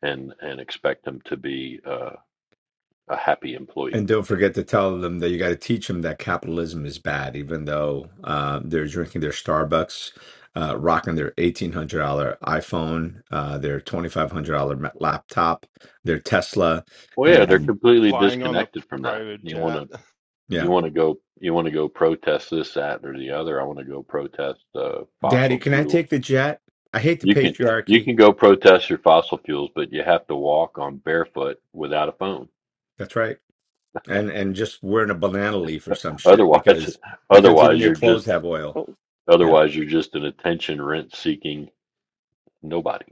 Speaker 2: and and expect them to be uh, a happy employee.
Speaker 4: And don't forget to tell them that you got to teach them that capitalism is bad, even though uh, they're drinking their Starbucks, uh, rocking their eighteen hundred dollar iPhone, uh, their twenty five hundred dollar ma- laptop, their Tesla,
Speaker 2: Well, yeah, they're
Speaker 4: and
Speaker 2: completely
Speaker 11: flying on the
Speaker 2: disconnected from that.
Speaker 11: private
Speaker 2: You want
Speaker 11: jet
Speaker 2: to you
Speaker 4: yeah,
Speaker 2: want to go you want to go protest this that or the other. I want to go protest uh,
Speaker 4: Daddy,
Speaker 2: fossil
Speaker 4: can I
Speaker 2: fuel.
Speaker 4: take the jet? I hate the
Speaker 2: You can you
Speaker 4: patriarchy.
Speaker 2: can go protest your fossil fuels, but you have to walk on barefoot without a phone.
Speaker 4: That's right, and and just wearing a banana leaf or some shit
Speaker 2: Otherwise,
Speaker 4: because because even
Speaker 2: otherwise
Speaker 4: your
Speaker 2: you're just
Speaker 4: clothes have oil. Yeah.
Speaker 2: otherwise you're just an attention rent seeking nobody.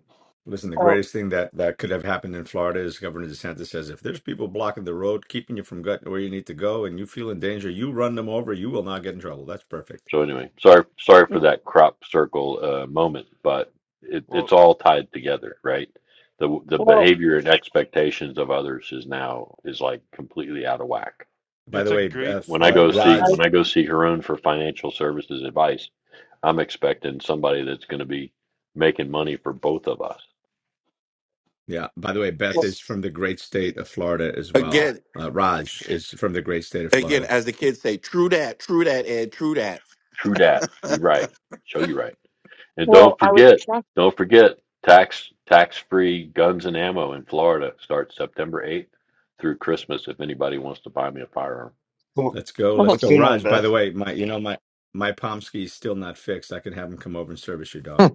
Speaker 4: Listen, the
Speaker 1: oh,
Speaker 4: greatest thing that that could have happened in Florida is Governor DeSantis says if there's people blocking the road, keeping you from gut where you need to go, and you feel in danger, you run them over. You will not get in trouble. That's perfect.
Speaker 2: So anyway, sorry sorry for that crop circle uh, moment, but it, it's
Speaker 11: well
Speaker 2: all tied together, right? The the
Speaker 1: well,
Speaker 2: behavior and expectations of others is now is like completely out of whack.
Speaker 4: By
Speaker 11: it's
Speaker 4: the
Speaker 11: a
Speaker 4: way,
Speaker 11: great
Speaker 4: Beth
Speaker 2: When I
Speaker 4: uh,
Speaker 11: point
Speaker 2: go see
Speaker 11: ed
Speaker 1: I-
Speaker 2: when
Speaker 4: Raj,
Speaker 2: I go see Haroon for financial services advice, I'm expecting somebody that's going to be making money for both of us.
Speaker 4: yeah. By the way, Beth is from the great state of Florida as well.
Speaker 10: again,
Speaker 4: Uh, Raj is from the great state of
Speaker 10: again,
Speaker 4: Florida.
Speaker 10: as the kids say, true that, true that, Ed, true that.
Speaker 2: True dat. You right. Show you right. And don't forget, don't forget, tax tax free guns and ammo in Florida starts September eighth through Christmas. If anybody wants to buy me a firearm.
Speaker 7: Go
Speaker 4: Let's go, let's
Speaker 7: What's
Speaker 4: go,
Speaker 7: going on,
Speaker 4: Raj. By the
Speaker 7: Beth?
Speaker 4: way, my you know my my Pomsky is still not fixed. I can have him come over and service your dog.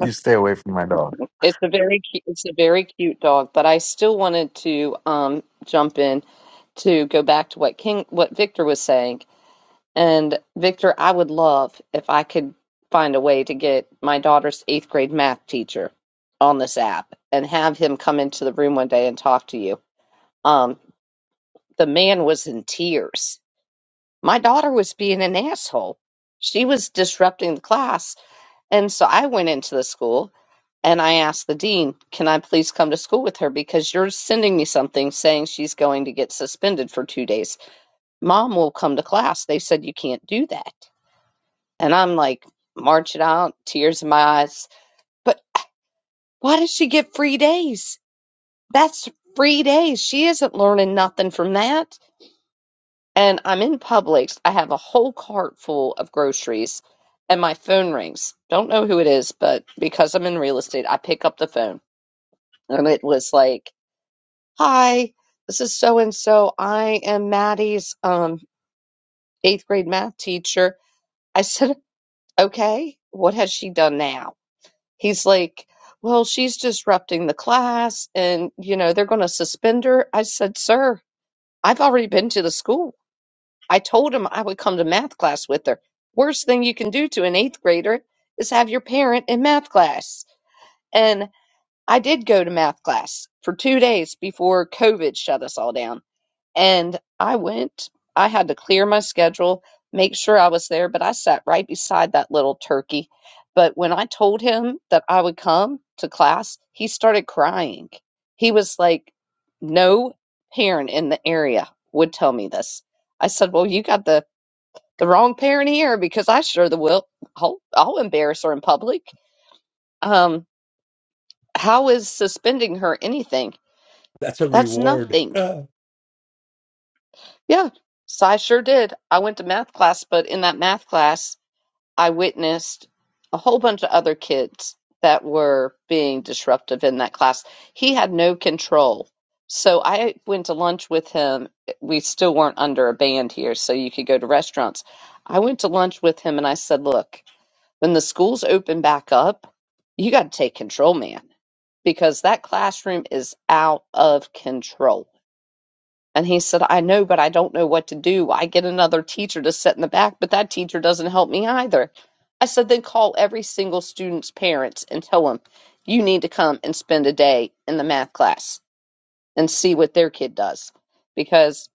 Speaker 12: you stay away from my dog.
Speaker 1: it's a very cu it's a very cute dog, but I still wanted to um jump in to go back to what King what Victor was saying. And Victor, I would love if I could find a way to get my daughter's eighth grade math teacher on this app and have him come into the room one day and talk to you. Um, the man was in tears. My daughter was being an asshole. She was disrupting the class And so I went into the school and I asked the dean, Can I please come to school with her? Because you're sending me something saying she's going to get suspended for two days. Mom will come to class. They said you can't do that. And I'm like, marching out, tears in my eyes. But why does she get free days? That's free days. She isn't learning nothing from that. And I'm in Publix. I have a whole cart full of groceries and my phone rings. Don't know who it is, but because I'm in real estate, I pick up the phone and it was like, "Hi, this is so and so. I am Maddie's um eighth grade math teacher." I said, "Okay, what has she done now?" He's like, "Well, she's disrupting the class, and you know they're going to suspend her." I said, "Sir, I've already been to the school. I told him I would come to math class with her. Worst thing you can do to an eighth grader is have your parent in math class." And I did go to math class for two days before COVID shut us all down And I went, I had to clear my schedule, make sure I was there, but I sat right beside that little turkey. But when I told him that I would come to class, he started crying. He was like, No parent in the area would tell me this. I said, Well, you got the, the wrong parent here because I sure the will I'll, I'll embarrass her in public. Um, how is suspending her anything?
Speaker 4: That's a
Speaker 1: That's
Speaker 4: reward.
Speaker 1: nothing. Yeah, so I sure did. I went to math class, but in that math class, I witnessed a whole bunch of other kids that were being disruptive in that class. He had no control. So I went to lunch with him. We still weren't under a band here, so you could go to restaurants. I went to lunch with him and I said, Look, when the schools open back up, you got to take control, man, because that classroom is out of control and he said, I know, but I don't know what to do. I get another teacher to sit in the back, but that teacher doesn't help me either. I said, then call every single student's parents and tell them you need to come and spend a day in the math class and see what their kid does. Because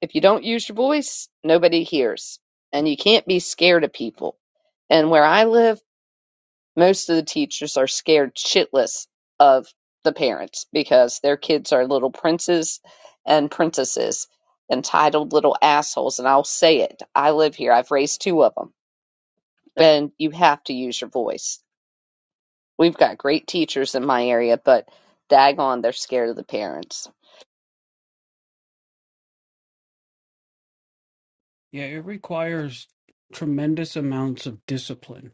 Speaker 1: if you don't use your voice, nobody hears. And you can't be scared of people. And where I live, most of the teachers are scared shitless of the parents because their kids are little princes and princesses, entitled little assholes. And I'll say it I live here, I've raised two of them, and you have to use your voice. We've got great teachers in my area, but daggone, they're scared of the parents.
Speaker 3: Yeah, it requires tremendous amounts of discipline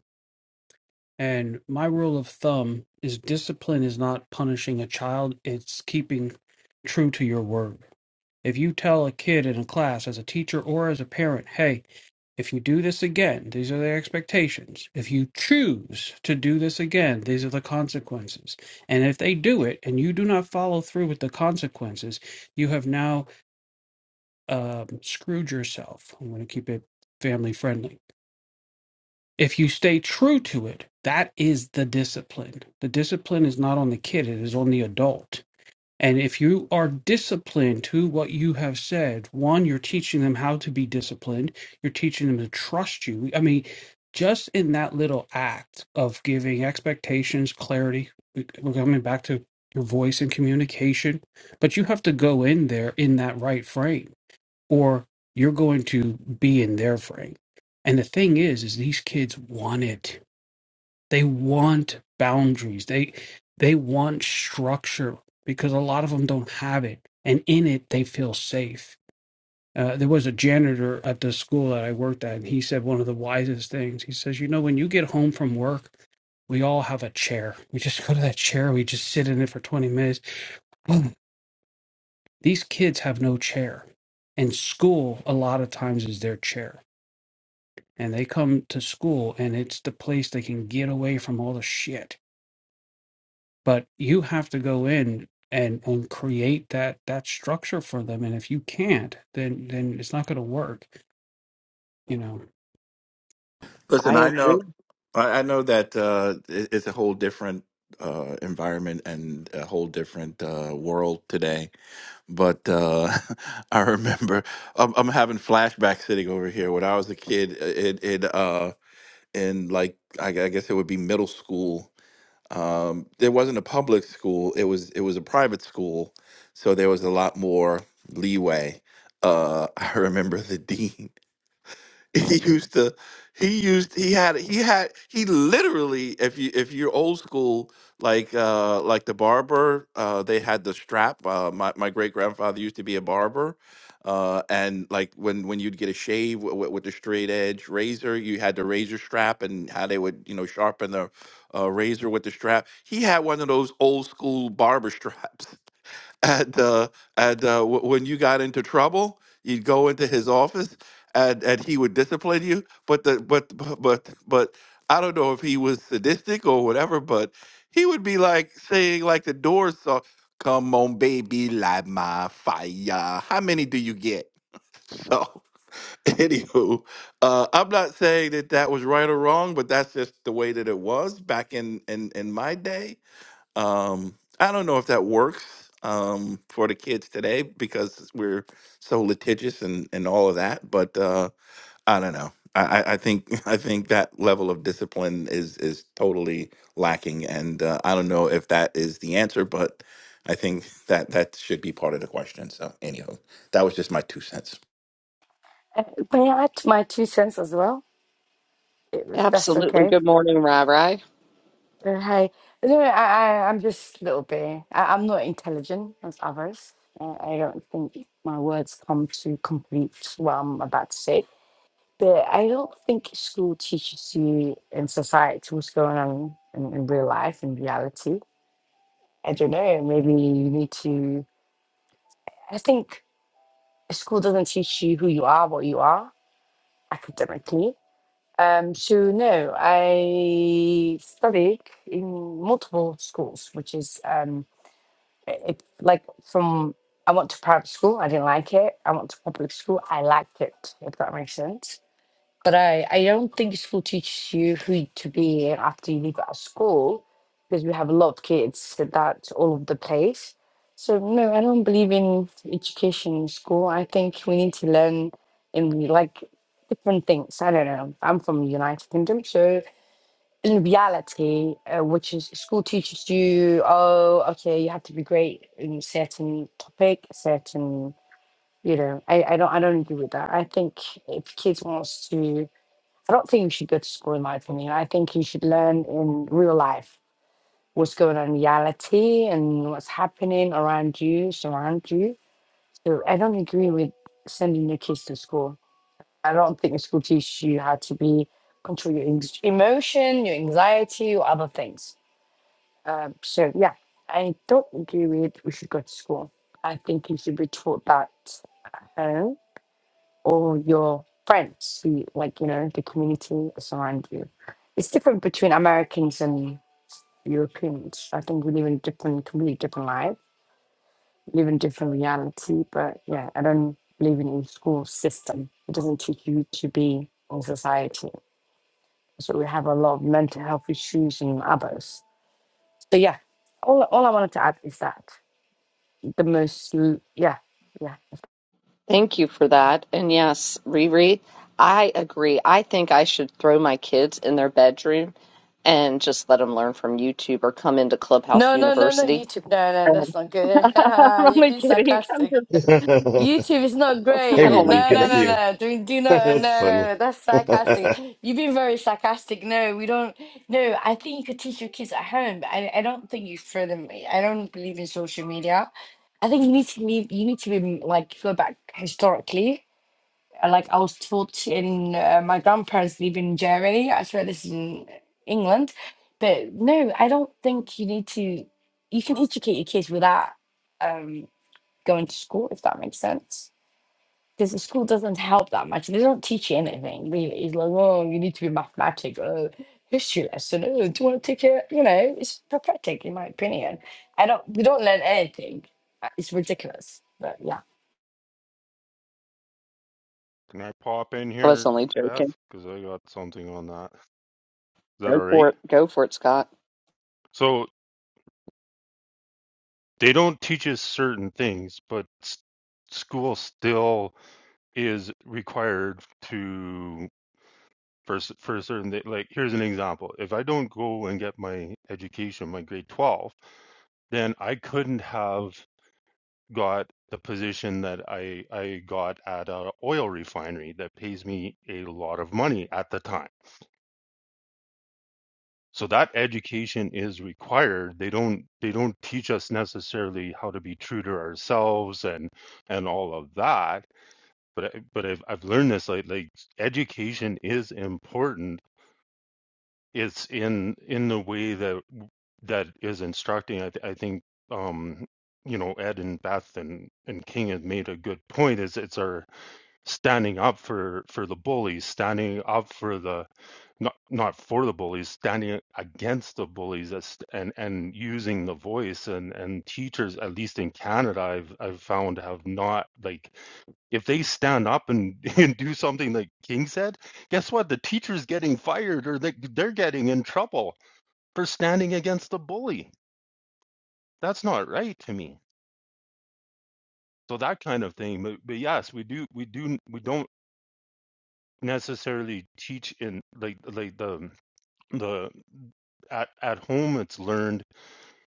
Speaker 3: And my rule of thumb is discipline is not punishing a child, it's keeping true to your word. If you tell a kid in a class, as a teacher or as a parent, hey, if you do this again, these are the expectations. If you choose to do this again, these are the consequences. And if they do it and you do not follow through with the consequences, you have now um, screwed yourself. I'm going to keep it family friendly if you stay true to it, that is the discipline. The discipline is not on the kid, it is on the adult. And if you are disciplined to what you have said, one, you're teaching them how to be disciplined, you're teaching them to trust you. I mean, just in that little act of giving expectations, clarity, we- we're coming back to your voice and communication, but you have to go in there in that right frame or you're going to be in their frame. And the thing is, is these kids want it. They want boundaries. They they want structure because a lot of them don't have it, and in it they feel safe. Uh, there was a janitor at the school that I worked at, and he said one of the wisest things. He says, "You know, when you get home from work, we all have a chair. We just go to that chair. We just sit in it for twenty minutes." Boom. These kids have no chair, and school a lot of times is their chair and they come to school and it's the place they can get away from all the shit but you have to go in and and create that that structure for them and if you can't then then it's not going to work you know
Speaker 1: I
Speaker 10: Listen, I know,
Speaker 1: agree.
Speaker 10: I I know that uh, it- it's a whole different uh, environment and a whole different uh, world today. But uh, I remember I'm, I'm having flashbacks sitting over here when I was a kid. It, it, in like I, gu- I guess it would be middle school. Um, there wasn't a public school; it was it was a private school, so there was a lot more leeway. Uh, I remember the dean. he used to he used he had he had he literally if you if you're old school like uh like the barber uh they had the strap uh my, my great grandfather used to be a barber uh and like when when you'd get a shave w- w- with the straight edge razor you had the razor strap and how they would you know sharpen the uh, razor with the strap he had one of those old school barber straps and uh, and uh, w- when you got into trouble, you'd go into his office, and and he would discipline you. But the but but but I don't know if he was sadistic or whatever, but he would be like saying like the Doors song, "Come on, baby, light my fire." How many do you get? So. Anywho, uh, I'm not saying that that was right or wrong, but that's just the way that it was back in in, in my day um, I don't know if that works um, for the kids today because we're so litigious and, and all of that. But uh, I don't know. I, I I think I think that level of discipline is is totally lacking, and uh, I don't know if that is the answer, but I think that that should be part of the question. So, anyhow, that was just my two cents.
Speaker 13: Uh, may I add my two cents as well? If that's
Speaker 1: Absolutely.
Speaker 13: okay.
Speaker 1: Good morning, Rai Rai.
Speaker 13: Uh, hi. No, I, I, I'm just a little bit. I, I'm not intelligent as others. Uh, I don't think my words come to complete what I'm about to say. But I don't think school teaches you in society what's going on in, in real life, in reality. I don't know. Maybe you need to. I think school doesn't teach you who you are, what you are academically. Um, so no, I studied in multiple schools, which is um, it, it- like from I went to private school, I didn't like it. I went to public school, I liked it. If that makes sense. But I, I don't think school teaches you who to be after you leave out of school because we have a lot of kids that that's all over the place. So no, I don't believe in education in school. I think we need to learn in like different things. I don't know. I'm from United Kingdom, so in reality, uh, which is school teaches you, oh, okay, you have to be great in certain topic, certain, you know. I, I don't I don't agree with that. I think if kids wants to I don't think you should go to school, in my opinion. I think you should learn in real life what's going on in reality and what's happening around you, surround you. So I don't agree with sending your kids to school. I don't think the school teaches you how to be control your ex- emotion, your anxiety, or other things. Um, so yeah, I don't agree with we should go to school. I think you should be taught that at home or your friends who like you know the community around you it's different between americans and europeans i think we live in different completely different lives, live in different reality but yeah i don't believe in a school system it doesn't teach you to be in society so we have a lot of mental health issues and others so yeah all, all i wanted to add is that the most l- yeah yeah
Speaker 1: Thank you for that. And yes, Riri, I agree. I think I should throw my kids in their bedroom and just let them learn from YouTube or come into Clubhouse
Speaker 13: no no no no
Speaker 1: University.
Speaker 13: youtube no no that's
Speaker 1: Um,
Speaker 13: not good
Speaker 1: I'm
Speaker 13: you've
Speaker 1: only
Speaker 13: been
Speaker 1: kidding. I'm
Speaker 13: sarcastic
Speaker 1: just,
Speaker 7: hey,
Speaker 13: YouTube is not
Speaker 1: I'm
Speaker 13: great.
Speaker 1: only
Speaker 7: Riri,
Speaker 13: No,
Speaker 7: good to
Speaker 13: no,
Speaker 1: kidding.
Speaker 7: see
Speaker 13: no,
Speaker 7: you.
Speaker 13: no. Do, do not. No,
Speaker 7: That's
Speaker 13: no,
Speaker 7: funny.
Speaker 13: no. That's sarcastic. You've been very sarcastic. No, we don't. No, I think you could teach your kids at home, but I, I don't think you throw them. I don't believe in social media. I think you need to be, you need to be like go back historically. Uh, Like I was taught in uh, my grandparents live in Germany. I swear this is in England, but no, I don't think you need to. You can educate your kids without um, going to school, if that makes sense because the school doesn't help that much. They don't teach you anything really. It's like, oh, you need to be mathematic, oh, history lesson. Oh, do you want to take a, you know, it's pathetic in my opinion. I don't, we don't learn anything. Uh, It's ridiculous. But yeah.
Speaker 11: can i pop in
Speaker 1: I was
Speaker 11: here
Speaker 1: only joking.
Speaker 11: beth because i got something on that is that
Speaker 1: Go
Speaker 11: all right
Speaker 1: for it. Go for it, Scott.
Speaker 11: so they don't teach us certain things but s- school still is required to. for s- for a certain day. Like here's an example: if I don't go and get my education, my grade twelve, then I couldn't have got the position that I I got at a oil refinery that pays me a lot of money at the time. So that education is required. They don't they don't teach us necessarily how to be true to ourselves and and all of that. But I- but I've I've learned this like like education is important it's in in the way that that is instructing. I, th- I think um, you know Ed and Beth and and King have made a good point. Is it's our standing up for for the bullies, standing up for the not not for the bullies, standing against the bullies, as- and and using the voice and and teachers at least in Canada, I've I've found have not like if they stand up and, and do something like King said, guess what? The teacher's getting fired or they, they're getting in trouble for standing against the bully. That's not right to me. So that kind of thing. But, but yes, we do, we do, we don't necessarily teach in like, like the, the, at, at home it's learned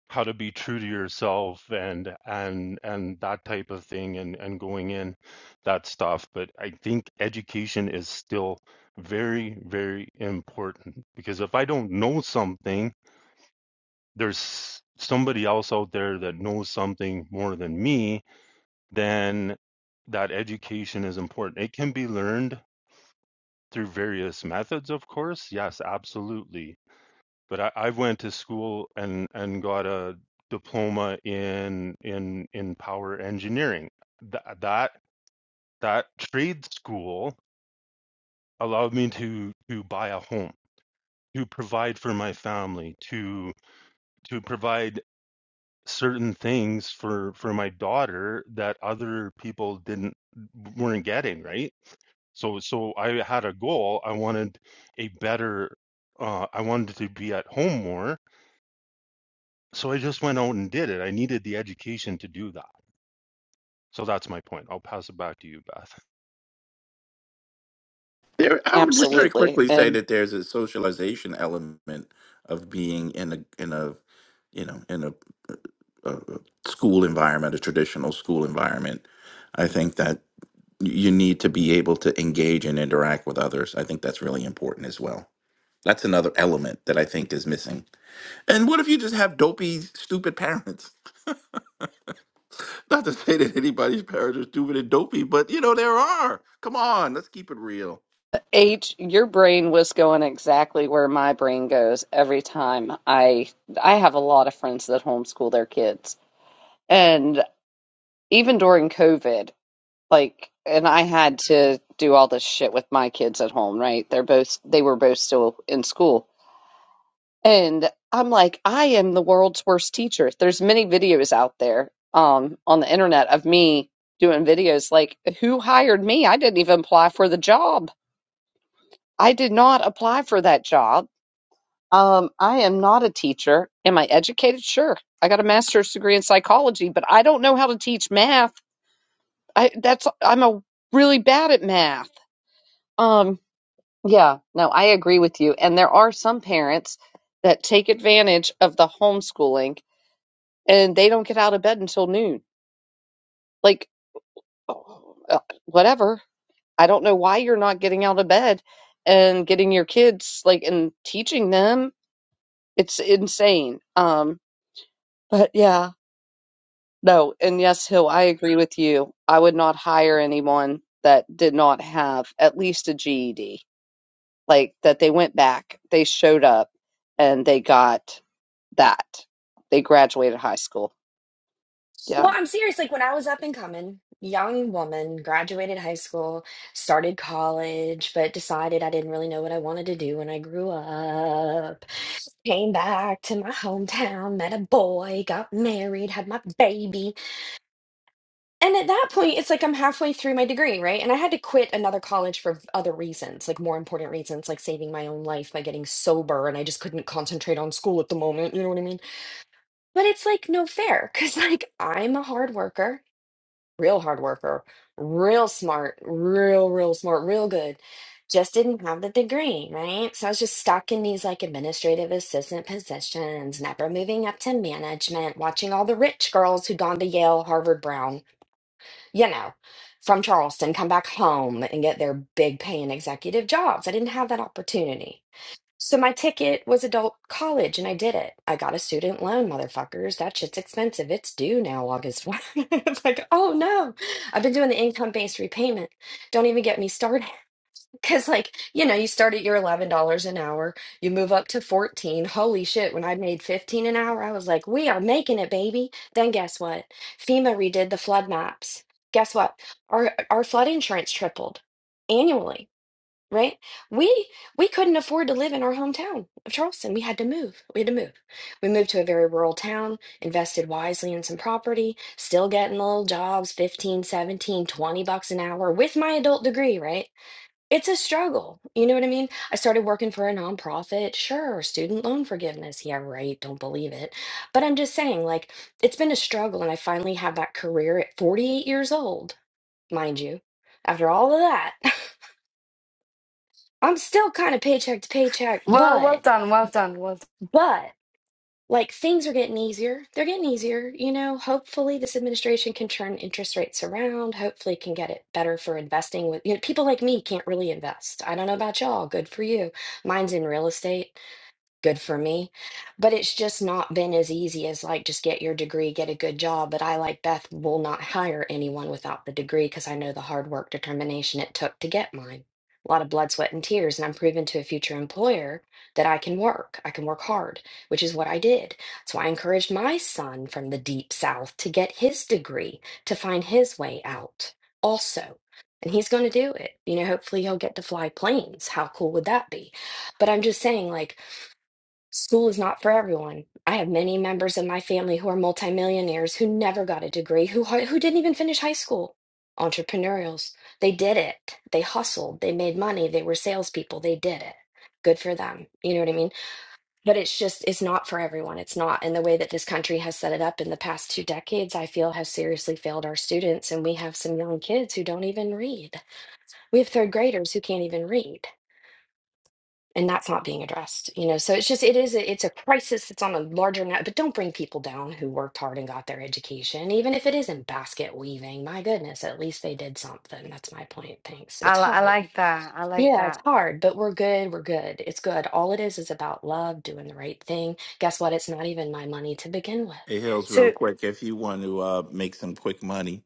Speaker 11: how to be true to yourself and and and that type of thing and and going in that stuff but i think education is still very very important because if i don't know something there's somebody else out there that knows something more than me then that education is important it can be learned through various methods of course yes absolutely but I, I went to school and and got a diploma in in in power engineering. That that that trade school allowed me to to buy a home, to provide for my family, to to provide certain things for for my daughter that other people didn't weren't getting, right? So so I had a goal. I wanted a better uh, I wanted to be at home more So I just went out and did it. I needed the education to do that. So that's my point. I'll pass it back to you, Beth.
Speaker 10: There, I would just very
Speaker 1: Absolutely.
Speaker 10: quickly say
Speaker 1: And
Speaker 10: that there's a socialization element of being in a in a you know in a a school environment, a traditional school environment. I think that you need to be able to engage and interact with others. I think that's really important as well. That's another element that I think is missing. And what if you just have dopey, stupid parents? Not to say that anybody's parents are stupid and dopey, but you know, there are. Come on, let's keep it real.
Speaker 1: H, your brain was going exactly where my brain goes every time. I I have a lot of friends that homeschool their kids. And even during COVID. Like, and I had to do all this shit with my kids at home, right? They're both, they were both still in school. And I'm like, I am the world's worst teacher. There's many videos out there um, on the internet of me doing videos like, who hired me? I didn't even apply for the job. I did not apply for that job. Um, I am not a teacher. Am I educated? Sure. I got a master's degree in psychology, but I don't know how to teach math. I that's I'm a really bad at math. Um, Yeah, no, I agree with you. And there are some parents that take advantage of the homeschooling and they don't get out of bed until noon. Like, oh, uh, whatever. I don't know why you're not getting out of bed and getting your kids like and teaching them. It's insane. Um, but yeah, no. And yes, Hill, I agree with you. I would not hire anyone that did not have at least a GED. like that they went back, they showed up, and they got that. They graduated high school.
Speaker 9: Well,
Speaker 1: Yeah.
Speaker 9: I'm serious. Like when I was up and coming, young woman, graduated high school, started college, but decided I didn't really know what I wanted to do when I grew up. Came back to my hometown, met a boy, got married, had my baby. And at that point, it's like I'm halfway through my degree, right? And I had to quit another college for v- other reasons, like more important reasons, like saving my own life by getting sober. And I just couldn't concentrate on school at the moment. You know what I mean? But it's like no fair because, like, I'm a hard worker real hard worker, real smart, real, real smart, real good. Just didn't have the degree, right? So I was just stuck in these like administrative assistant positions, never moving up to management, watching all the rich girls who'd gone to Yale, Harvard, Brown, you know, from Charleston come back home and get their big paying executive jobs. I didn't have that opportunity. So my ticket was adult college and I did it. I got a student loan, motherfuckers. That shit's expensive. It's due now, August 1. It's like, oh no. I've been doing the income-based repayment. Don't even get me started. Because like, you know, you start at your $11 an hour, you move up to 14. Holy shit, when I made 15 an hour, I was like, we are making it, baby. Then guess what? FEMA redid the flood maps. Guess what? Our our flood insurance tripled annually right? We we couldn't afford to live in our hometown of Charleston. We had to move. We had to move. We moved to a very rural town, invested wisely in some property, still getting little jobs, fifteen, seventeen, twenty bucks an hour with my adult degree, right? It's a struggle. You know what I mean? I started working for a nonprofit. Sure, student loan forgiveness. Yeah, right. Don't believe it. But I'm just saying, like, it's been a struggle. And I finally have that career at 48 years old, mind you, after all of that. I'm still kind of paycheck to paycheck,
Speaker 13: Well, well
Speaker 9: but
Speaker 13: done, well done, well done.
Speaker 9: but like things are getting easier. They're getting easier, you know. Hopefully, this administration can turn interest rates around. Hopefully, can get it better for investing. With you know, people like me can't really invest. I don't know about y'all. Good for you. Mine's in real estate good for me. But it's just not been as easy as like just get your degree, get a good job. But I, like Beth, will not hire anyone without the degree because I know the hard work, determination it took to get mine. A lot of blood, sweat, and tears. And I'm proving to a future employer that I can work. I can work hard, which is what I did. So I encouraged my son from the deep south to get his degree to find his way out also. And he's going to do it. You know, hopefully he'll get to fly planes. How cool would that be? But I'm just saying, like, School is not for everyone. I have many members of my family who are multimillionaires who never got a degree, who har- who didn't even finish high school. Entrepreneurials. They did it. They hustled. They made money. They were salespeople. They did it. Good for them. You know what I mean? But it's just, it's not for everyone. It's not. And the way that this country has set it up in the past two decades, I feel has seriously failed our students. And we have some young kids who don't even read. We have third graders who can't even read and that's not being addressed you know so it's just it is a, it's a crisis it's on a larger net but don't bring people down who worked hard and got their education even if it isn't basket weaving my goodness at least they did something that's my point thanks
Speaker 13: I,
Speaker 9: it's
Speaker 13: li- I
Speaker 9: hard
Speaker 13: like that. I like
Speaker 9: yeah it's
Speaker 13: that.
Speaker 9: hard but we're good we're good it's good all it is is about love doing the right thing guess what it's not even my money to begin with
Speaker 10: Hey, Hills, real
Speaker 13: So,
Speaker 10: quick, if you want to uh, make some quick money,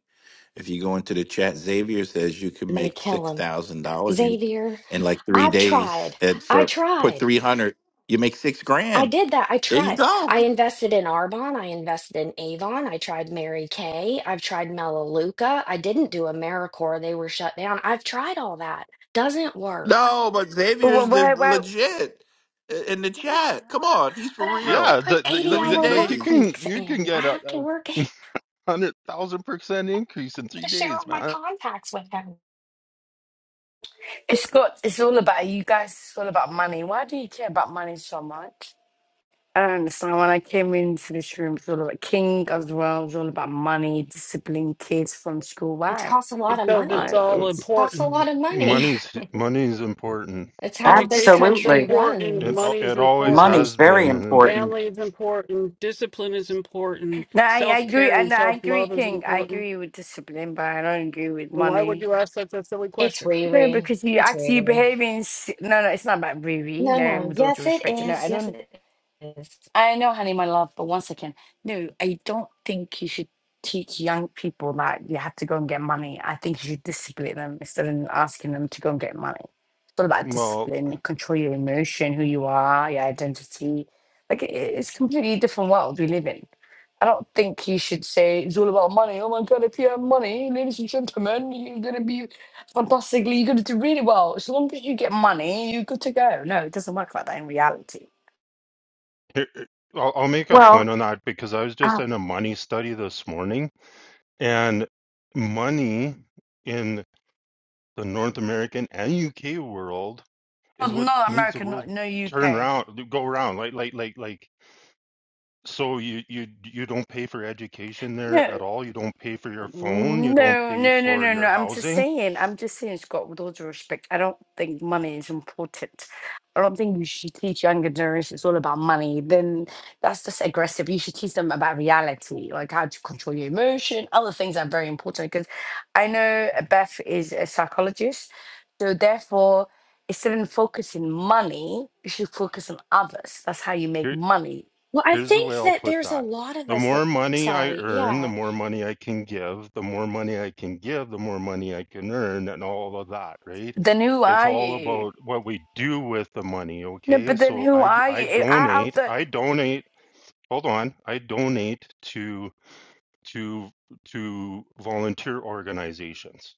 Speaker 10: If you go into the chat, Xavier says you can
Speaker 9: i'm gonna
Speaker 10: make
Speaker 9: kill
Speaker 10: six
Speaker 9: him
Speaker 10: thousand dollars in
Speaker 9: xavier
Speaker 10: in like three
Speaker 9: i've
Speaker 10: days.
Speaker 9: tried
Speaker 10: At
Speaker 9: i
Speaker 10: for put
Speaker 9: tried
Speaker 10: three hundred, you make six
Speaker 9: I
Speaker 10: grand.
Speaker 9: did that. I
Speaker 10: There you
Speaker 9: tried.
Speaker 10: go.
Speaker 9: I invested in Arbonne. I invested in Avon. I tried Mary Kay. I've tried Melaleuca. I didn't do AmeriCorps. They were shut down. I've tried all that. Doesn't work.
Speaker 10: No, but
Speaker 13: but
Speaker 10: Xavier's
Speaker 13: wh-
Speaker 10: the
Speaker 13: why, why?
Speaker 10: legit i- in the chat. Come
Speaker 9: Xavier,
Speaker 10: on, he's for
Speaker 9: but I have to
Speaker 10: real.
Speaker 11: Yeah, the,
Speaker 9: put
Speaker 11: the, the,
Speaker 9: 80
Speaker 10: Three
Speaker 9: hour
Speaker 11: like you
Speaker 9: work
Speaker 10: days.
Speaker 11: can
Speaker 9: weeks
Speaker 11: you can
Speaker 9: in. I
Speaker 11: get
Speaker 9: have to
Speaker 11: a,
Speaker 9: work I
Speaker 11: a hundred thousand percent increase in
Speaker 9: have
Speaker 11: three
Speaker 9: to share
Speaker 11: days,
Speaker 9: all my
Speaker 11: man.
Speaker 9: contacts with them.
Speaker 13: It's got. It's all about you guys. It's all about money. Why do you care about money so much? I don't understand. When I came into this room, it's all about king as well. It's all about money, discipline, kids from school.
Speaker 9: It
Speaker 13: Why?
Speaker 9: costs a lot of
Speaker 3: because it's
Speaker 9: money.
Speaker 13: Why?
Speaker 3: all
Speaker 13: It's
Speaker 9: costs a
Speaker 3: important
Speaker 9: lot of money.
Speaker 11: Money's money's important.
Speaker 9: It's how this
Speaker 3: education is
Speaker 9: country
Speaker 14: Absolutely.
Speaker 3: important
Speaker 11: It
Speaker 9: runs.
Speaker 3: money is
Speaker 11: it always
Speaker 3: important
Speaker 14: Money's
Speaker 11: has
Speaker 14: very
Speaker 11: been, and
Speaker 14: important.
Speaker 3: family is important discipline is important
Speaker 13: no. I, I agree.
Speaker 3: self-care
Speaker 13: I
Speaker 3: and
Speaker 13: know. I agree,
Speaker 3: self-love is
Speaker 13: King. I
Speaker 3: important
Speaker 13: agree with discipline, but I don't agree with
Speaker 3: and why would
Speaker 13: money.
Speaker 3: you ask such a silly
Speaker 9: It's
Speaker 3: question
Speaker 13: No,
Speaker 9: Riri.
Speaker 13: because you
Speaker 9: It's
Speaker 13: actually
Speaker 9: Riri.
Speaker 13: behaving. s- No, no. It's not about really.
Speaker 9: No,
Speaker 13: No,
Speaker 9: no.
Speaker 13: with all due
Speaker 9: Yes, it
Speaker 13: respect. No,
Speaker 9: is.
Speaker 13: I
Speaker 9: Yes,
Speaker 13: don't.
Speaker 9: it is.
Speaker 13: I know, honey, my love, but once again, no, I don't think you should teach young people that you have to go and get money. I think you should discipline them instead of asking them to go and get money. It's all about
Speaker 11: well,
Speaker 13: discipline, control your emotion, who you are, your identity. Like it, it's completely different world we live in. I don't think you should say it's all about money. Oh my god, if you have money, ladies and gentlemen, you're gonna be fantastically, you're gonna do really well. As long as you get money, you're good to go. No, it doesn't work like that in reality
Speaker 11: here- I'll, I'll make a point
Speaker 14: Well,
Speaker 11: on that because I was just
Speaker 14: uh,
Speaker 11: in a money study this morning, and money in the North American and UK world is
Speaker 13: Not,
Speaker 11: what
Speaker 13: not
Speaker 11: makes the
Speaker 13: America,
Speaker 11: world
Speaker 13: not no
Speaker 11: turn
Speaker 13: UK.
Speaker 11: around, go around. Like, like, like, like. So you you you don't pay for education there
Speaker 13: No,
Speaker 11: at all. You don't pay for your phone. You don't
Speaker 13: no,
Speaker 11: pay
Speaker 13: no, no,
Speaker 11: for
Speaker 13: no, no.
Speaker 11: your
Speaker 13: I'm just
Speaker 11: housing.
Speaker 13: saying. I'm just saying, Scott. With all due respect, I don't think money is important. I don't think you should teach younger generations it's all about money. Then that's just aggressive. You should teach them about reality, like how to control your emotion. Other things are very important because I know Beth is a psychologist, so therefore. Instead of focusing money, you should focus on others. That's how you make
Speaker 11: Here,
Speaker 13: money.
Speaker 9: Well, I
Speaker 11: here's the way
Speaker 9: think
Speaker 11: I'll
Speaker 9: that
Speaker 11: put
Speaker 9: there's a
Speaker 11: that:
Speaker 9: lot of
Speaker 11: the
Speaker 9: us
Speaker 11: more
Speaker 9: that,
Speaker 11: money I
Speaker 9: sorry,
Speaker 11: earn, the
Speaker 9: yeah.
Speaker 11: more money I can give. The more money I can give, the more money I can earn, and all of that. Right?
Speaker 13: Then who
Speaker 11: It's
Speaker 13: are
Speaker 11: all
Speaker 13: you?
Speaker 11: about what we do with the money.
Speaker 13: No,
Speaker 11: Okay?
Speaker 13: but then
Speaker 11: So
Speaker 13: who
Speaker 11: I
Speaker 13: are
Speaker 11: I
Speaker 13: you? I out
Speaker 11: donate.
Speaker 13: the
Speaker 11: I donate. Hold on. I donate to. to to volunteer organizations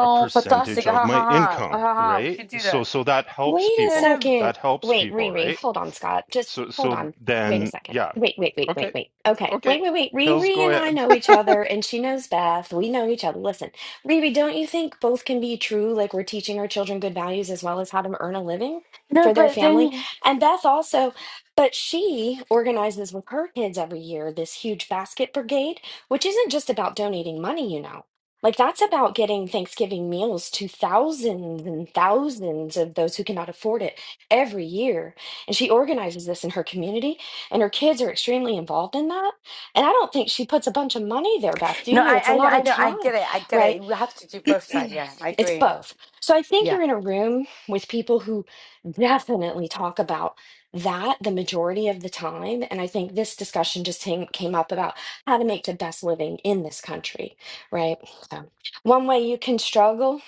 Speaker 11: a percentage
Speaker 13: fantastic
Speaker 11: of
Speaker 13: ha ha
Speaker 11: my
Speaker 13: ha
Speaker 11: income
Speaker 13: ha ha. We
Speaker 11: right
Speaker 13: should do
Speaker 11: so
Speaker 13: that.
Speaker 11: so that helps
Speaker 9: Wait a
Speaker 13: No,
Speaker 11: people
Speaker 13: no,
Speaker 9: second.
Speaker 11: that helps
Speaker 9: Wait,
Speaker 11: people
Speaker 9: Riri,
Speaker 11: right
Speaker 9: hold on, Scott. Just
Speaker 11: so
Speaker 9: hold
Speaker 11: so
Speaker 9: on. Wait a
Speaker 11: then
Speaker 9: second.
Speaker 11: yeah
Speaker 9: Wait, wait, wait, wait,
Speaker 11: okay
Speaker 9: wait. Okay.
Speaker 11: okay
Speaker 9: Wait, wait, wait.
Speaker 11: hills
Speaker 9: Riri
Speaker 11: go
Speaker 9: and I
Speaker 11: ahead
Speaker 9: know each other, and she knows Beth. We know each other. Listen, Riri, don't you think both can be true? Like we're teaching our children good values as well as how to earn a living
Speaker 13: no.
Speaker 9: for their
Speaker 13: But
Speaker 9: family.
Speaker 13: then
Speaker 9: And Beth also, but she organizes with her kids every year this huge basket brigade, which isn't just about donating money, you know. Like that's about getting Thanksgiving meals to thousands and thousands of those who cannot afford it every year. And she organizes this in her community, and her kids are extremely involved in that. And I don't think she puts a bunch of money there, Beth, do
Speaker 13: no,
Speaker 9: you? It's a
Speaker 13: I I know
Speaker 9: lot
Speaker 13: I
Speaker 9: of
Speaker 13: know I
Speaker 9: time,
Speaker 13: get it I get
Speaker 9: right?
Speaker 13: it. We have to do both sides. Yeah, I
Speaker 9: it's
Speaker 13: agree.
Speaker 9: both. So I think
Speaker 13: Yeah.
Speaker 9: you're in a room with people who definitely talk about that the majority of the time. And I think this discussion just came, came up about how to make the best living in this country, right? So one way you can struggle,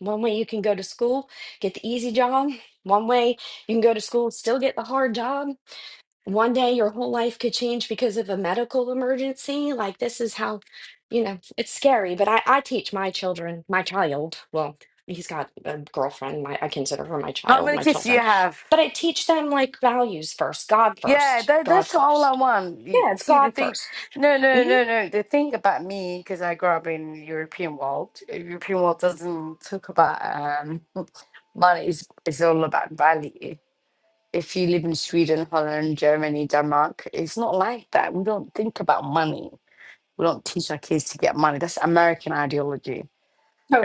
Speaker 9: one way you can go to school, get the easy job. One way you can go to school, still get the hard job one day your whole life could change because of a medical emergency. Like this is how, you know, it's scary. But I, I teach my children, my child. Well, he's got a girlfriend. My, I consider her my
Speaker 13: How
Speaker 9: child,
Speaker 13: many
Speaker 9: my
Speaker 13: kids do you
Speaker 9: children.
Speaker 13: have?
Speaker 9: But I teach them like values first, God
Speaker 13: Yeah,
Speaker 9: first,
Speaker 13: that,
Speaker 9: God
Speaker 13: that's all I
Speaker 9: first.
Speaker 13: want. You
Speaker 9: Yeah, it's
Speaker 13: See the
Speaker 9: God
Speaker 13: thing,
Speaker 9: 1st
Speaker 13: no, no, no, no. The thing about me, because I grew up in the European world. uh, European world doesn't talk about um money. It's, it's all about value. if you live in Sweden, Holland, Germany, Denmark, it's not like that. We don't think about money. We don't teach our kids to get money. That's American ideology.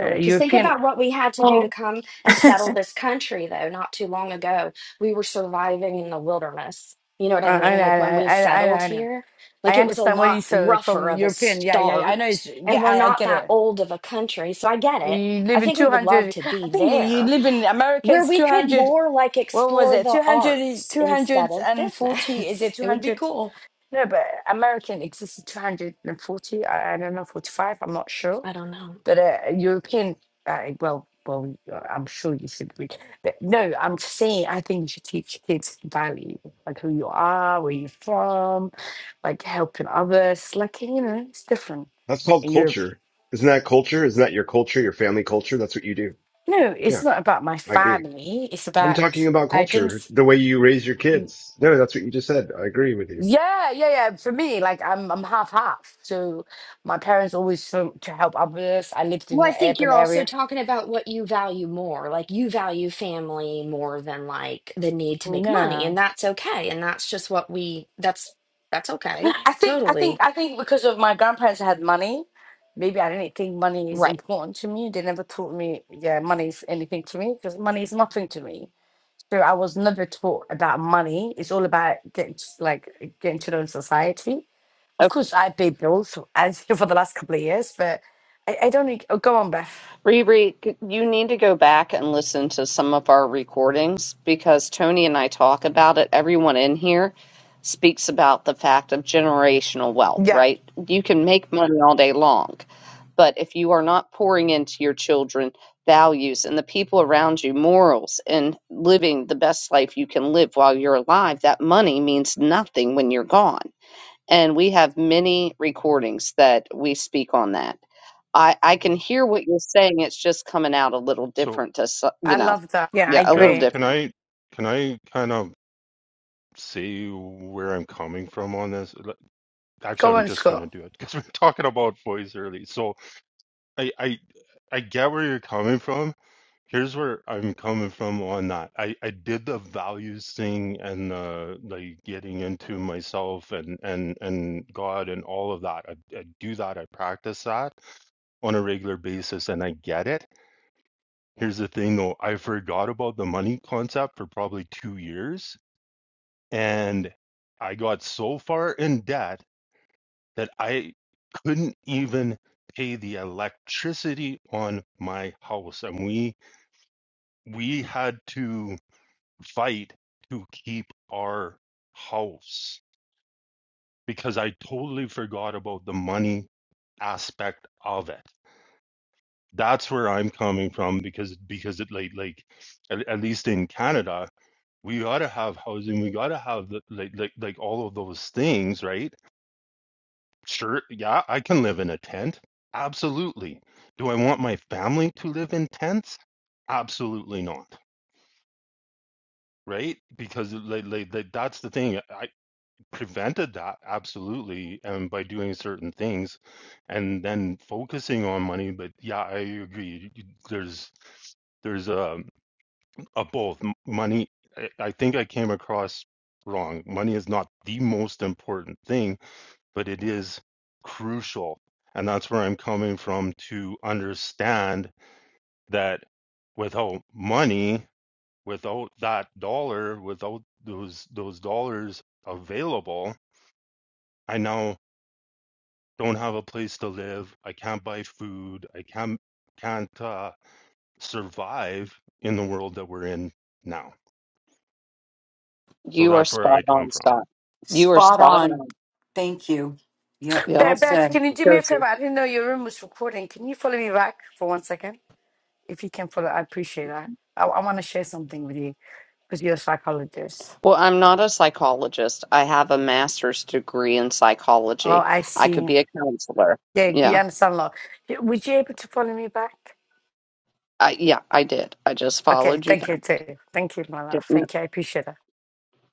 Speaker 13: Uh,
Speaker 9: Because think
Speaker 13: European,
Speaker 9: about what we had to do to
Speaker 14: well
Speaker 9: come and settle this country, though, not too long ago. We were surviving in the wilderness. You know what
Speaker 13: I,
Speaker 9: I
Speaker 13: I,
Speaker 9: mean? Like when
Speaker 13: I,
Speaker 9: we
Speaker 13: I,
Speaker 9: settled
Speaker 13: I I know.
Speaker 9: here, like
Speaker 13: I
Speaker 9: it was a
Speaker 13: understand what
Speaker 9: lot
Speaker 13: you said
Speaker 9: rougher
Speaker 13: from
Speaker 9: of a
Speaker 13: European. Yeah, yeah, yeah. I know.
Speaker 9: start,
Speaker 13: It's,
Speaker 9: and
Speaker 13: yeah,
Speaker 9: we're
Speaker 13: I, I
Speaker 9: not
Speaker 13: get
Speaker 9: that
Speaker 13: it.
Speaker 9: old of a country. So I get it.
Speaker 13: You
Speaker 9: I
Speaker 13: live in
Speaker 9: think we would love
Speaker 13: 200,
Speaker 9: to
Speaker 13: I
Speaker 9: be
Speaker 13: think you you
Speaker 9: there
Speaker 13: live in
Speaker 9: where
Speaker 13: Americans
Speaker 9: we could
Speaker 13: 200,
Speaker 9: more like
Speaker 13: what was
Speaker 9: explore
Speaker 13: it?
Speaker 9: the
Speaker 13: 200 is
Speaker 9: arts instead of
Speaker 13: 240, is it
Speaker 9: business. It would be
Speaker 13: 200?
Speaker 9: cool.
Speaker 13: No, but American exists 240, I, I don't know, 45, I'm not sure
Speaker 9: I don't know.
Speaker 13: but a European, uh, well, well, uh, I'm sure you should read. But no, I'm just saying, I think you should teach kids value, like who you are, where you're from, like helping others. Like you know, it's different
Speaker 7: That's called
Speaker 13: in Europe.
Speaker 7: culture. Isn't that culture? Isn't that your culture, your family culture? That's what you do.
Speaker 13: No, it's
Speaker 7: Yeah,
Speaker 13: not about my
Speaker 7: I agree.
Speaker 13: family. It's
Speaker 7: I'm
Speaker 13: about
Speaker 7: talking about
Speaker 13: I didn't.
Speaker 7: culture, the way you raise your
Speaker 13: mm,
Speaker 7: kids. No, that's what you just said. I agree with you.
Speaker 13: Yeah, yeah, yeah. For me, like I'm, I'm half half. So my parents always so to help others. I lived in
Speaker 9: Well, I
Speaker 13: an
Speaker 9: think
Speaker 13: urban
Speaker 9: you're also
Speaker 13: area.
Speaker 9: talking about what you value more. Like you value family more than like the need to make money,
Speaker 13: No.
Speaker 9: and that's okay. And that's just what we that's that's okay.
Speaker 13: I think I think
Speaker 9: Totally.
Speaker 13: I think because of my grandparents had money, maybe I didn't think money is
Speaker 9: Right.
Speaker 13: important to me. They never taught me, yeah, money is anything to me because money is nothing to me. So I was never taught about money. It's all about getting to, like getting to know society. Of course, I pay bills as for the last couple of years, but I, I don't. think- Oh, go on, Beth.
Speaker 1: Riri, g- you need to go back and listen to some of our recordings because Tony and I talk about it. Everyone in here speaks about the fact of generational wealth,
Speaker 13: Yeah,
Speaker 1: right? You can make money all day long, but if you are not pouring into your children values and the people around you morals and living the best life you can live while you're alive, that money means nothing when you're gone. And we have many recordings that we speak on that. I I can hear what you're saying. It's just coming out a little
Speaker 11: so
Speaker 1: different to so- you
Speaker 13: I
Speaker 1: know,
Speaker 13: love that. Yeah, I
Speaker 1: yeah, a little
Speaker 11: beth
Speaker 13: agree.
Speaker 11: can
Speaker 1: different.
Speaker 11: i can i kind of say where i'm coming from on this Like, actually
Speaker 13: Go
Speaker 11: i'm
Speaker 13: on,
Speaker 11: just going to
Speaker 13: Scott.
Speaker 11: do it because we're talking about boys early so i i i get where you're coming from here's where I'm coming from on that. I, I did the values thing and the like getting into myself and and and God and all of that. I, I do that. I practice that on a regular basis, and I get it. Here's the thing though. I forgot about the money concept for probably two years, and I got so far in debt that I couldn't even pay the electricity on my house, and we we had to fight to keep our house because I totally forgot about the money aspect of it. That's where I'm coming from because because it like like at, at least in Canada we gotta have housing we gotta have the, like like like all of those things right sure yeah I can live in a tent absolutely do I want my family to live in tents absolutely not right because like, like, like that's the thing I. prevented that absolutely and by doing certain things and then focusing on money but yeah i agree You- there's there's a, a both M- money I, I think i came across wrong money is not the most important thing but it is crucial and that's where i'm coming from to understand that without money without that dollar without those those dollars available i now don't have a place to live. I can't buy food. I can't can't uh, survive in the world that we're in now. So
Speaker 1: You are
Speaker 11: that's where
Speaker 1: spot
Speaker 11: I come
Speaker 1: on,
Speaker 11: from.
Speaker 1: Scott. You are
Speaker 14: spot
Speaker 1: spot
Speaker 14: on.
Speaker 1: on.
Speaker 14: Thank you. Yep,
Speaker 1: Yep,
Speaker 14: well
Speaker 13: Beth, Beth,
Speaker 14: said.
Speaker 13: can you do me a favor?
Speaker 1: Josie.
Speaker 13: I didn't know your room was recording. Can you follow me back for one second? If you can follow, I appreciate that. I, I want to share something with you because you're a psychologist.
Speaker 1: Well, I'm not a psychologist. I have a master's degree in
Speaker 13: Oh,
Speaker 1: psychology.
Speaker 13: I
Speaker 1: I could
Speaker 13: see.
Speaker 1: be a counselor.
Speaker 13: Yeah, you
Speaker 1: Yeah,
Speaker 13: understand law. Y- Would you able to follow me back?
Speaker 1: I yeah I did. I just
Speaker 13: Okay,
Speaker 1: followed you
Speaker 13: thank you,
Speaker 1: back.
Speaker 13: too. Thank you, my love.
Speaker 1: Didn't,
Speaker 13: Thank you. I appreciate that.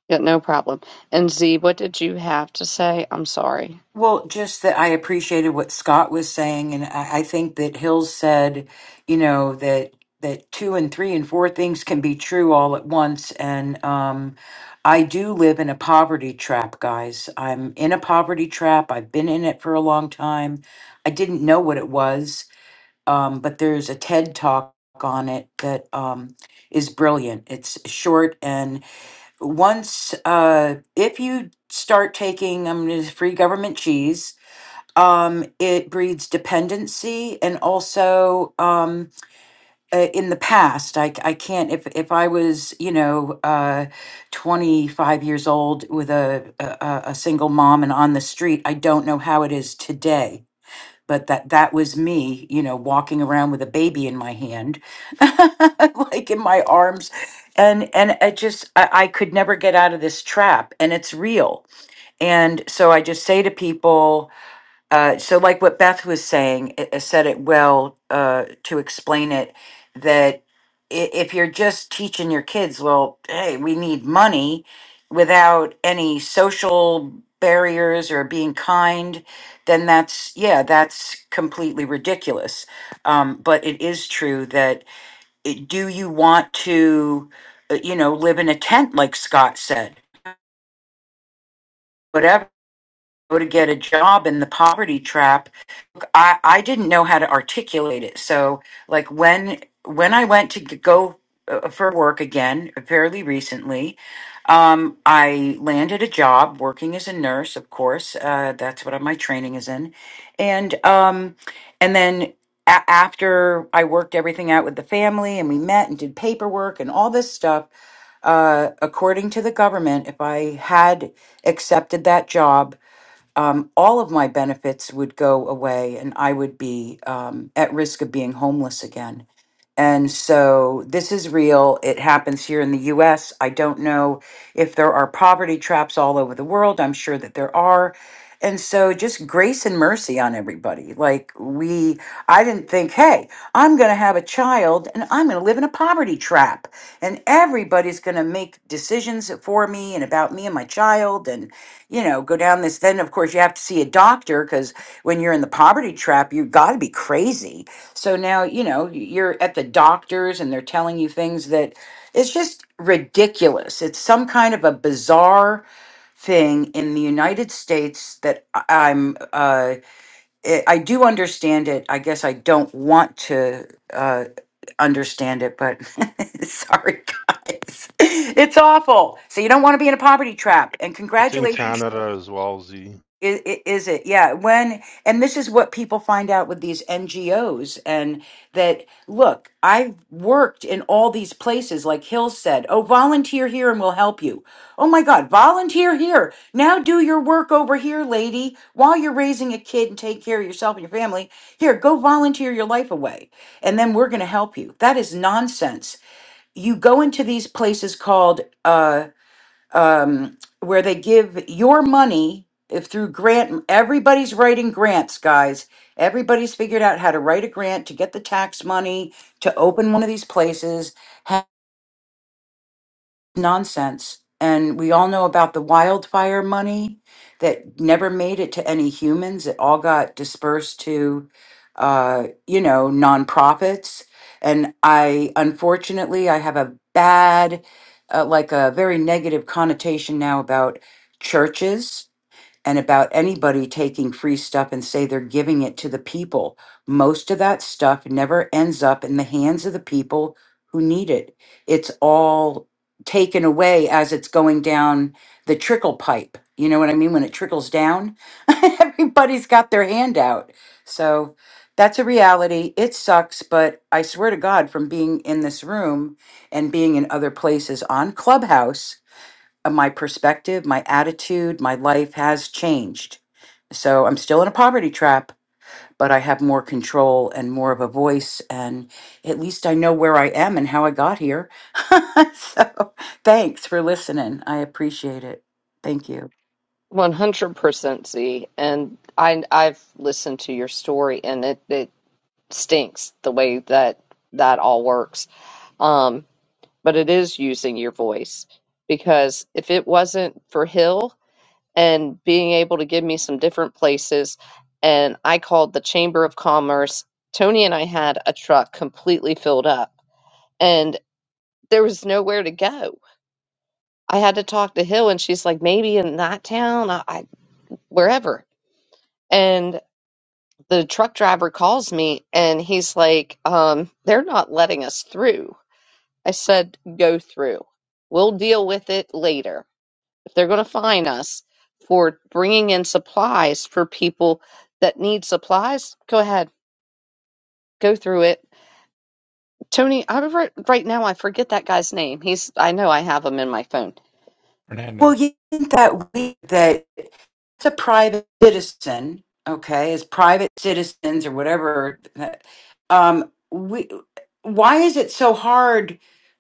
Speaker 1: yeah, no problem. And Z, what did you have to say? I'm sorry.
Speaker 14: Well, just that I appreciated what Scott was saying, and I, I think that Hills said, you know, that that two and three and four things can be true all at once. And um, I do live in a poverty trap, guys. I'm in a poverty trap. I've been in it for a long time. I didn't know what it was um, but there's a TED talk on it that um, is brilliant. It's short and once uh, if you start taking um, this free government cheese, um, it breeds dependency and also um, uh, in the past, I c- I can't if if I was you know uh, 25 years old with a, a a a single mom and on the street, I don't know how it is today but that that was me you know walking around with a baby in my hand like in my arms and and i just I, I could never get out of this trap and it's real and so i just say to people uh, so, like what Beth was saying, it, it said it well uh, to explain it that i- if you're just teaching your kids, well, hey, we need money without any social barriers or being kind, then that's, yeah, that's completely ridiculous. Um, but it is true that it, do you want to, uh, you know, live in a tent, like Scott said, whatever, go to get a job in the poverty trap? I, I didn't know how to articulate it. So like when when I went to g- go uh, for work again fairly recently, um, I landed a job working as a nurse. Of course, uh, that's what my training is in, and um, and then. a- After I worked everything out with the family and we met and did paperwork and all this stuff, uh, according to the government, if I had accepted that job, um, all of my benefits would go away and I would be um, at risk of being homeless again. And so this is real. It happens here in the US. I don't know if there are poverty traps all over the world. I'm sure that there are. And so just grace and mercy on everybody. Like, we, I didn't think, hey, I'm going to have a child and I'm going to live in a poverty trap and everybody's going to make decisions for me and about me and my child and you know go down this then of course you have to see a doctor because when you're in the poverty trap you have got to be crazy so now you know you're at the doctors and they're telling you things that it's just ridiculous it's some kind of a bizarre thing in the united states that I- i'm uh it, I do understand it. I guess I don't want to uh, understand it, but sorry, guys. It's awful. So you don't want to be in a poverty trap. And
Speaker 11: It's in
Speaker 14: congratulations.
Speaker 11: Canada as well, Z.
Speaker 14: Is, is it? Yeah. When, and this is what people find out with these NGOs and that, look, I've worked in all these places, like Hill said, oh, volunteer here and we'll help you. Oh my God, volunteer here. Now do your work over here, lady, while you're raising a kid and take care of yourself and your family. Here, go volunteer your life away and then we're going to help you. That is nonsense. You go into these places called, uh, um, where they give your money if through grant everybody's writing grants guys everybody's figured out how to write a grant to get the tax money to open one of these places nonsense. And we all know about the wildfire money that never made it to any humans. It all got dispersed to, uh, you know, nonprofits. And I, unfortunately, I have a bad, uh, like a very negative connotation now about churches and about anybody taking free stuff and say they're giving it to the people. Most of that stuff never ends up in the hands of the people who need it. It's all taken away as it's going down the trickle pipe. You know what I mean? When it trickles down, everybody's got their hand out. So that's a reality. It sucks, but I swear to God, from being in this room and being in other places on Clubhouse, uh, my perspective, my attitude, my life has changed. So I'm still in a poverty trap, but I have more control and more of a voice. And at least I know where I am and how I got here. so thanks for listening. I appreciate it. Thank you.
Speaker 1: 100% Z. And I I've listened to your story and it, it stinks the way that that all works. Um, but it is using your voice because if it wasn't for Hill and being able to give me some different places, and I called the Chamber of Commerce, Tony and I had a truck completely filled up, and there was nowhere to go. I had to talk to Hill, and she's like, maybe in that town, I, I wherever. And the truck driver calls me, and he's like, um, they're not letting us through I said, go through. We'll deal with it later. If they're going to fine us for bringing in supplies for people that need supplies, go ahead, go through it. Tony, I remember right now, I forget that guy's name. He's, I know I have him in my phone.
Speaker 4: Fernando.
Speaker 14: Well, you think that week that it's a private citizen, okay, as private citizens or whatever, um, we, why is it so hard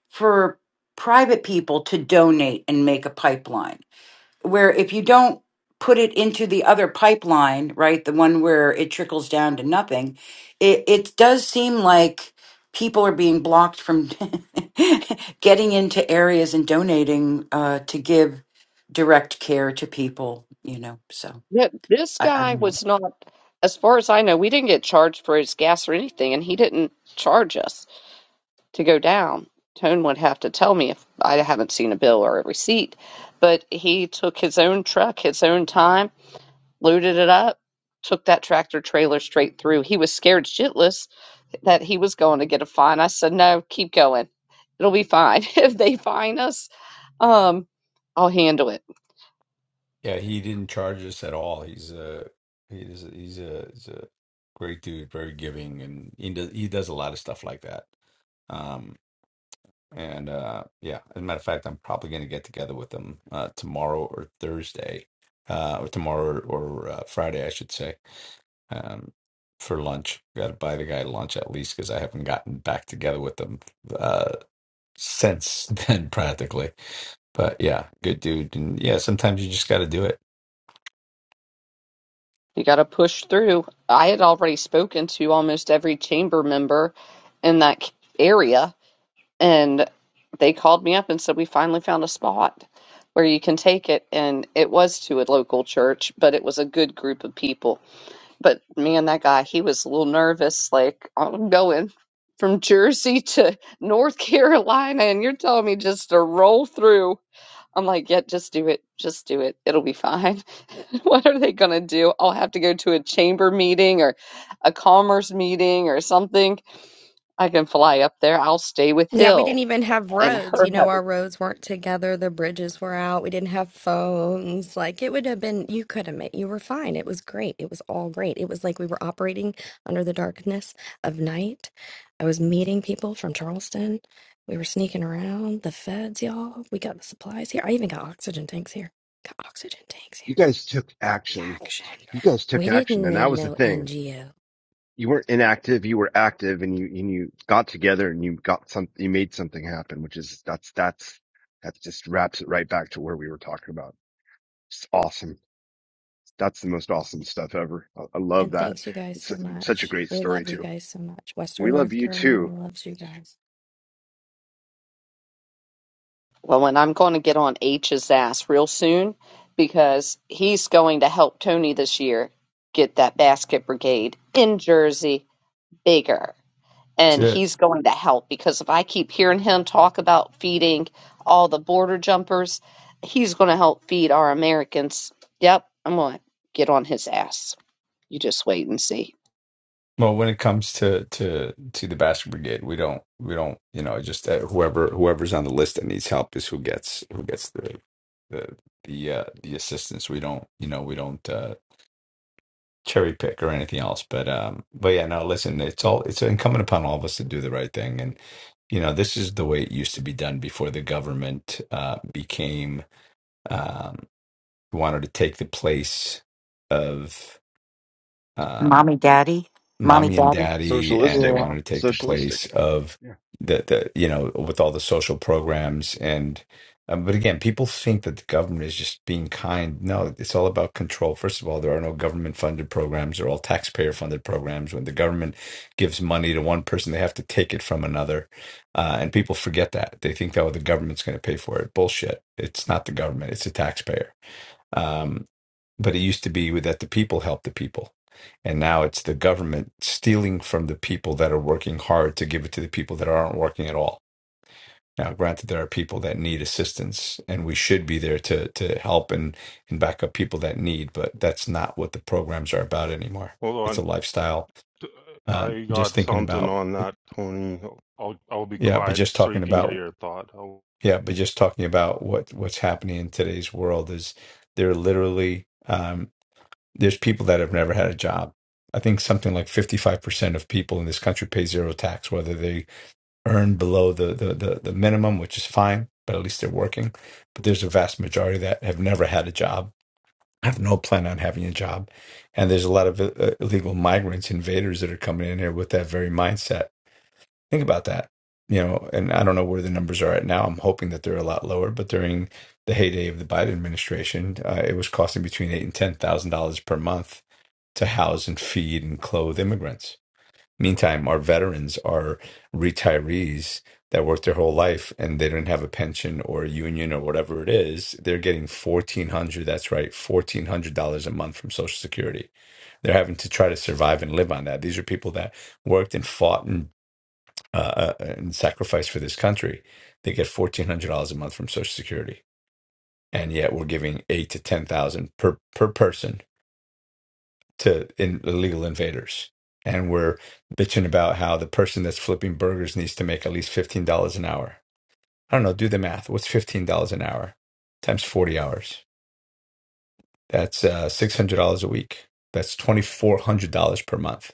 Speaker 14: for private people to donate and make a pipeline? Where if you don't put it into the other pipeline, right, the one where it trickles down to nothing, it, it does seem like people are being blocked from getting into areas and donating uh, to give direct care to people, you know, so.
Speaker 1: Yet This
Speaker 14: I, I
Speaker 1: guy
Speaker 14: don't know.
Speaker 1: was not, as far as I know, we didn't get charged for his gas or anything, and he didn't charge us to go down. Tone would have to tell me if I haven't seen a bill or a receipt, but he took his own truck, his own time looted it up, took that tractor trailer straight through. He was scared shitless that he was going to get a fine. I said, "No, keep going. It'll be fine. if they fine us, um, I'll handle it.
Speaker 4: Yeah, he didn't charge us at all. He's a he's a, he's a he's a great dude, very giving, and he does he does a lot of stuff like that. Um, and uh, yeah, as a matter of fact, I'm probably going to get together with him uh, tomorrow or Thursday, uh, or tomorrow or uh, Friday, I should say, um, for lunch. Got to buy the guy lunch at least because I haven't gotten back together with him uh, since then, practically. But yeah, good dude, and yeah, sometimes you just got to do
Speaker 1: You got to push through." I had already spoken to almost every chamber member in that c- area, and they called me up and said, "We finally found a spot." Where you can take it, and it was to a local church, but it was a good group of people But man, that guy, he was a little nervous. Like, "Oh, I'm going from Jersey to North Carolina, and you're telling me just to roll through. I'm like, yeah, just do it. Just do it. It'll be fine. What are they going to do? I'll have to go to a chamber meeting or a commerce meeting or something. I can fly up there. I'll stay with
Speaker 9: Yeah, we
Speaker 1: Hill
Speaker 9: didn't even have
Speaker 1: and
Speaker 9: roads.
Speaker 1: her
Speaker 9: You know, our roads weren't together. The bridges were out. We didn't have phones. Like, it would have been, you could have made, you were fine. It was great. It was all great. It was like we were operating under the darkness of night. I was meeting people from Charleston. We were sneaking around. The feds, y'all. We got the supplies here. I even got oxygen tanks here. Got oxygen tanks here.
Speaker 7: You guys took action.
Speaker 9: Action.
Speaker 7: You guys took
Speaker 9: We
Speaker 7: action.
Speaker 9: didn't
Speaker 7: And
Speaker 9: need
Speaker 7: that was the
Speaker 9: no
Speaker 7: thing.
Speaker 9: NGO.
Speaker 7: You weren't inactive. You were active and you, and you got together and you got some, you made something happen, which is that's, that's, that just wraps it right back to where we were talking about. It's awesome. That's the most awesome stuff ever. I, I love
Speaker 9: And
Speaker 7: that.
Speaker 9: thanks you guys
Speaker 7: It's
Speaker 9: so
Speaker 7: such a
Speaker 9: much.
Speaker 7: great
Speaker 9: We
Speaker 7: story
Speaker 9: love you
Speaker 7: too.
Speaker 9: guys so much.
Speaker 7: We
Speaker 9: Western
Speaker 7: love
Speaker 9: North
Speaker 7: you
Speaker 9: Carolina
Speaker 7: too.
Speaker 9: loves you guys.
Speaker 1: Well, and I'm going to get on H's ass real soon because he's going to help Tony this year get that basket brigade in Jersey bigger. And
Speaker 4: it.
Speaker 1: he's going to help because if I keep hearing him talk about feeding all the border jumpers, he's going to help feed our Americans. Yep, I'm going to get on his ass. You just wait and see.
Speaker 4: Well, when it comes to to to the Basket Brigade, we don't we don't you know just uh, whoever whoever's on the list that needs help is who gets who gets the the the uh, the assistance. We don't you know we don't uh, cherry pick or anything else. But um, but yeah, no, listen, it's all it's incumbent upon all of us to do the right thing, and you know this is the way it used to be done before the government uh, became um, wanted to take the place of. um,
Speaker 14: Mommy, daddy, mommy,
Speaker 4: mommy and
Speaker 14: daddy.
Speaker 4: daddy and they
Speaker 7: Socialistic.
Speaker 14: Yeah.
Speaker 4: wanted to take the place
Speaker 7: Socialistic.
Speaker 4: of
Speaker 7: Yeah.
Speaker 4: the, the you know with all the social programs and um, but again people think that the government is just being kind no it's all about control first of all there are no government funded programs they're all taxpayer funded programs when the government gives money to one person they have to take it from another uh, and people forget that they think that oh, the government's going to pay for it bullshit it's not the government it's the taxpayer Um, but it used to be that the people help the people. And now it's the government stealing from the people that are working hard to give it to the people that aren't working at all. Now, granted, there are people that need assistance, and we should be there to to help and and back up people that need. But that's not what the programs are about anymore.
Speaker 11: Hold
Speaker 4: It's a
Speaker 11: on,
Speaker 4: lifestyle.
Speaker 11: I
Speaker 4: Um, just
Speaker 11: got
Speaker 4: thinking
Speaker 11: something
Speaker 4: about,
Speaker 11: on that, Tony. I'll I'll be
Speaker 4: yeah, but
Speaker 11: quiet
Speaker 4: just
Speaker 11: so you
Speaker 4: talking
Speaker 11: can get
Speaker 4: about,
Speaker 11: your thought. I'll,
Speaker 4: yeah, but just talking about what what's happening in today's world is they're literally. um, There's people that have never had a job. I think something like 55% of people in this country pay zero tax, whether they earn below the, the, the, the minimum, which is fine, but at least they're working. But there's a vast majority that have never had a job, have no plan on having a job. And there's a lot of uh, illegal migrants, invaders that are coming in here with that very mindset. Think about that. You know, and I don't know where the numbers are at now. I'm hoping that they're a lot lower, but during the heyday of the Biden administration, uh, it was costing between eight and ten thousand dollars per month to house and feed and clothe immigrants. Meantime, our veterans are retirees that worked their whole life and they don't have a pension or a union or whatever it is. They're getting fourteen hundred. That's right, fourteen hundred dollars a month from Social Security. They're having to try to survive and live on that. These are people that worked and fought and uh, uh, and sacrificed for this country. They get fourteen hundred dollars a month from Social Security, and yet we're giving eight to ten thousand per per person to in, illegal invaders. And we're bitching about how the person that's flipping burgers needs to make at least $15 an hour. I don't know, do the math. What's $15 an hour times 40 hours? That's uh, $600 a week. That's $2,400 per month.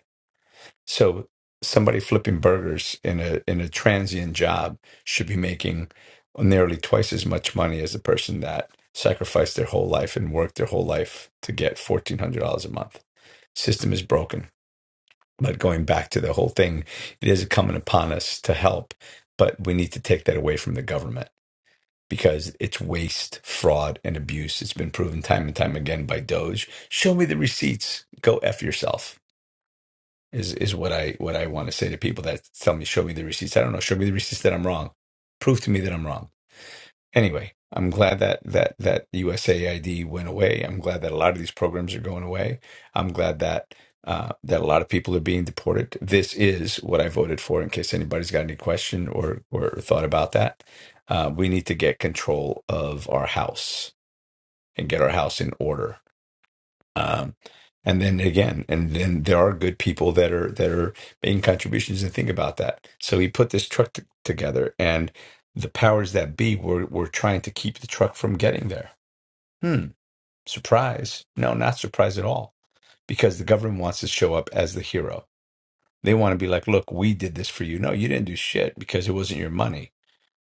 Speaker 4: So somebody flipping burgers in a, in a transient job should be making nearly twice as much money as the person that sacrificed their whole life and worked their whole life to get $1,400 a month. System is broken But going back to the whole thing, it is coming upon us to help, but we need to take that away from the government because it's waste, fraud, and abuse. It's been proven time and time again by Doge. Show me the receipts. Go f yourself. Is is what I what I want to say to people that tell me show me the receipts. I don't know. Show me the receipts that I'm wrong. Prove to me that I'm wrong anyway, I'm glad that that that USAID went away. I'm glad that a lot of these programs are going away. I'm glad that uh, that a lot of people are being deported. This is what I voted for. In case anybody's got any question or or thought about that, uh, we need to get control of our house and get our house in order um, and then again and then there are good people that are that are making contributions and think about that so he put this truck t- together and the powers that be were were trying to keep the truck from getting there hmm surprise no not surprise at all because the government wants to show up as the hero they want to be like look we did this for you no you didn't do shit because it wasn't your money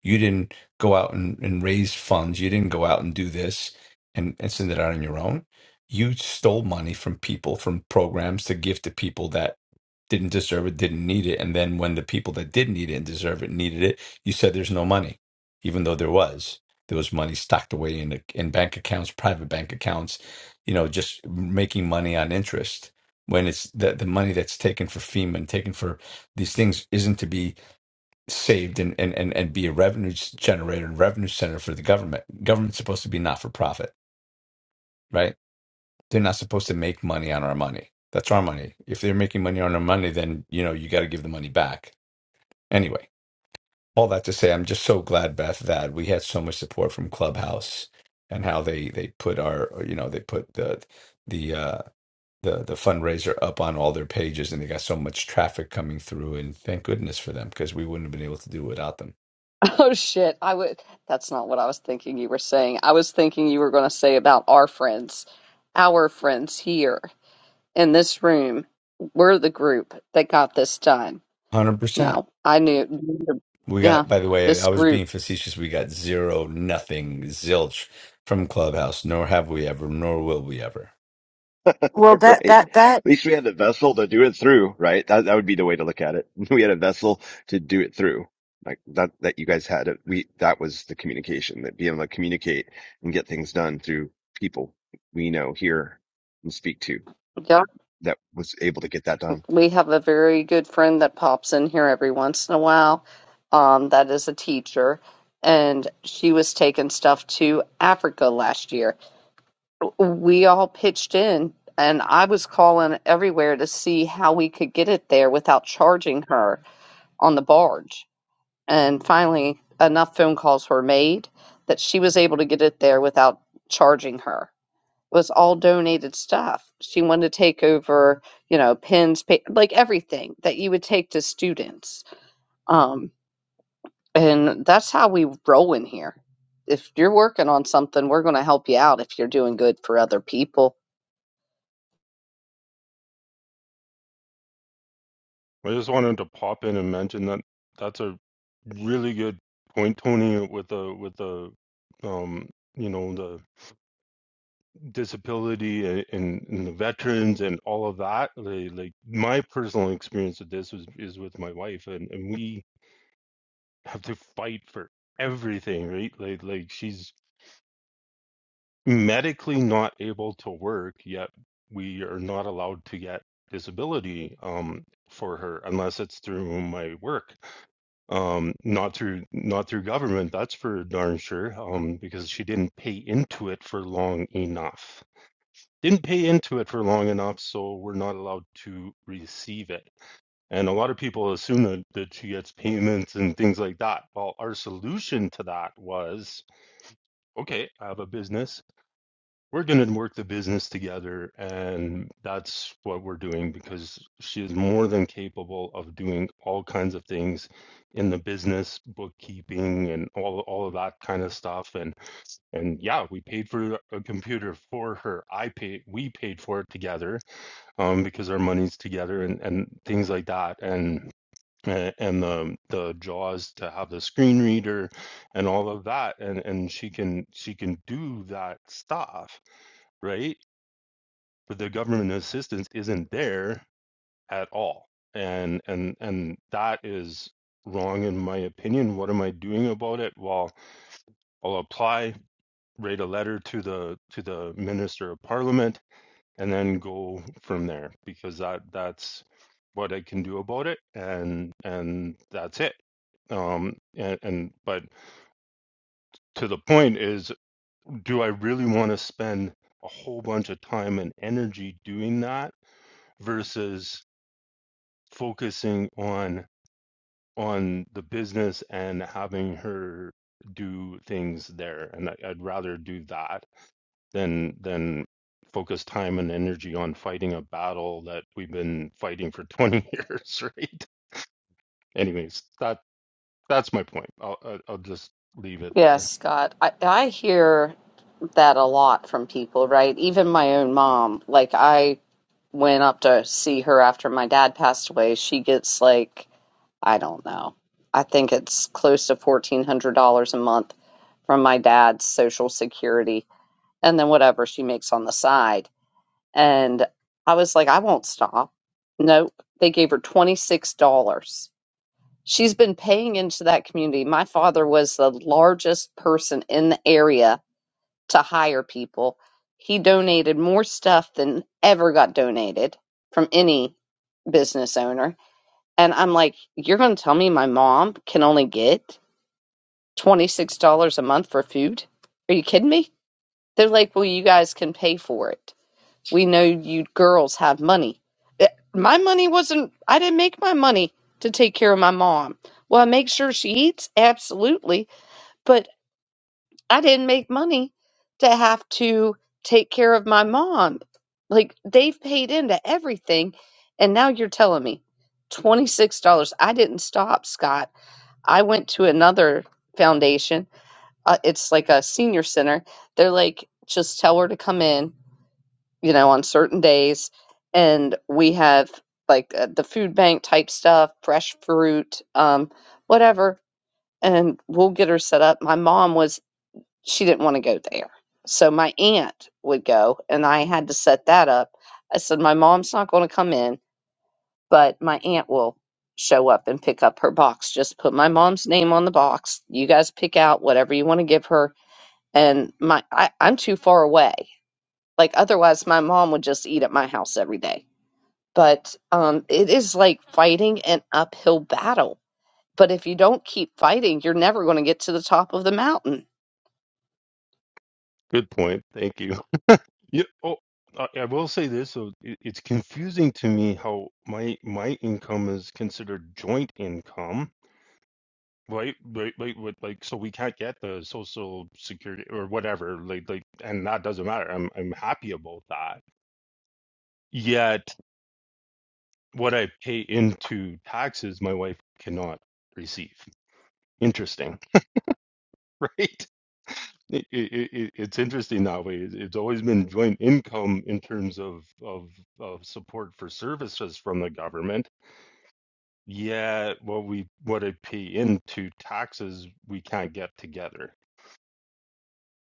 Speaker 4: you didn't go out and, and raise funds. You didn't go out and do this and, and send it out on your own. You stole money from people, from programs to give to people that didn't deserve it, didn't need it. And then when the people that did need it and deserve it needed it, you said there's no money, even though there was. There was money stocked away in, in bank accounts, private bank accounts, you know, just making money on interest when it's the, the money that's taken for FEMA and taken for these things isn't to be saved and, and, and, and be a revenue generator and revenue center for the government. Government's supposed to be not for profit, right? They're not supposed to make money on our money. That's our money. If they're making money on our money, then you know you got to give the money back. Anyway, all that to say, I'm just so glad, Beth, that we had so much support from Clubhouse and how they they put our you know they put the the uh, the the fundraiser up on all their pages and they got so much traffic coming through and thank goodness for them because we wouldn't have been able to do it without them.
Speaker 1: Oh shit, I would that's not what I was thinking you were saying. I was thinking you were going to say about our friends, our friends here. in this room, we're the group that got this done.
Speaker 4: Hundred percent.
Speaker 1: No, I knew.
Speaker 4: We
Speaker 1: Yeah,
Speaker 4: got, by the way, I
Speaker 1: this
Speaker 4: was
Speaker 1: group.
Speaker 4: being facetious. We got zero, nothing, zilch from Clubhouse, nor have we ever, nor will we ever.
Speaker 14: Well, that
Speaker 7: right?
Speaker 14: that that.
Speaker 7: At least we had a vessel to do it through, right? That that would be the way to look at it. We had a vessel to do it through. Like that that you guys had it. We that was the communication, that being able to communicate and get things done through people we know, hear, and speak to
Speaker 1: Yeah,
Speaker 7: that was able to get that done.
Speaker 1: we have a very good friend that pops in here every once in a while. Um, that is a teacher, and she was taking stuff to Africa last year. We all pitched in, and I was calling everywhere to see how we could get it there without charging her on the barge And finally, enough phone calls were made that she was able to get it there without charging her. It was all donated stuff. She wanted to take over, you know, pens, pa- like everything that you would take to students. Um, and that's how we roll in here. If you're working on something, we're going to help you out if you're doing good for other people.
Speaker 11: I just wanted to pop in and mention that that's a really good point, Tony, with the with the um you know the disability a- and, and the veterans and all of that like, like my personal experience with this was is with my wife and, and we have to fight for everything right like like she's medically not able to work yet we are not allowed to get disability um for her unless it's through my work um not through not through government that's for darn sure um because she didn't pay into it for long enough didn't pay into it for long enough, so we're not allowed to receive it. And a lot of people assume that, that she gets payments and things like that. Well, our solution to that was okay, I have a business. We're going to work the business together. And that's what we're doing because she is more than capable of doing all kinds of things in the business, bookkeeping, and all, all of that kind of stuff. And, and yeah, we paid for a computer for her. I paid, we paid for it together um, because our money's together and, and things like that. And and the the jaws to have the screen reader and all of that and and she can she can do that stuff right but the government assistance isn't there at all and and and that is wrong in my opinion what am i doing about it well i'll apply write a letter to the to the minister of parliament and then go from there because that that's what I can do about it and and that's it um and, and but to the point is do I really want to spend a whole bunch of time and energy doing that versus focusing on on the business and having her do things there and I, I'd rather do that than than focus time and energy on fighting a battle that we've been fighting for 20 years, right? Anyways, that that's my point. I'll I'll I'll just leave it there.
Speaker 1: Yes, Scott. I, I hear that a lot from people, right? Even my own mom. Like, I went up to see her after my dad passed away, she gets like, I don't know, I think it's close to $1,400 a month from my dad's social security and then whatever she makes on the side. And I was like, I won't stop. Nope. They gave her $26. She's been paying into that community. My father was the largest person in the area to hire people. He donated more stuff than ever got donated from any business owner. And I'm like, you're going to tell me my mom can only get $26 a month for food? Are you kidding me? They're like, well, you guys can pay for it. We know you girls have money. Eh, My money wasn't, I didn't make my money to take care of my mom. Well, I make sure she eats, absolutely. but. I didn't make money to have to take care of my mom. Like they've paid into everything. And now you're telling me $26. I didn't stop, Scott. I went to another foundation. Uh, it's like a senior center. They're like, just tell her to come in, you know, on certain days. And we have like uh, the food bank type stuff, fresh fruit, um, whatever. And we'll get her set up. My mom was she didn't want to go there. So my aunt would go, and I had to set that up. I said, My mom's not going to come in, but my aunt will show up and pick up her box. Just put my mom's name on the box. You guys pick out whatever you want to give her. And my I, I'm too far away. Like otherwise my mom would just eat at my house every day. But um it is like fighting an uphill battle. But if you don't keep fighting, you're never going to get to the top of the mountain
Speaker 11: Good point. Thank you. Yeah. Oh, I, I will say this. So it, it's confusing to me how my my income is considered joint income. Right, right, right, with, like so we can't get the social security or whatever, like, like, and that doesn't matter. I'm, I'm happy about that. Yet what I pay into taxes, my wife cannot receive. Interesting, right? It, it, it, it's interesting that way. It's it's always been joint income in terms of, of of support for services from the government. Yeah, what we what I pay into taxes, we can't get together.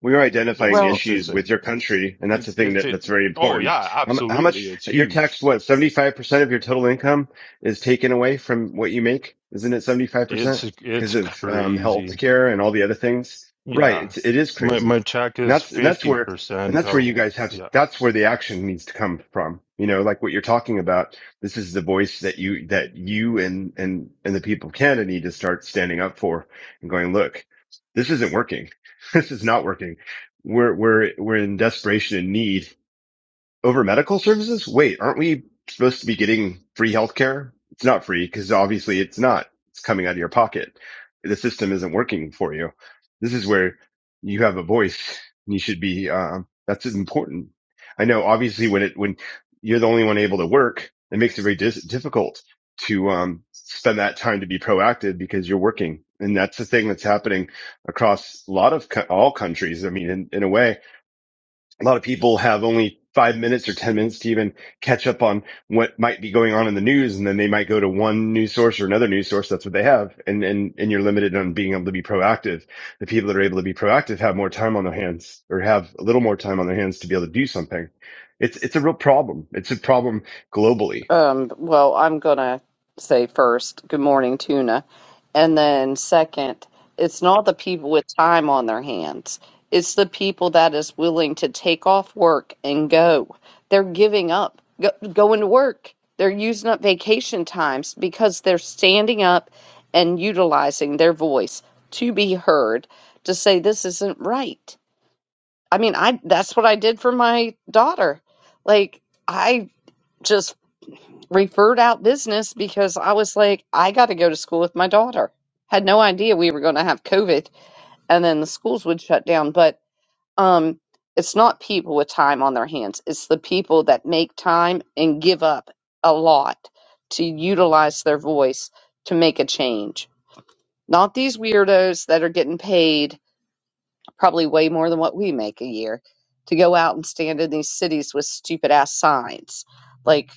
Speaker 7: we are
Speaker 11: It's
Speaker 7: identifying
Speaker 14: Well,
Speaker 7: issues
Speaker 11: interesting.
Speaker 7: with your country, and that's the
Speaker 11: It's
Speaker 7: thing
Speaker 11: it's
Speaker 7: that,
Speaker 11: it.
Speaker 7: that's very
Speaker 11: Oh
Speaker 7: important.
Speaker 11: yeah,
Speaker 7: How, mu- how
Speaker 11: absolutely.
Speaker 7: much
Speaker 11: It's
Speaker 7: you're
Speaker 11: huge.
Speaker 7: taxed? What seventy five percent of your total income is taken away from what you make? Isn't it seventy five
Speaker 11: It's
Speaker 7: percent
Speaker 11: it's
Speaker 7: because of um,
Speaker 11: crazy.
Speaker 7: health care and all the other things? Right.
Speaker 11: Yeah.
Speaker 7: It's it is
Speaker 11: My
Speaker 7: crazy.
Speaker 11: my check
Speaker 7: And
Speaker 11: is
Speaker 7: that's and that's where and
Speaker 11: 50%
Speaker 7: that's where
Speaker 11: of
Speaker 7: you guys have to.
Speaker 11: yeah.
Speaker 7: That's where the action needs to come from. You know, like what you're talking about. This is the voice that you that you and and and the people of Canada need to start standing up for and going, look, this isn't working this is not working. We're we're we're in desperation and need over medical services? Wait, aren't we supposed to be getting free healthcare? It's not free because obviously it's not. It's coming out of your pocket. The system isn't working for you. This is where you have a voice. And you should be. Uh, that's important. I know. Obviously, when it when you're the only one able to work, it makes it very dis- difficult to um, spend that time to be proactive because you're working. And that's the thing that's happening across a lot of co- all countries. I mean, in, in a way, a lot of people have only five minutes or 10 minutes to even catch up on what might be going on in the news. And then they might go to one news source or another news source. That's what they have. And, and, and you're limited on being able to be proactive. The people that are able to be proactive have more time on their hands or have a little more time on their hands to be able to do something. It's, it's a real problem. It's a problem globally.
Speaker 1: Um, well, I'm going to say first, good morning, Tuna. And then second, it's not the people with time on their hands. It's the people that is willing to take off work and go. They're giving up, go, going to work. They're using up vacation times because they're standing up and utilizing their voice to be heard to say this isn't right. I mean, I that's what I did for my daughter. Like I just referred out business because I was like, I got to go to school with my daughter. Had no idea we were going to have COVID and then the schools would shut down. But um, it's not people with time on their hands, it's the people that make time and give up a lot to utilize their voice to make a change. Not these weirdos that are getting paid probably way more than what we make a year to go out and stand in these cities with stupid ass signs. Like,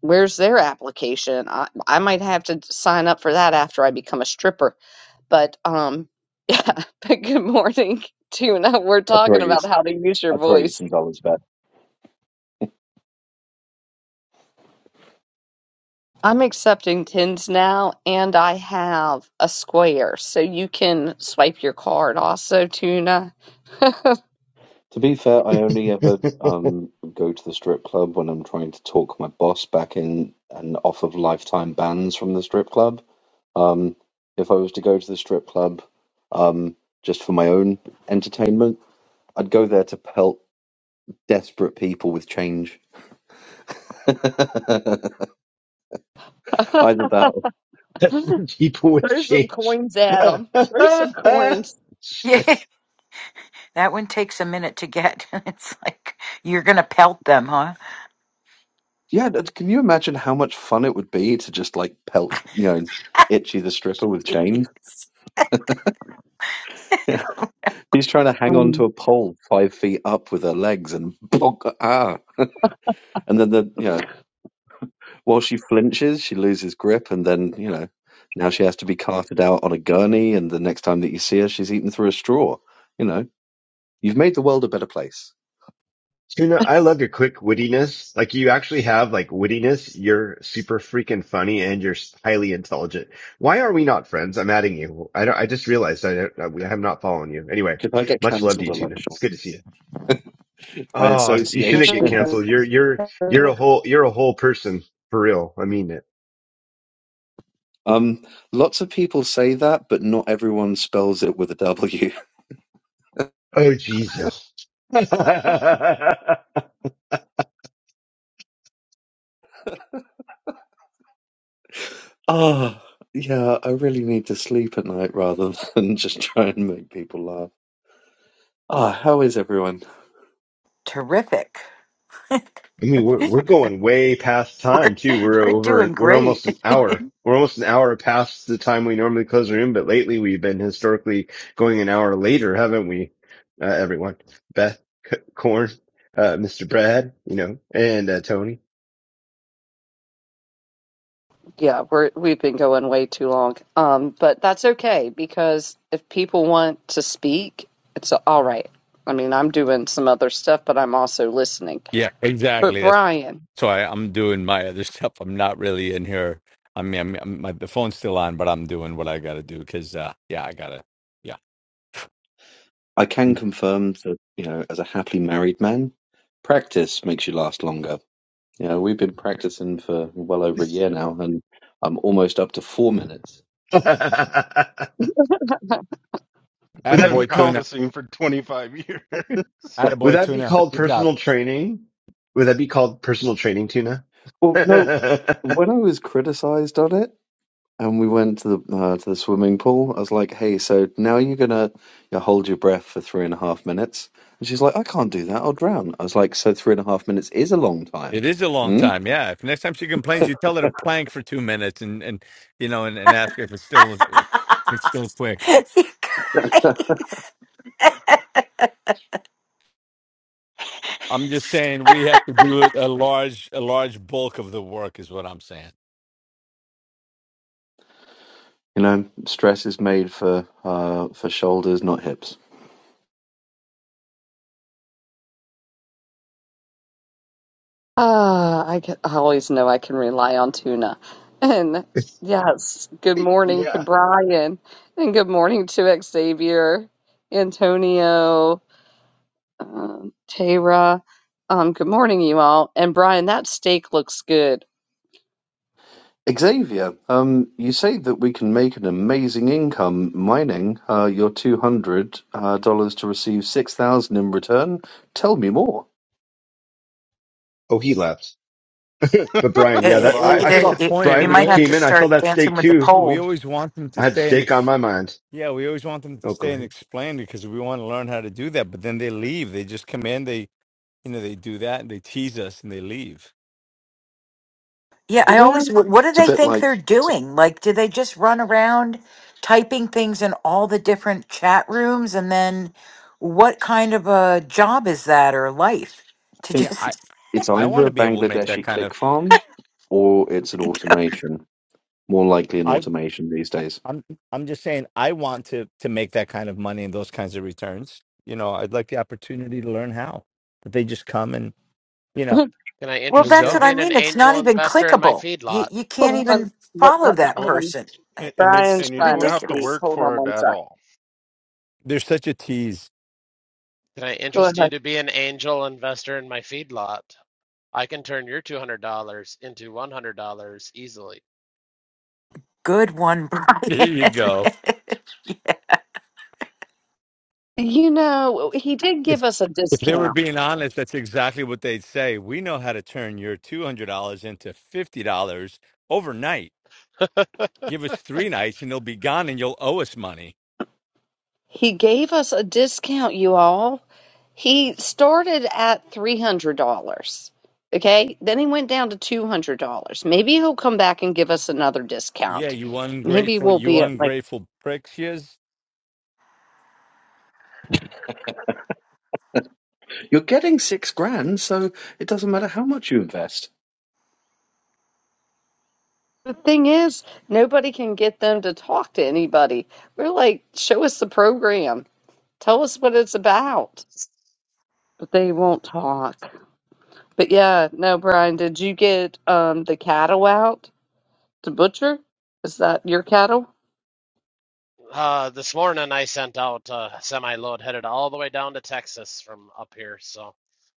Speaker 1: where's their application? I, I might have to sign up for that after I become a stripper. But um, yeah. But good morning, Tuna. We're
Speaker 15: I throw
Speaker 1: talking
Speaker 15: you,
Speaker 1: about how to use your
Speaker 15: I throw you
Speaker 1: voice.
Speaker 15: some dollars back.
Speaker 1: I'm accepting tins now, and I have a square, so you can swipe your card. Also, Tuna.
Speaker 15: To be fair, I only ever um go to the strip club when I'm trying to talk my boss back in and off of lifetime bans from the strip club. Um, if I was to go to the strip club, um, just for my own entertainment, I'd go there to pelt desperate people with change. Either that, or...
Speaker 7: people with
Speaker 1: There's some
Speaker 7: change.
Speaker 1: coins, Adam. There's some coins.
Speaker 14: yeah.
Speaker 7: Shit.
Speaker 14: That one takes a minute to get. It's like you're gonna pelt them, huh?
Speaker 15: yeah. that- Can you imagine how much fun it would be to just like pelt, you know, Itchy the stripper with change?
Speaker 14: It's
Speaker 15: He's trying to hang on to
Speaker 1: Um,
Speaker 15: a pole five feet up with her legs and bonk, ah. And then the you know while she flinches, she loses grip, and then you know now she has to be carted out on a gurney. And the next time that you see her, she's eaten through a straw. You know, you've made the world a better place.
Speaker 7: Tuna, I love your quick wittiness. Like you actually have like wittiness. You're super freaking funny and you're highly intelligent. Why are we not friends? I'm adding you. I don't, I just realized I, I have not following you. Anyway,
Speaker 15: Because I get
Speaker 7: much love to
Speaker 15: cancelled
Speaker 7: you,
Speaker 15: a lot.
Speaker 7: Tuna.
Speaker 15: Sean.
Speaker 7: It's good to see you.
Speaker 15: by
Speaker 7: Oh, you shouldn't
Speaker 15: association.
Speaker 7: get canceled. You're, you're, you're a whole, you're a whole person for real. I mean it.
Speaker 15: Um, lots of people say that, but not everyone spells it with a W.
Speaker 7: Oh, Jesus.
Speaker 15: Ah, yeah, I really need to sleep at night rather than just try and make people laugh. Ah, how is everyone?
Speaker 14: terrific. we're,
Speaker 7: I mean, we're we're going way past time too. We're
Speaker 14: we're
Speaker 7: over.
Speaker 14: doing
Speaker 7: We're
Speaker 14: great.
Speaker 7: almost an hour. We're almost an hour past the time we normally close the room. But lately, we've been historically going an hour later, haven't we? Uh, everyone, Beth, C- Corn, uh, Mr. Brad, you know, and uh, Tony.
Speaker 1: Yeah, we're we've been going way too long. Um, but that's okay because if people want to speak, it's all right. I mean, I'm doing some other stuff, but I'm also listening.
Speaker 4: Yeah,
Speaker 1: But
Speaker 4: exactly. That's
Speaker 1: Brian,
Speaker 4: why I'm doing my other stuff. I'm not really in here. I mean, I'm, I'm, my the phone's still on, but I'm doing what I got to do because, uh, yeah, I gotta.
Speaker 15: I can
Speaker 4: Yeah,
Speaker 15: confirm that, you know, as a happily married man, practice makes you last longer. You know, we've been practicing for well over a year now, and I'm almost up to four minutes.
Speaker 7: would that
Speaker 11: I've been
Speaker 7: be
Speaker 4: attaboy tuna,
Speaker 7: called?
Speaker 11: practicing for 25 years.
Speaker 7: Would
Speaker 4: attaboy
Speaker 7: that be
Speaker 4: tuna.
Speaker 7: called
Speaker 4: Good job.
Speaker 7: personal training? Would that be called personal training, Tuna?
Speaker 15: Well, no, when I was criticized on it. And we went to the uh, to the swimming pool. I was like, "Hey, so now you're gonna you know, hold your breath for three and a half minutes." And she's like, "I can't do that. I'll drown." I was like, "So three and a half minutes is a long time."
Speaker 4: It is a long
Speaker 15: Mm?
Speaker 4: time. Yeah. If next time she complains, you tell her to plank for two minutes and and you know and, and ask her if it's still if it's still quick.
Speaker 14: It-
Speaker 4: I'm just saying we have to do a large a large bulk of the work is what I'm saying.
Speaker 15: You know, stress is made for uh, for shoulders, not hips.
Speaker 1: ah, I, ca- I always know I can rely on Tuna. And
Speaker 7: yeah.
Speaker 1: yes, good morning to Brian, and good morning to Xavier, Antonio, um, Tara. Um, good morning, you all. And Brian, that steak looks good.
Speaker 15: Xavier, um, you say that we can make an amazing income mining uh, your two hundred uh, dollars to receive six thousand in return. Tell me more.
Speaker 7: Oh, he left. But
Speaker 11: I
Speaker 7: Brian, yeah, that
Speaker 11: love
Speaker 7: I,
Speaker 4: So
Speaker 14: it-
Speaker 7: I
Speaker 14: it-
Speaker 11: it.
Speaker 14: it-
Speaker 7: saw
Speaker 14: it-
Speaker 4: disappointed.
Speaker 7: Brian
Speaker 14: you
Speaker 4: We
Speaker 7: when you
Speaker 14: might have
Speaker 7: came
Speaker 14: to
Speaker 4: always
Speaker 7: in. I saw
Speaker 14: start
Speaker 7: that steak
Speaker 14: dancing with the
Speaker 7: too.
Speaker 4: we
Speaker 14: pole.
Speaker 4: always want them to
Speaker 7: I had
Speaker 4: stay and
Speaker 7: steak on
Speaker 4: ex-
Speaker 7: my mind.
Speaker 4: yeah, we always want them to
Speaker 7: Oh, go
Speaker 4: stay and
Speaker 7: ahead.
Speaker 4: explain because we want to learn how to do that. But then they leave. They just come in. They you know they do that and they tease us and they leave.
Speaker 14: Yeah, I
Speaker 1: Well,
Speaker 14: always, wh- what do
Speaker 15: It's a
Speaker 14: they
Speaker 15: bit
Speaker 14: think
Speaker 15: like
Speaker 14: they're doing? Like, do they just run around typing things in all the different chat rooms? And then what kind of a job is that or life to
Speaker 4: Yeah, I
Speaker 14: just,
Speaker 15: It's
Speaker 4: I
Speaker 15: either
Speaker 4: want to
Speaker 15: a
Speaker 4: be able to make that
Speaker 15: Bangladeshi
Speaker 4: kind of
Speaker 15: click farm or it's an automation. More likely an
Speaker 4: I
Speaker 15: automation these days.
Speaker 4: I'm I'm just saying I want to to make that kind of money and those kinds of returns. You know, I'd like the opportunity to learn how. But they just come and you know
Speaker 16: Can I
Speaker 14: well,
Speaker 4: and they
Speaker 16: interest you
Speaker 14: that's
Speaker 16: in
Speaker 4: go.
Speaker 14: what I
Speaker 16: being an
Speaker 14: mean. It's not
Speaker 16: angel
Speaker 14: even
Speaker 16: investor in my
Speaker 14: clickable.
Speaker 16: feedlot?
Speaker 14: You, you
Speaker 1: Hold
Speaker 14: can't
Speaker 1: on.
Speaker 14: even
Speaker 1: But,
Speaker 14: follow that
Speaker 1: hold
Speaker 11: Well,
Speaker 1: on.
Speaker 14: person. Uh,
Speaker 11: a- and you
Speaker 14: It's
Speaker 1: Brian's
Speaker 11: and you
Speaker 1: trying
Speaker 11: don't
Speaker 1: to
Speaker 11: have to
Speaker 1: speak.
Speaker 14: ridiculous.
Speaker 11: work
Speaker 1: Hold on
Speaker 11: for it
Speaker 1: one
Speaker 11: at
Speaker 1: sec.
Speaker 11: all.
Speaker 4: They're such a tease.
Speaker 16: Can I
Speaker 1: Go
Speaker 16: interest you
Speaker 1: ahead.
Speaker 16: to be an angel investor in my feedlot? I can turn your $200 into $100 easily.
Speaker 14: Good one, Brian.
Speaker 4: There
Speaker 14: yeah.
Speaker 4: you go.
Speaker 14: yeah,
Speaker 1: You know, he did give
Speaker 4: If
Speaker 1: us a
Speaker 4: if they were
Speaker 1: discount.
Speaker 4: being honest, that's exactly what they'd say. We know how to turn your two hundred dollars into fifty dollars overnight. Give us three nights, and they'll be gone, and you'll owe us money.
Speaker 1: He gave us a discount, you all. He started at $300. Okay. Then he went down to $200. Maybe he'll come back and give us another
Speaker 4: Yeah,
Speaker 1: discount.
Speaker 4: you
Speaker 1: Maybe
Speaker 4: ungrateful,
Speaker 1: we'll
Speaker 4: you
Speaker 1: be at like,
Speaker 4: ungrateful pricks. Yes.
Speaker 15: You're getting six grand, so it doesn't matter how much you invest.
Speaker 1: the thing is, nobody can get them to talk to anybody. We're like, show us the program, tell us what it's about, but they won't talk. But yeah, no, Brian, did you get um the cattle out to butcher? Is that your cattle?
Speaker 16: Uh, this morning I sent out a semi load headed all the way down to Texas from up here, so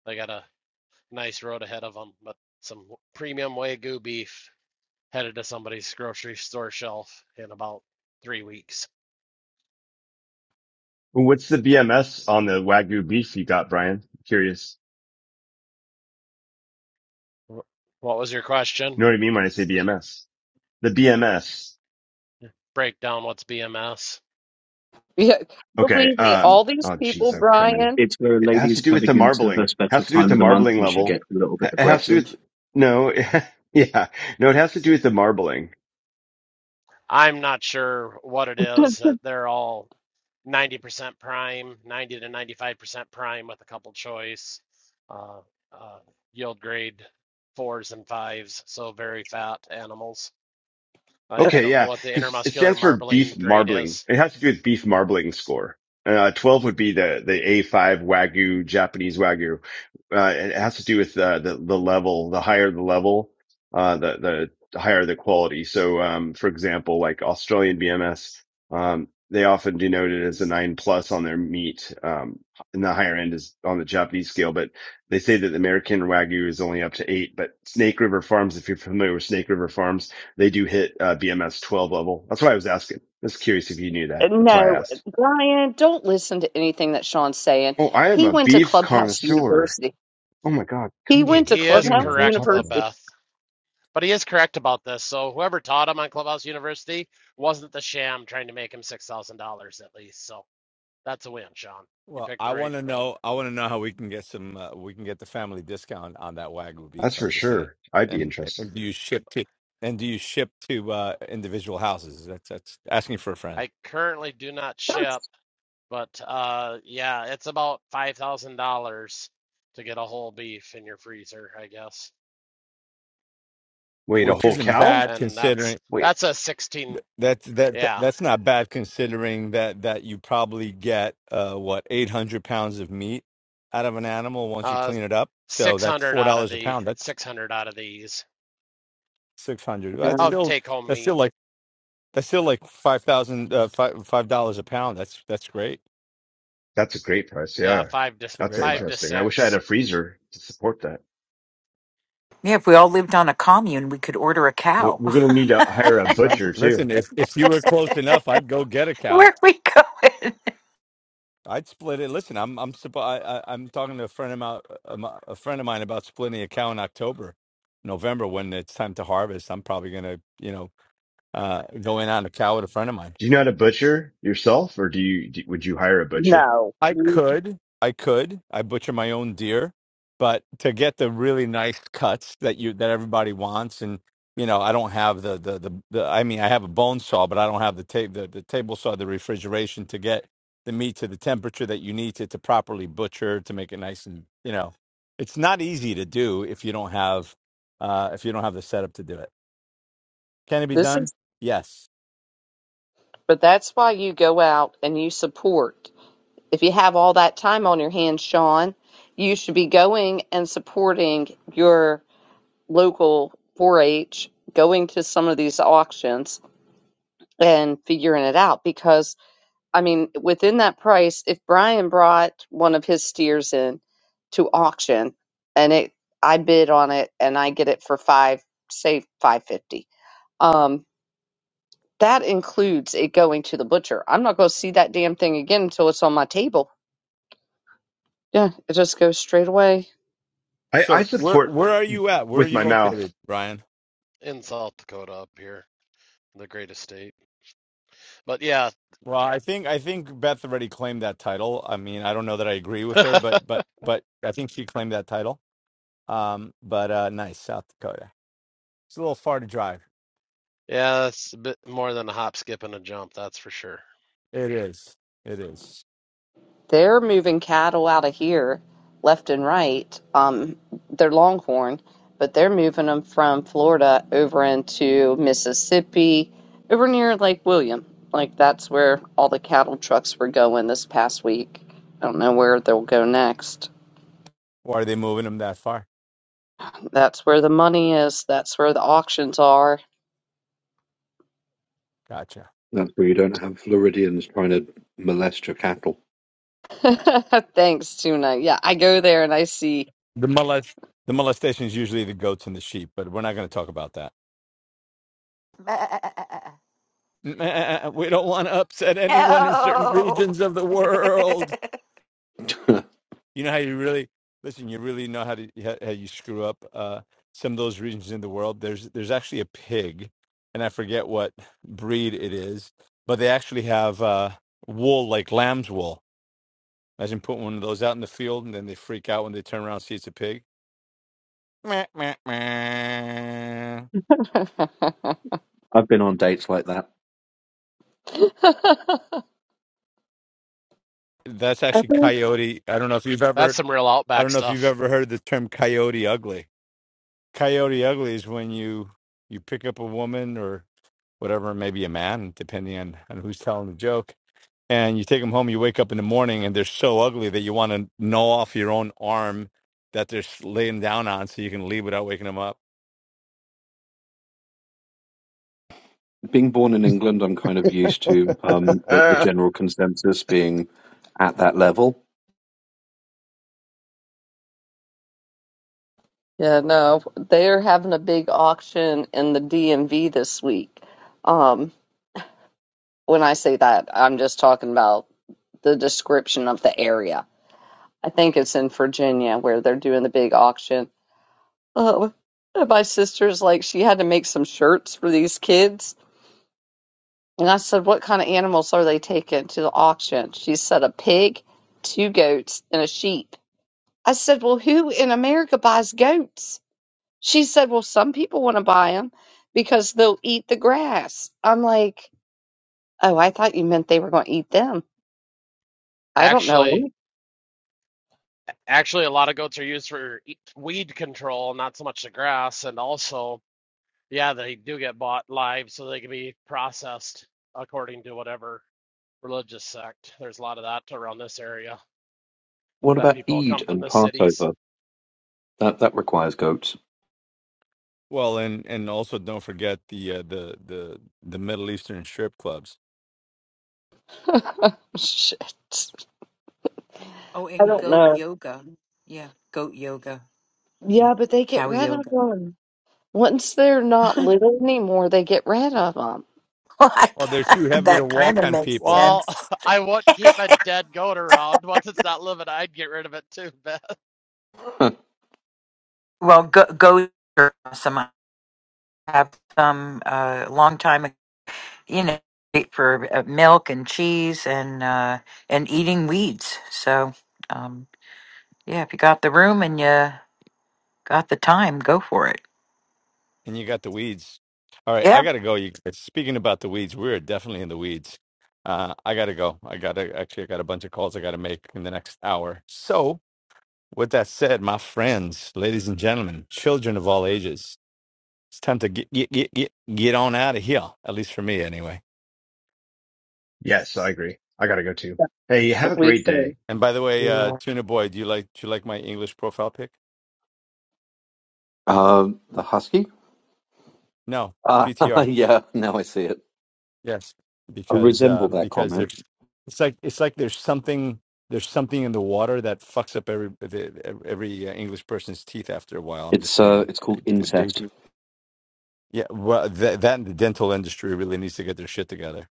Speaker 16: they got a nice road ahead of them. But some premium Wagyu beef headed to somebody's grocery store shelf in about three weeks.
Speaker 7: What's the BMS on the Wagyu beef you got, Brian? Curious.
Speaker 16: What was your
Speaker 7: You
Speaker 16: question?
Speaker 7: know what I mean when I say BMS? The BMS.
Speaker 16: Break down what's BMS.
Speaker 1: Yeah,
Speaker 7: Okay.
Speaker 1: believe me,
Speaker 7: Um.
Speaker 1: all these
Speaker 7: Oh,
Speaker 1: people,
Speaker 7: jeez, oh, criminy.
Speaker 1: Brian.
Speaker 15: It's where a
Speaker 7: It has
Speaker 15: lady's
Speaker 7: to do with
Speaker 15: coming
Speaker 7: the
Speaker 15: into her
Speaker 7: marbling.
Speaker 15: special
Speaker 7: Has to do with
Speaker 15: time
Speaker 7: the
Speaker 15: of the month
Speaker 7: marbling
Speaker 15: and she
Speaker 7: level.
Speaker 15: gets a little bit
Speaker 7: Ha- It has to do
Speaker 15: aggressive.
Speaker 7: with no. yeah. No, it has to do with the marbling.
Speaker 16: I'm not sure what it is. Uh, they're all 90% prime, 90 to 95% prime with a couple choice, uh, uh, yield grade fours and fives, so very fat animals. I, I
Speaker 7: Okay,
Speaker 16: don't know
Speaker 7: yeah,
Speaker 16: what the
Speaker 7: because it
Speaker 16: intermuscular
Speaker 7: stands for
Speaker 16: marbling
Speaker 7: beef
Speaker 16: grade
Speaker 7: marbling.
Speaker 16: is.
Speaker 7: It has to do with beef marbling score. Uh, 12 would be the, the A5 Wagyu, Japanese Wagyu. Uh, it has to do with, uh, the, the level, the higher the level, uh, the, the higher the quality. So, um, for example, like Australian BMS, um, they often denote it as a nine plus on their meat. Um, and the higher end is on the Japanese scale, but they say that the American Wagyu is only up to eight, but Snake River Farms, if you're familiar with Snake River Farms, they do hit uh, BMS 12 level. That's why I was asking. I was curious if you knew
Speaker 1: uh,
Speaker 7: that. That's why I
Speaker 1: No,
Speaker 7: asked.
Speaker 1: Brian, don't listen to anything that Sean's saying.
Speaker 7: Oh, I am
Speaker 1: He
Speaker 7: a
Speaker 1: went to
Speaker 7: beef
Speaker 1: Clubhouse
Speaker 7: connoisseur.
Speaker 1: University.
Speaker 7: Oh my God.
Speaker 1: He
Speaker 7: Come
Speaker 16: He
Speaker 1: went
Speaker 7: on.
Speaker 1: to
Speaker 16: he
Speaker 7: I
Speaker 16: is
Speaker 7: do know
Speaker 1: Clubhouse
Speaker 7: what I'm
Speaker 16: correct
Speaker 7: talking
Speaker 16: though,
Speaker 7: about.
Speaker 1: University.
Speaker 16: Beth, but he is correct about this. So whoever taught him on Clubhouse University wasn't the sham trying to make him six thousand dollars at least. So that's a win, Sean. You
Speaker 4: Well,
Speaker 16: picked
Speaker 4: I
Speaker 16: the right
Speaker 4: want to
Speaker 16: one.
Speaker 4: know. I want to know how we can get some. Uh, we can get the family discount on that wagyu beef.
Speaker 7: That's
Speaker 4: I'm
Speaker 7: for
Speaker 4: just saying.
Speaker 7: sure. I'd be
Speaker 4: And,
Speaker 7: interested.
Speaker 4: and do you ship to? And do you ship to uh, individual houses? That's that's asking for a friend.
Speaker 16: I currently do not ship.
Speaker 1: That's-
Speaker 16: But uh, yeah, it's about five thousand dollars to get a whole beef in your freezer, I guess.
Speaker 7: Wait, a
Speaker 4: which
Speaker 7: whole
Speaker 4: isn't
Speaker 7: cow?
Speaker 4: bad
Speaker 16: And that's
Speaker 4: considering
Speaker 7: Wait,
Speaker 16: that's a sixteen,
Speaker 4: that's that that-
Speaker 16: yeah,
Speaker 4: that's not bad considering that that you probably get uh what 800 pounds of meat out of an animal once you
Speaker 16: uh,
Speaker 4: clean it up so
Speaker 16: six
Speaker 4: that's
Speaker 16: hundred
Speaker 4: four
Speaker 16: out of
Speaker 4: dollars a
Speaker 16: the
Speaker 4: pound that's
Speaker 16: six hundred out of these
Speaker 4: 600 that's
Speaker 16: of
Speaker 4: still
Speaker 16: take home
Speaker 4: that's
Speaker 16: meat.
Speaker 4: still like that's still like five thousand uh five five dollars a pound that's that's great
Speaker 7: that's a great price.
Speaker 16: Yeah,
Speaker 7: Yeah.
Speaker 16: five to
Speaker 4: it's a
Speaker 7: That's
Speaker 4: great
Speaker 16: five
Speaker 4: price
Speaker 16: to
Speaker 7: interesting. I wish I had
Speaker 16: six
Speaker 7: a freezer to support that.
Speaker 14: if we all lived on a commune, we could order a
Speaker 7: We're
Speaker 14: cow.
Speaker 7: we're going to need to hire a
Speaker 4: right.
Speaker 7: butcher too.
Speaker 4: listen if if you were close enough i'd go get a cow
Speaker 14: Where we
Speaker 4: I'd split it. Listen, I'm I'm supp- I, I, I'm talking to a friend of my a my- a friend of mine about splitting a cow in October, November when it's time to harvest. I'm probably gonna you know uh, go in on a cow with a friend of mine.
Speaker 7: Do you know how to butcher yourself or do you, do, would you hire a butcher?
Speaker 1: No,
Speaker 4: I
Speaker 1: Mm,
Speaker 4: could, I could, I butcher my own deer, but to get the really nice cuts that you that everybody wants, and you know, I don't have the the the, the I mean, I have a bone saw, but I don't have the tape the, the table saw, the refrigeration to get the meat to the temperature that you need to to properly butcher to make it nice and you know, it's not easy to do if you don't have uh if you don't have the setup to do it. Can it be
Speaker 1: this
Speaker 4: done?
Speaker 1: is,
Speaker 4: Yes.
Speaker 1: but that's why you go out and you support. If you have all that time on your hands, Sean, you should be going and supporting your local 4 H, going to some of these auctions and figuring it out. Because, I mean, within that price, if Brian brought one of his steers in to auction and it, I bid on it and I get it for five, say 550. Um, that includes it going to the butcher. I'm not going to see that damn thing again until it's on my table. Yeah, it just goes straight away
Speaker 7: I, I
Speaker 4: So where
Speaker 7: support
Speaker 4: where are you at? Where are
Speaker 7: with
Speaker 4: you
Speaker 7: my
Speaker 4: located,
Speaker 7: mouth.
Speaker 4: Brian?
Speaker 16: in South Dakota up here, the greatest state. But yeah,
Speaker 4: Well, I think I think Beth already claimed that title. I mean, I don't know that I agree with her, but but but I think she claimed that title. Um, but uh, nice South Dakota. It's a little far to drive.
Speaker 16: yeah, it's a bit more than a hop, skip, and a jump, that's for sure.
Speaker 4: It is. It is.
Speaker 1: They're moving cattle out of here left and right. Um, they're Longhorn, but they're moving them from Florida over into Mississippi, over near Lake William. Like that's where all the cattle trucks were going this past week. I don't know where they'll go next.
Speaker 4: Why are they moving them that far?
Speaker 1: That's where the money is. That's where the auctions are.
Speaker 4: Gotcha.
Speaker 15: That's where you don't have Floridians trying to molest your cattle.
Speaker 1: Thanks, Tuna. Yeah, I go there and I see.
Speaker 4: The molest the molestation is usually the goats and the sheep, but we're not going to talk about that.
Speaker 14: go.
Speaker 4: We don't want to upset anyone in certain
Speaker 14: Oh.
Speaker 4: regions of the world.
Speaker 15: I've
Speaker 4: You know how you really listen. You really know how to how how you screw up uh, some of those regions in the world. There's there's actually a pig, and I forget what breed it is, but they actually have uh, wool like lamb's wool. Imagine putting one of those out in the field, and then they freak out when they turn around and see it's a pig. Meh, meh, meh.
Speaker 15: been on dates like that.
Speaker 4: That's actually
Speaker 1: Oh,
Speaker 4: coyote. I don't know if you've
Speaker 16: That's
Speaker 4: ever
Speaker 16: some real
Speaker 4: I
Speaker 16: outback
Speaker 4: don't know if you've
Speaker 16: stuff.
Speaker 4: ever heard the term coyote ugly. Coyote ugly is when you you pick up a woman or whatever, maybe a man, depending on, on who's telling the joke. And you take them home, you wake up in the morning and they're so ugly that you want to gnaw off your own arm that they're s- laying down on so you can leave without waking them up.
Speaker 15: Being born in England, I'm kind of used to um, the, the general consensus being at that level.
Speaker 1: Yeah, no, they're having a big auction in the DMV this week. Um, when I say that, I'm just talking about the description of the area. I think it's in Virginia where they're doing the big auction. Oh, and my sister's like, she had to make some shirts for these kids. And I said, What kind of animals are they taking to the auction? She said, A pig, two goats, and a sheep. I said, Well, who in America buys goats? She said, Well, some people want to buy them because they'll eat the grass. I'm like, Oh, I thought you meant they were going to eat them. I don't
Speaker 16: Actually.
Speaker 1: know.
Speaker 16: Actually, a lot of goats are used for e- weed control, not so much the grass. And also, yeah, they do get bought live so they can be processed according to whatever religious sect. There's a lot of that around this area
Speaker 15: What
Speaker 16: that
Speaker 15: about
Speaker 16: people
Speaker 15: Eid
Speaker 16: come from
Speaker 15: and
Speaker 16: the cities.
Speaker 15: Passover? That that requires goats.
Speaker 4: Well, and and also don't forget the uh, the the the Middle Eastern strip clubs.
Speaker 1: Shit.
Speaker 14: Oh,
Speaker 1: I
Speaker 14: and
Speaker 1: don't
Speaker 14: goat
Speaker 1: know.
Speaker 14: yoga. Yeah, goat yoga. Yeah,
Speaker 1: Yeah, but they get
Speaker 14: cow
Speaker 1: rid of
Speaker 14: yoga.
Speaker 1: them. Once they're not little anymore, they get rid of them.
Speaker 14: Well, I
Speaker 4: Or they're
Speaker 14: ca-
Speaker 4: too heavy to
Speaker 14: that
Speaker 4: walk
Speaker 14: kind of
Speaker 4: on
Speaker 14: makes
Speaker 4: people,
Speaker 16: Well,
Speaker 14: sense.
Speaker 16: I wouldn't keep a dead goat around. Once it's not living, I'd get rid of it too, Beth.
Speaker 14: well, go, goats are awesome. I have some uh, long time, ag- you know, great for uh, milk and cheese and uh, and eating weeds. So, um, yeah, if you got the room and you got the time, go for it.
Speaker 4: and you got the weeds. All right, I
Speaker 14: Yeah.
Speaker 4: gotta go. You guys. Speaking about the weeds, we're definitely in the weeds. Uh, I gotta go. I gotta actually, I got a bunch of calls I gotta make in the next hour. So, With that said, my friends, ladies and gentlemen, children of all ages, it's time to get get get get, get on out of here. At least for me, anyway.
Speaker 7: Yes, I agree. I gotta go too. Hey, have a
Speaker 1: We
Speaker 7: great
Speaker 1: said,
Speaker 7: day.
Speaker 4: And by the way, uh,
Speaker 14: Yeah.
Speaker 4: Tuna Boy, do you like do you like my English profile pic?
Speaker 15: Um, the husky?
Speaker 4: No,
Speaker 15: Uh,
Speaker 4: PTR.
Speaker 15: yeah, now I see it.
Speaker 4: Yes,
Speaker 15: I
Speaker 4: because uh,
Speaker 15: resemble that
Speaker 4: because
Speaker 15: comment.
Speaker 4: there's it's like it's like there's something there's something in the water that fucks up every the, every uh, English person's teeth after a while. I'm just
Speaker 15: It's uh,
Speaker 4: saying.
Speaker 15: it's called
Speaker 4: They, they,
Speaker 15: incest.
Speaker 4: they, yeah, well, that that and the dental industry really needs to get their shit together.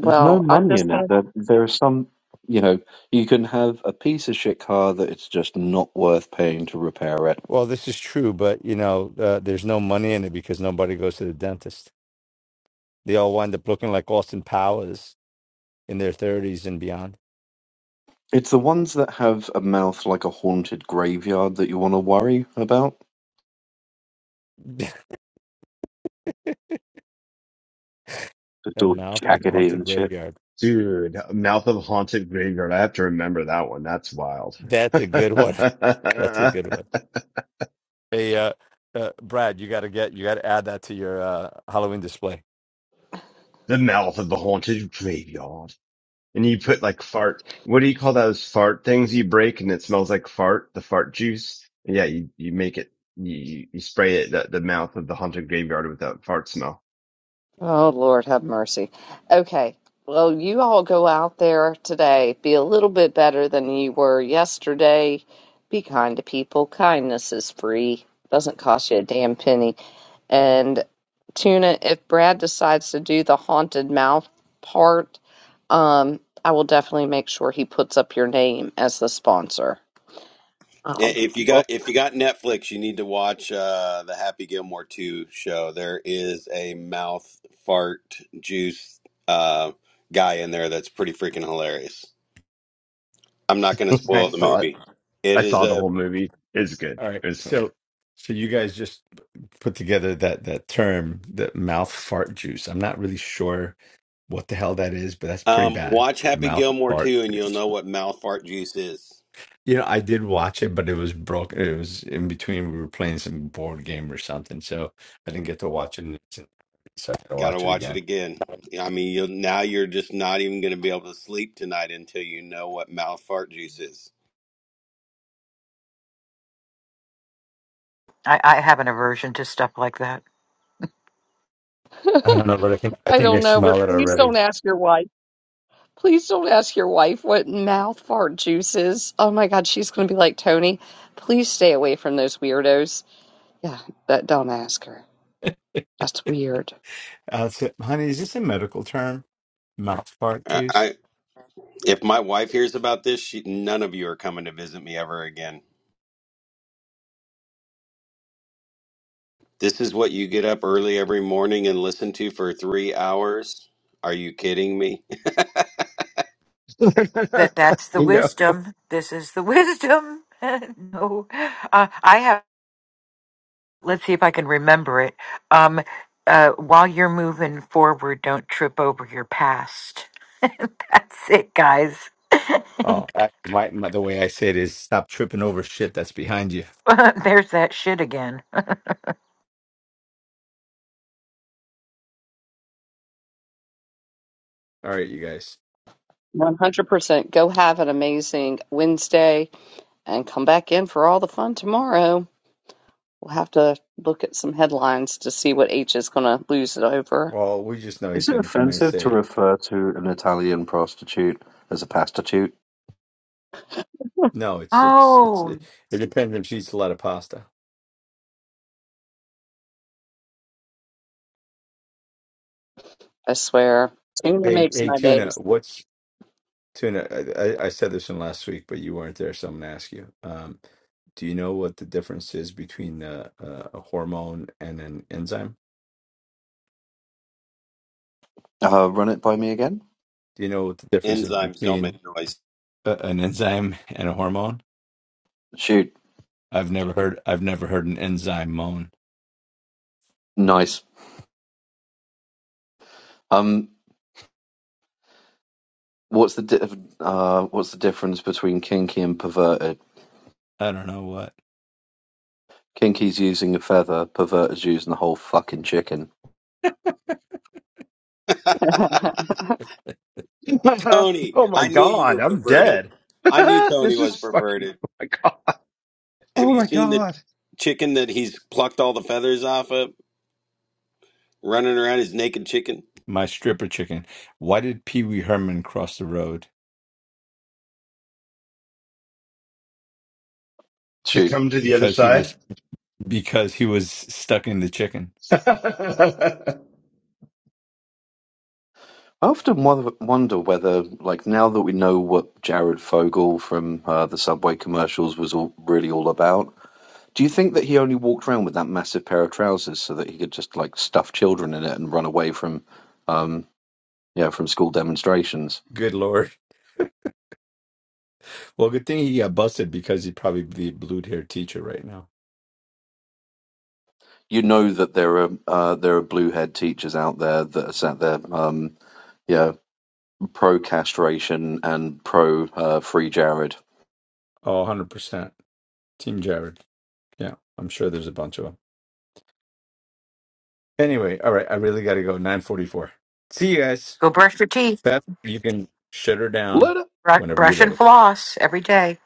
Speaker 15: There's no
Speaker 1: I'm
Speaker 15: money
Speaker 1: just
Speaker 15: in it. There, there are some, you know, you can have a piece of shit car that it's just not worth paying to repair it.
Speaker 4: Well, this is true, but you know, uh, there's no money in it because nobody goes to the dentist. They all wind up looking like Austin Powers in their 30s and beyond.
Speaker 15: It's the ones that have a mouth like a haunted graveyard that you want to worry about. It's
Speaker 4: a
Speaker 15: all
Speaker 4: mouth like a
Speaker 15: jaggedy
Speaker 4: haunted
Speaker 15: and shit.
Speaker 4: graveyard.
Speaker 7: Dude, Mouth of Haunted Graveyard. I have to remember that one. That's wild.
Speaker 4: That's a good one. That's a
Speaker 7: the
Speaker 4: good one. Hey, uh, uh, Brad, you got to get you got to add that to your uh, Halloween display.
Speaker 7: Mouth of the Haunted Graveyard. And you put like fart. What do you call those fart things you break and it smells like fart? The fart juice? Yeah, you, you make it, you, you spray it the the mouth of the haunted graveyard with that fart smell.
Speaker 1: Oh, Lord, have mercy. Okay. Well, you all go out there today. Be a little bit better than you were yesterday. Be kind to people. Kindness is free, doesn't cost you a damn penny. And Tuna, if Brad decides to do the haunted mouth part, um, I will definitely make sure he puts up your name as the sponsor.
Speaker 6: Eh,
Speaker 1: Um,
Speaker 6: If you
Speaker 1: well,
Speaker 6: got if you got Netflix, you need to watch uh, the Happy Gilmore two show. There is a mouth fart juice uh, guy in there that's pretty freaking hilarious. I'm not going to
Speaker 7: I
Speaker 6: spoil the
Speaker 7: saw it.
Speaker 6: movie.
Speaker 7: I
Speaker 6: It is
Speaker 7: saw the
Speaker 6: a
Speaker 7: whole movie. It was good.
Speaker 4: All right.
Speaker 7: It was funny.
Speaker 4: So so you guys just put together that that term, that mouth fart juice. I'm not really sure what the hell that is, but that's pretty
Speaker 6: um,
Speaker 4: bad.
Speaker 6: watch
Speaker 4: The
Speaker 6: Happy
Speaker 4: mouth
Speaker 6: Gilmore
Speaker 4: fart
Speaker 6: two, and you'll
Speaker 4: juice.
Speaker 6: know what mouth fart juice is.
Speaker 4: You know, I did watch it, but it was broken. It was in between. We were playing some board game or something, so I didn't get to watch it. in its entirety, So I got to
Speaker 6: Got to
Speaker 4: watch it
Speaker 6: watch it
Speaker 4: again.
Speaker 6: again. I mean, you'll, now you're just not even going to be able to sleep tonight until you know what mouth fart juice is.
Speaker 14: I, I have an aversion to stuff like that.
Speaker 4: I don't know, but I think I
Speaker 1: I
Speaker 4: think I
Speaker 1: don't know, but
Speaker 4: smell it
Speaker 1: please
Speaker 4: already.
Speaker 1: don't ask your wife. Please don't ask your wife what mouth fart juice is. Oh my God, she's going to be like Tony. Please stay away from those weirdos. Yeah, that don't ask her. That's weird.
Speaker 4: Uh, so, honey, is this a medical term? Mouth fart
Speaker 6: I,
Speaker 4: juice?
Speaker 6: I if my wife hears about this, she, none of you are coming to visit me ever again. This is what you get up early every morning and listen to for three hours? Are you kidding me?
Speaker 14: that that's the
Speaker 7: You know.
Speaker 14: wisdom. This is the wisdom. no, uh, I have. Let's see if I can remember it. Um, uh, while you're moving forward, don't trip over your past. That's it, guys.
Speaker 4: Oh, actually, my, my the way I say it is stop tripping over shit that's behind you.
Speaker 14: There's that shit again.
Speaker 4: All right, you guys.
Speaker 1: 100%. Go have an amazing Wednesday and come back in for all the fun tomorrow. We'll have to look at some headlines to see what H is going to lose it over.
Speaker 4: Well, we just know
Speaker 15: Is
Speaker 4: he's
Speaker 15: it
Speaker 4: going to come in and
Speaker 15: offensive to
Speaker 4: say
Speaker 15: refer to an Italian prostitute as a pastitute?
Speaker 4: no. It's it's it's
Speaker 14: Oh,
Speaker 4: it, it depends if she eats a lot of pasta.
Speaker 1: I swear. Tuna
Speaker 4: Hey
Speaker 1: makes
Speaker 4: hey
Speaker 1: my
Speaker 4: tuna,
Speaker 1: days.
Speaker 4: what's tuna? I, I I said this one last week, but you weren't there, so I'm going to ask you. Um, do you know what the difference is between a, a, hormone and an enzyme?
Speaker 15: Uh, run it by me again.
Speaker 4: Do you know what the difference is
Speaker 6: Enzymes don't
Speaker 4: between
Speaker 6: make noise.
Speaker 4: a, an enzyme and a hormone?
Speaker 15: Shoot,
Speaker 4: I've never heard. I've never heard an enzyme moan.
Speaker 15: nice. Um, What's the di- uh, what's the difference between kinky and perverted?
Speaker 4: I don't know what.
Speaker 15: Kinky's using a feather, perverted's using the whole fucking chicken.
Speaker 6: Tony,
Speaker 7: oh my
Speaker 6: I knew you
Speaker 7: god,
Speaker 6: were
Speaker 7: I'm
Speaker 6: perverted.
Speaker 7: dead.
Speaker 6: I knew Tony
Speaker 7: this
Speaker 6: was
Speaker 7: is fucking.
Speaker 6: perverted.
Speaker 7: Oh my god.
Speaker 6: Have
Speaker 7: Oh
Speaker 6: you
Speaker 7: my
Speaker 6: seen the
Speaker 7: god.
Speaker 6: chicken that he's plucked all the feathers off of? Running around his naked chicken?
Speaker 4: my stripper chicken. Why did Pee Wee Herman cross the road?
Speaker 7: To
Speaker 15: Shoot,
Speaker 7: come to the other
Speaker 4: Because he
Speaker 7: side?
Speaker 4: was because he was stuck in the chicken.
Speaker 15: I often wo- wonder whether, like, now that we know what Jared Fogle from uh, the Subway commercials was all, really all about, do you think that he only walked around with that massive pair of trousers so that he could just like stuff children in it and run away from, um, yeah, from school demonstrations?
Speaker 4: Good lord. Well, good thing he got busted because he'd probably be a blue hair teacher right now.
Speaker 15: You know that there are uh, there are blue head teachers out there that are sat there. Um, yeah. pro-castration and pro-Free uh, Jared.
Speaker 4: Oh, 100 percent. Team Jared. Yeah, I'm sure there's a bunch of them. Anyway, all right, I really got to go. 9:44. See you guys.
Speaker 14: go brush your teeth,
Speaker 4: Beth, you can shut her
Speaker 15: Let
Speaker 4: down
Speaker 15: it
Speaker 14: Bru-
Speaker 4: whenever you're
Speaker 14: brush
Speaker 4: ready.
Speaker 14: and floss every day.